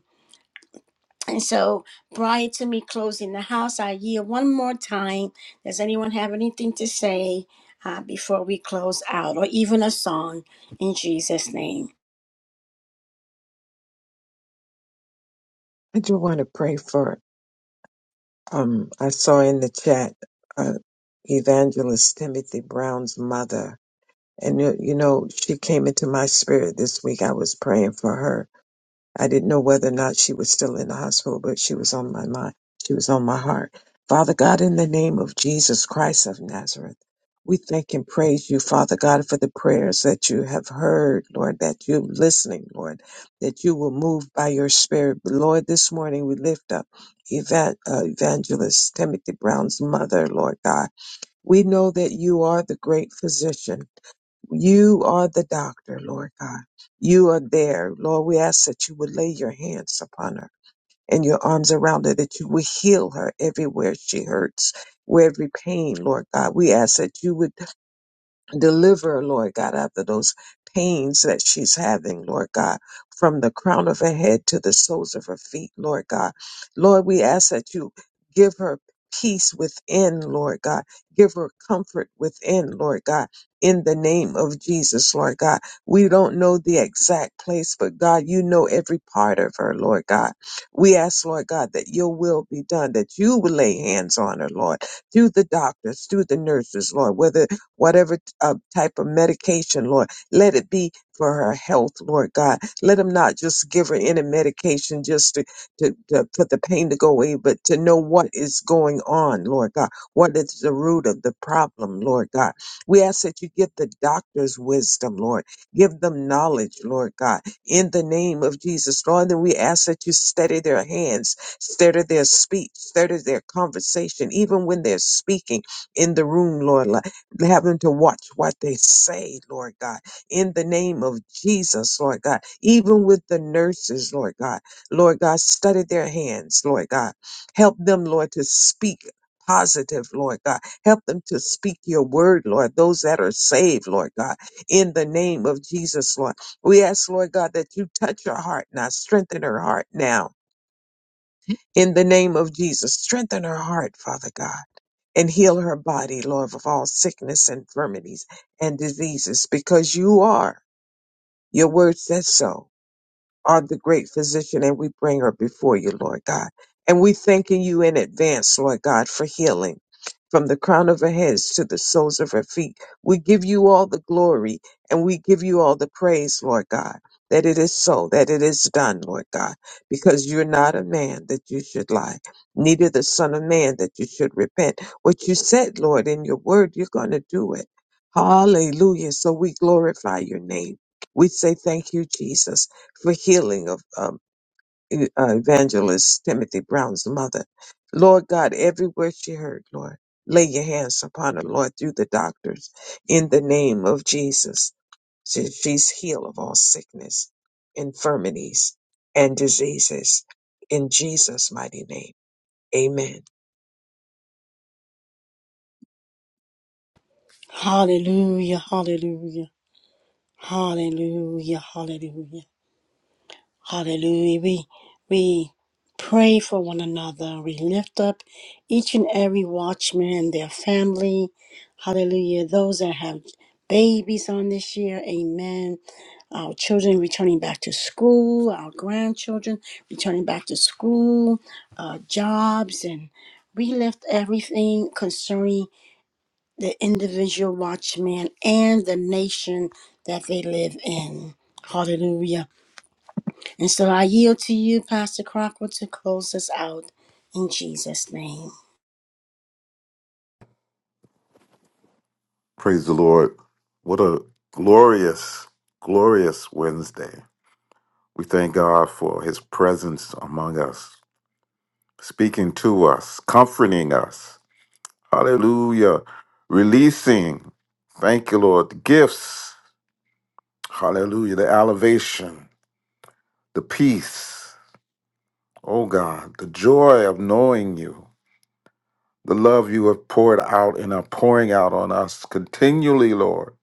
Speaker 1: And so prior to me closing the house, I yield one more time. Does anyone have anything to say uh, before we close out or even a song in Jesus' name?
Speaker 2: I do want to pray for, um, I saw in the chat, uh, Evangelist Timothy Brown's mother. And, you you know, she came into my spirit this week. I was praying for her I didn't know whether or not she was still in the hospital, but she was on my mind. She was on my heart. Father God, in the name of Jesus Christ of Nazareth, we thank and praise you, Father God, for the prayers that you have heard, Lord, that you're listening, Lord, that you will move by your spirit. Lord, this morning we lift up Evan- uh, Evangelist Timothy Brown's mother, Lord God. We know that you are the great physician. You are the doctor, Lord God. You are there. Lord, we ask that you would lay your hands upon her and your arms around her, that you would heal her everywhere she hurts, where every pain, Lord God. We ask that you would Deliver, her, Lord God, after those pains that she's having, Lord God, from the crown of her head to the soles of her feet, Lord God. Lord, we ask that you give her peace within, Lord God. Give her comfort within, Lord God. In the name of Jesus, Lord God. We don't know the exact place, but God, you know every part of her, Lord God. We ask, Lord God, that your will be done, that you will lay hands on her, Lord, through the doctors, through the nurses, Lord, whether whatever uh, type of medication, Lord. Let it be for her health, Lord God. Let them not just give her any medication just to, to, to for the pain to go away, but to know what is going on, Lord God. What is the root of the problem, Lord God? We ask that you give the doctors wisdom, Lord. Give them knowledge, Lord God, in the name of Jesus, Lord. then we ask that you steady their hands, steady their speech, steady their conversation, even when they're speaking in the room, Lord. Have them to watch what they say, Lord God, in the name of Jesus, Lord God. Even with the nurses, Lord God, Lord God, study their hands, Lord God. Help them, Lord, to speak positive, Lord God. Help them to speak your word, Lord, those that are saved, Lord God, in the name of Jesus, Lord. We ask, Lord God, that you touch her heart now, strengthen her heart now in the name of Jesus. Strengthen her heart, Father God, and heal her body, Lord, of all sickness, infirmities, and diseases, because you are. Your word says so are the great physician, and we bring her before you, Lord God. And we thanking you in advance, Lord God, for healing from the crown of her heads to the soles of her feet. We give you all the glory and we give you all the praise, Lord God, that it is so, that it is done, Lord God, because you're not a man that you should lie, neither the Son of Man that you should repent. What you said, Lord, in your word, you're going to do it. Hallelujah. So we glorify your name. We say thank you, Jesus for healing of um, e- uh, evangelist Timothy Brown's mother. Lord God, every word she heard, Lord, lay your hands upon her, Lord, through the doctors in the name of Jesus. She, she's healed of all sickness, infirmities, and diseases in Jesus' mighty name. Amen.
Speaker 1: Hallelujah, hallelujah, hallelujah, hallelujah. Hallelujah. We we pray for one another. We lift up each and every watchman and their family. Hallelujah. Those that have babies on this year. Amen. Our children returning back to school, our grandchildren returning back to school, uh, jobs, and we lift everything concerning the individual watchman and the nation that they live in. Hallelujah. And so I yield to you, Pastor Crocker, to close us out in Jesus' name.
Speaker 4: Praise the Lord. What a glorious, glorious Wednesday. We thank God for his presence among us, speaking to us, comforting us. Hallelujah. Releasing. Thank you, Lord. The gifts. Hallelujah. The elevation, the peace. Oh God, the joy of knowing you, the love you have poured out and are pouring out on us continually, Lord.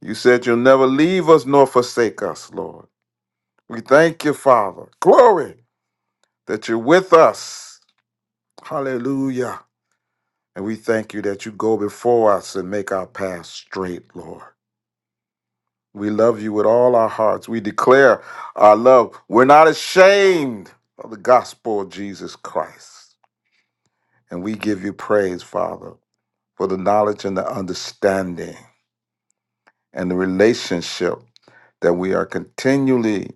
Speaker 4: You said you'll never leave us nor forsake us, Lord. We thank you, Father. Glory that you're with us. Hallelujah. And we thank you that you go before us and make our path straight, Lord. We love you with all our hearts. We declare our love. We're not ashamed of the gospel of Jesus Christ. And we give you praise, Father, for the knowledge and the understanding and the relationship that we are continually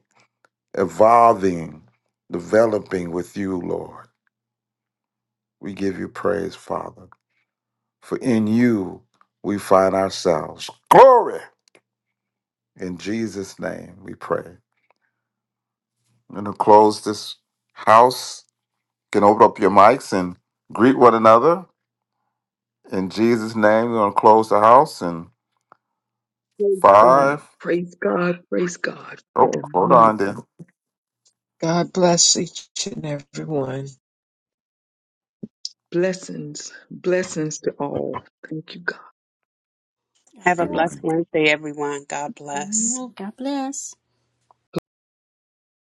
Speaker 4: evolving, developing with you, Lord. We give you praise, Father, for in you we find ourselves. Glory! In Jesus' name we pray. I'm going to close this house. You can open up your mics and greet one another. In Jesus' name, we're going to close the house in
Speaker 6: Praise God.
Speaker 4: five.
Speaker 6: Praise God. Praise God
Speaker 4: Oh,
Speaker 6: for
Speaker 4: hold
Speaker 6: many
Speaker 4: on then.
Speaker 2: God bless each and every one.
Speaker 6: blessings. Blessings to all. Thank you, God.
Speaker 1: God
Speaker 3: Have a
Speaker 1: bless.
Speaker 4: Amen.
Speaker 3: blessed Wednesday, everyone. God bless.
Speaker 1: Mhm. God bless.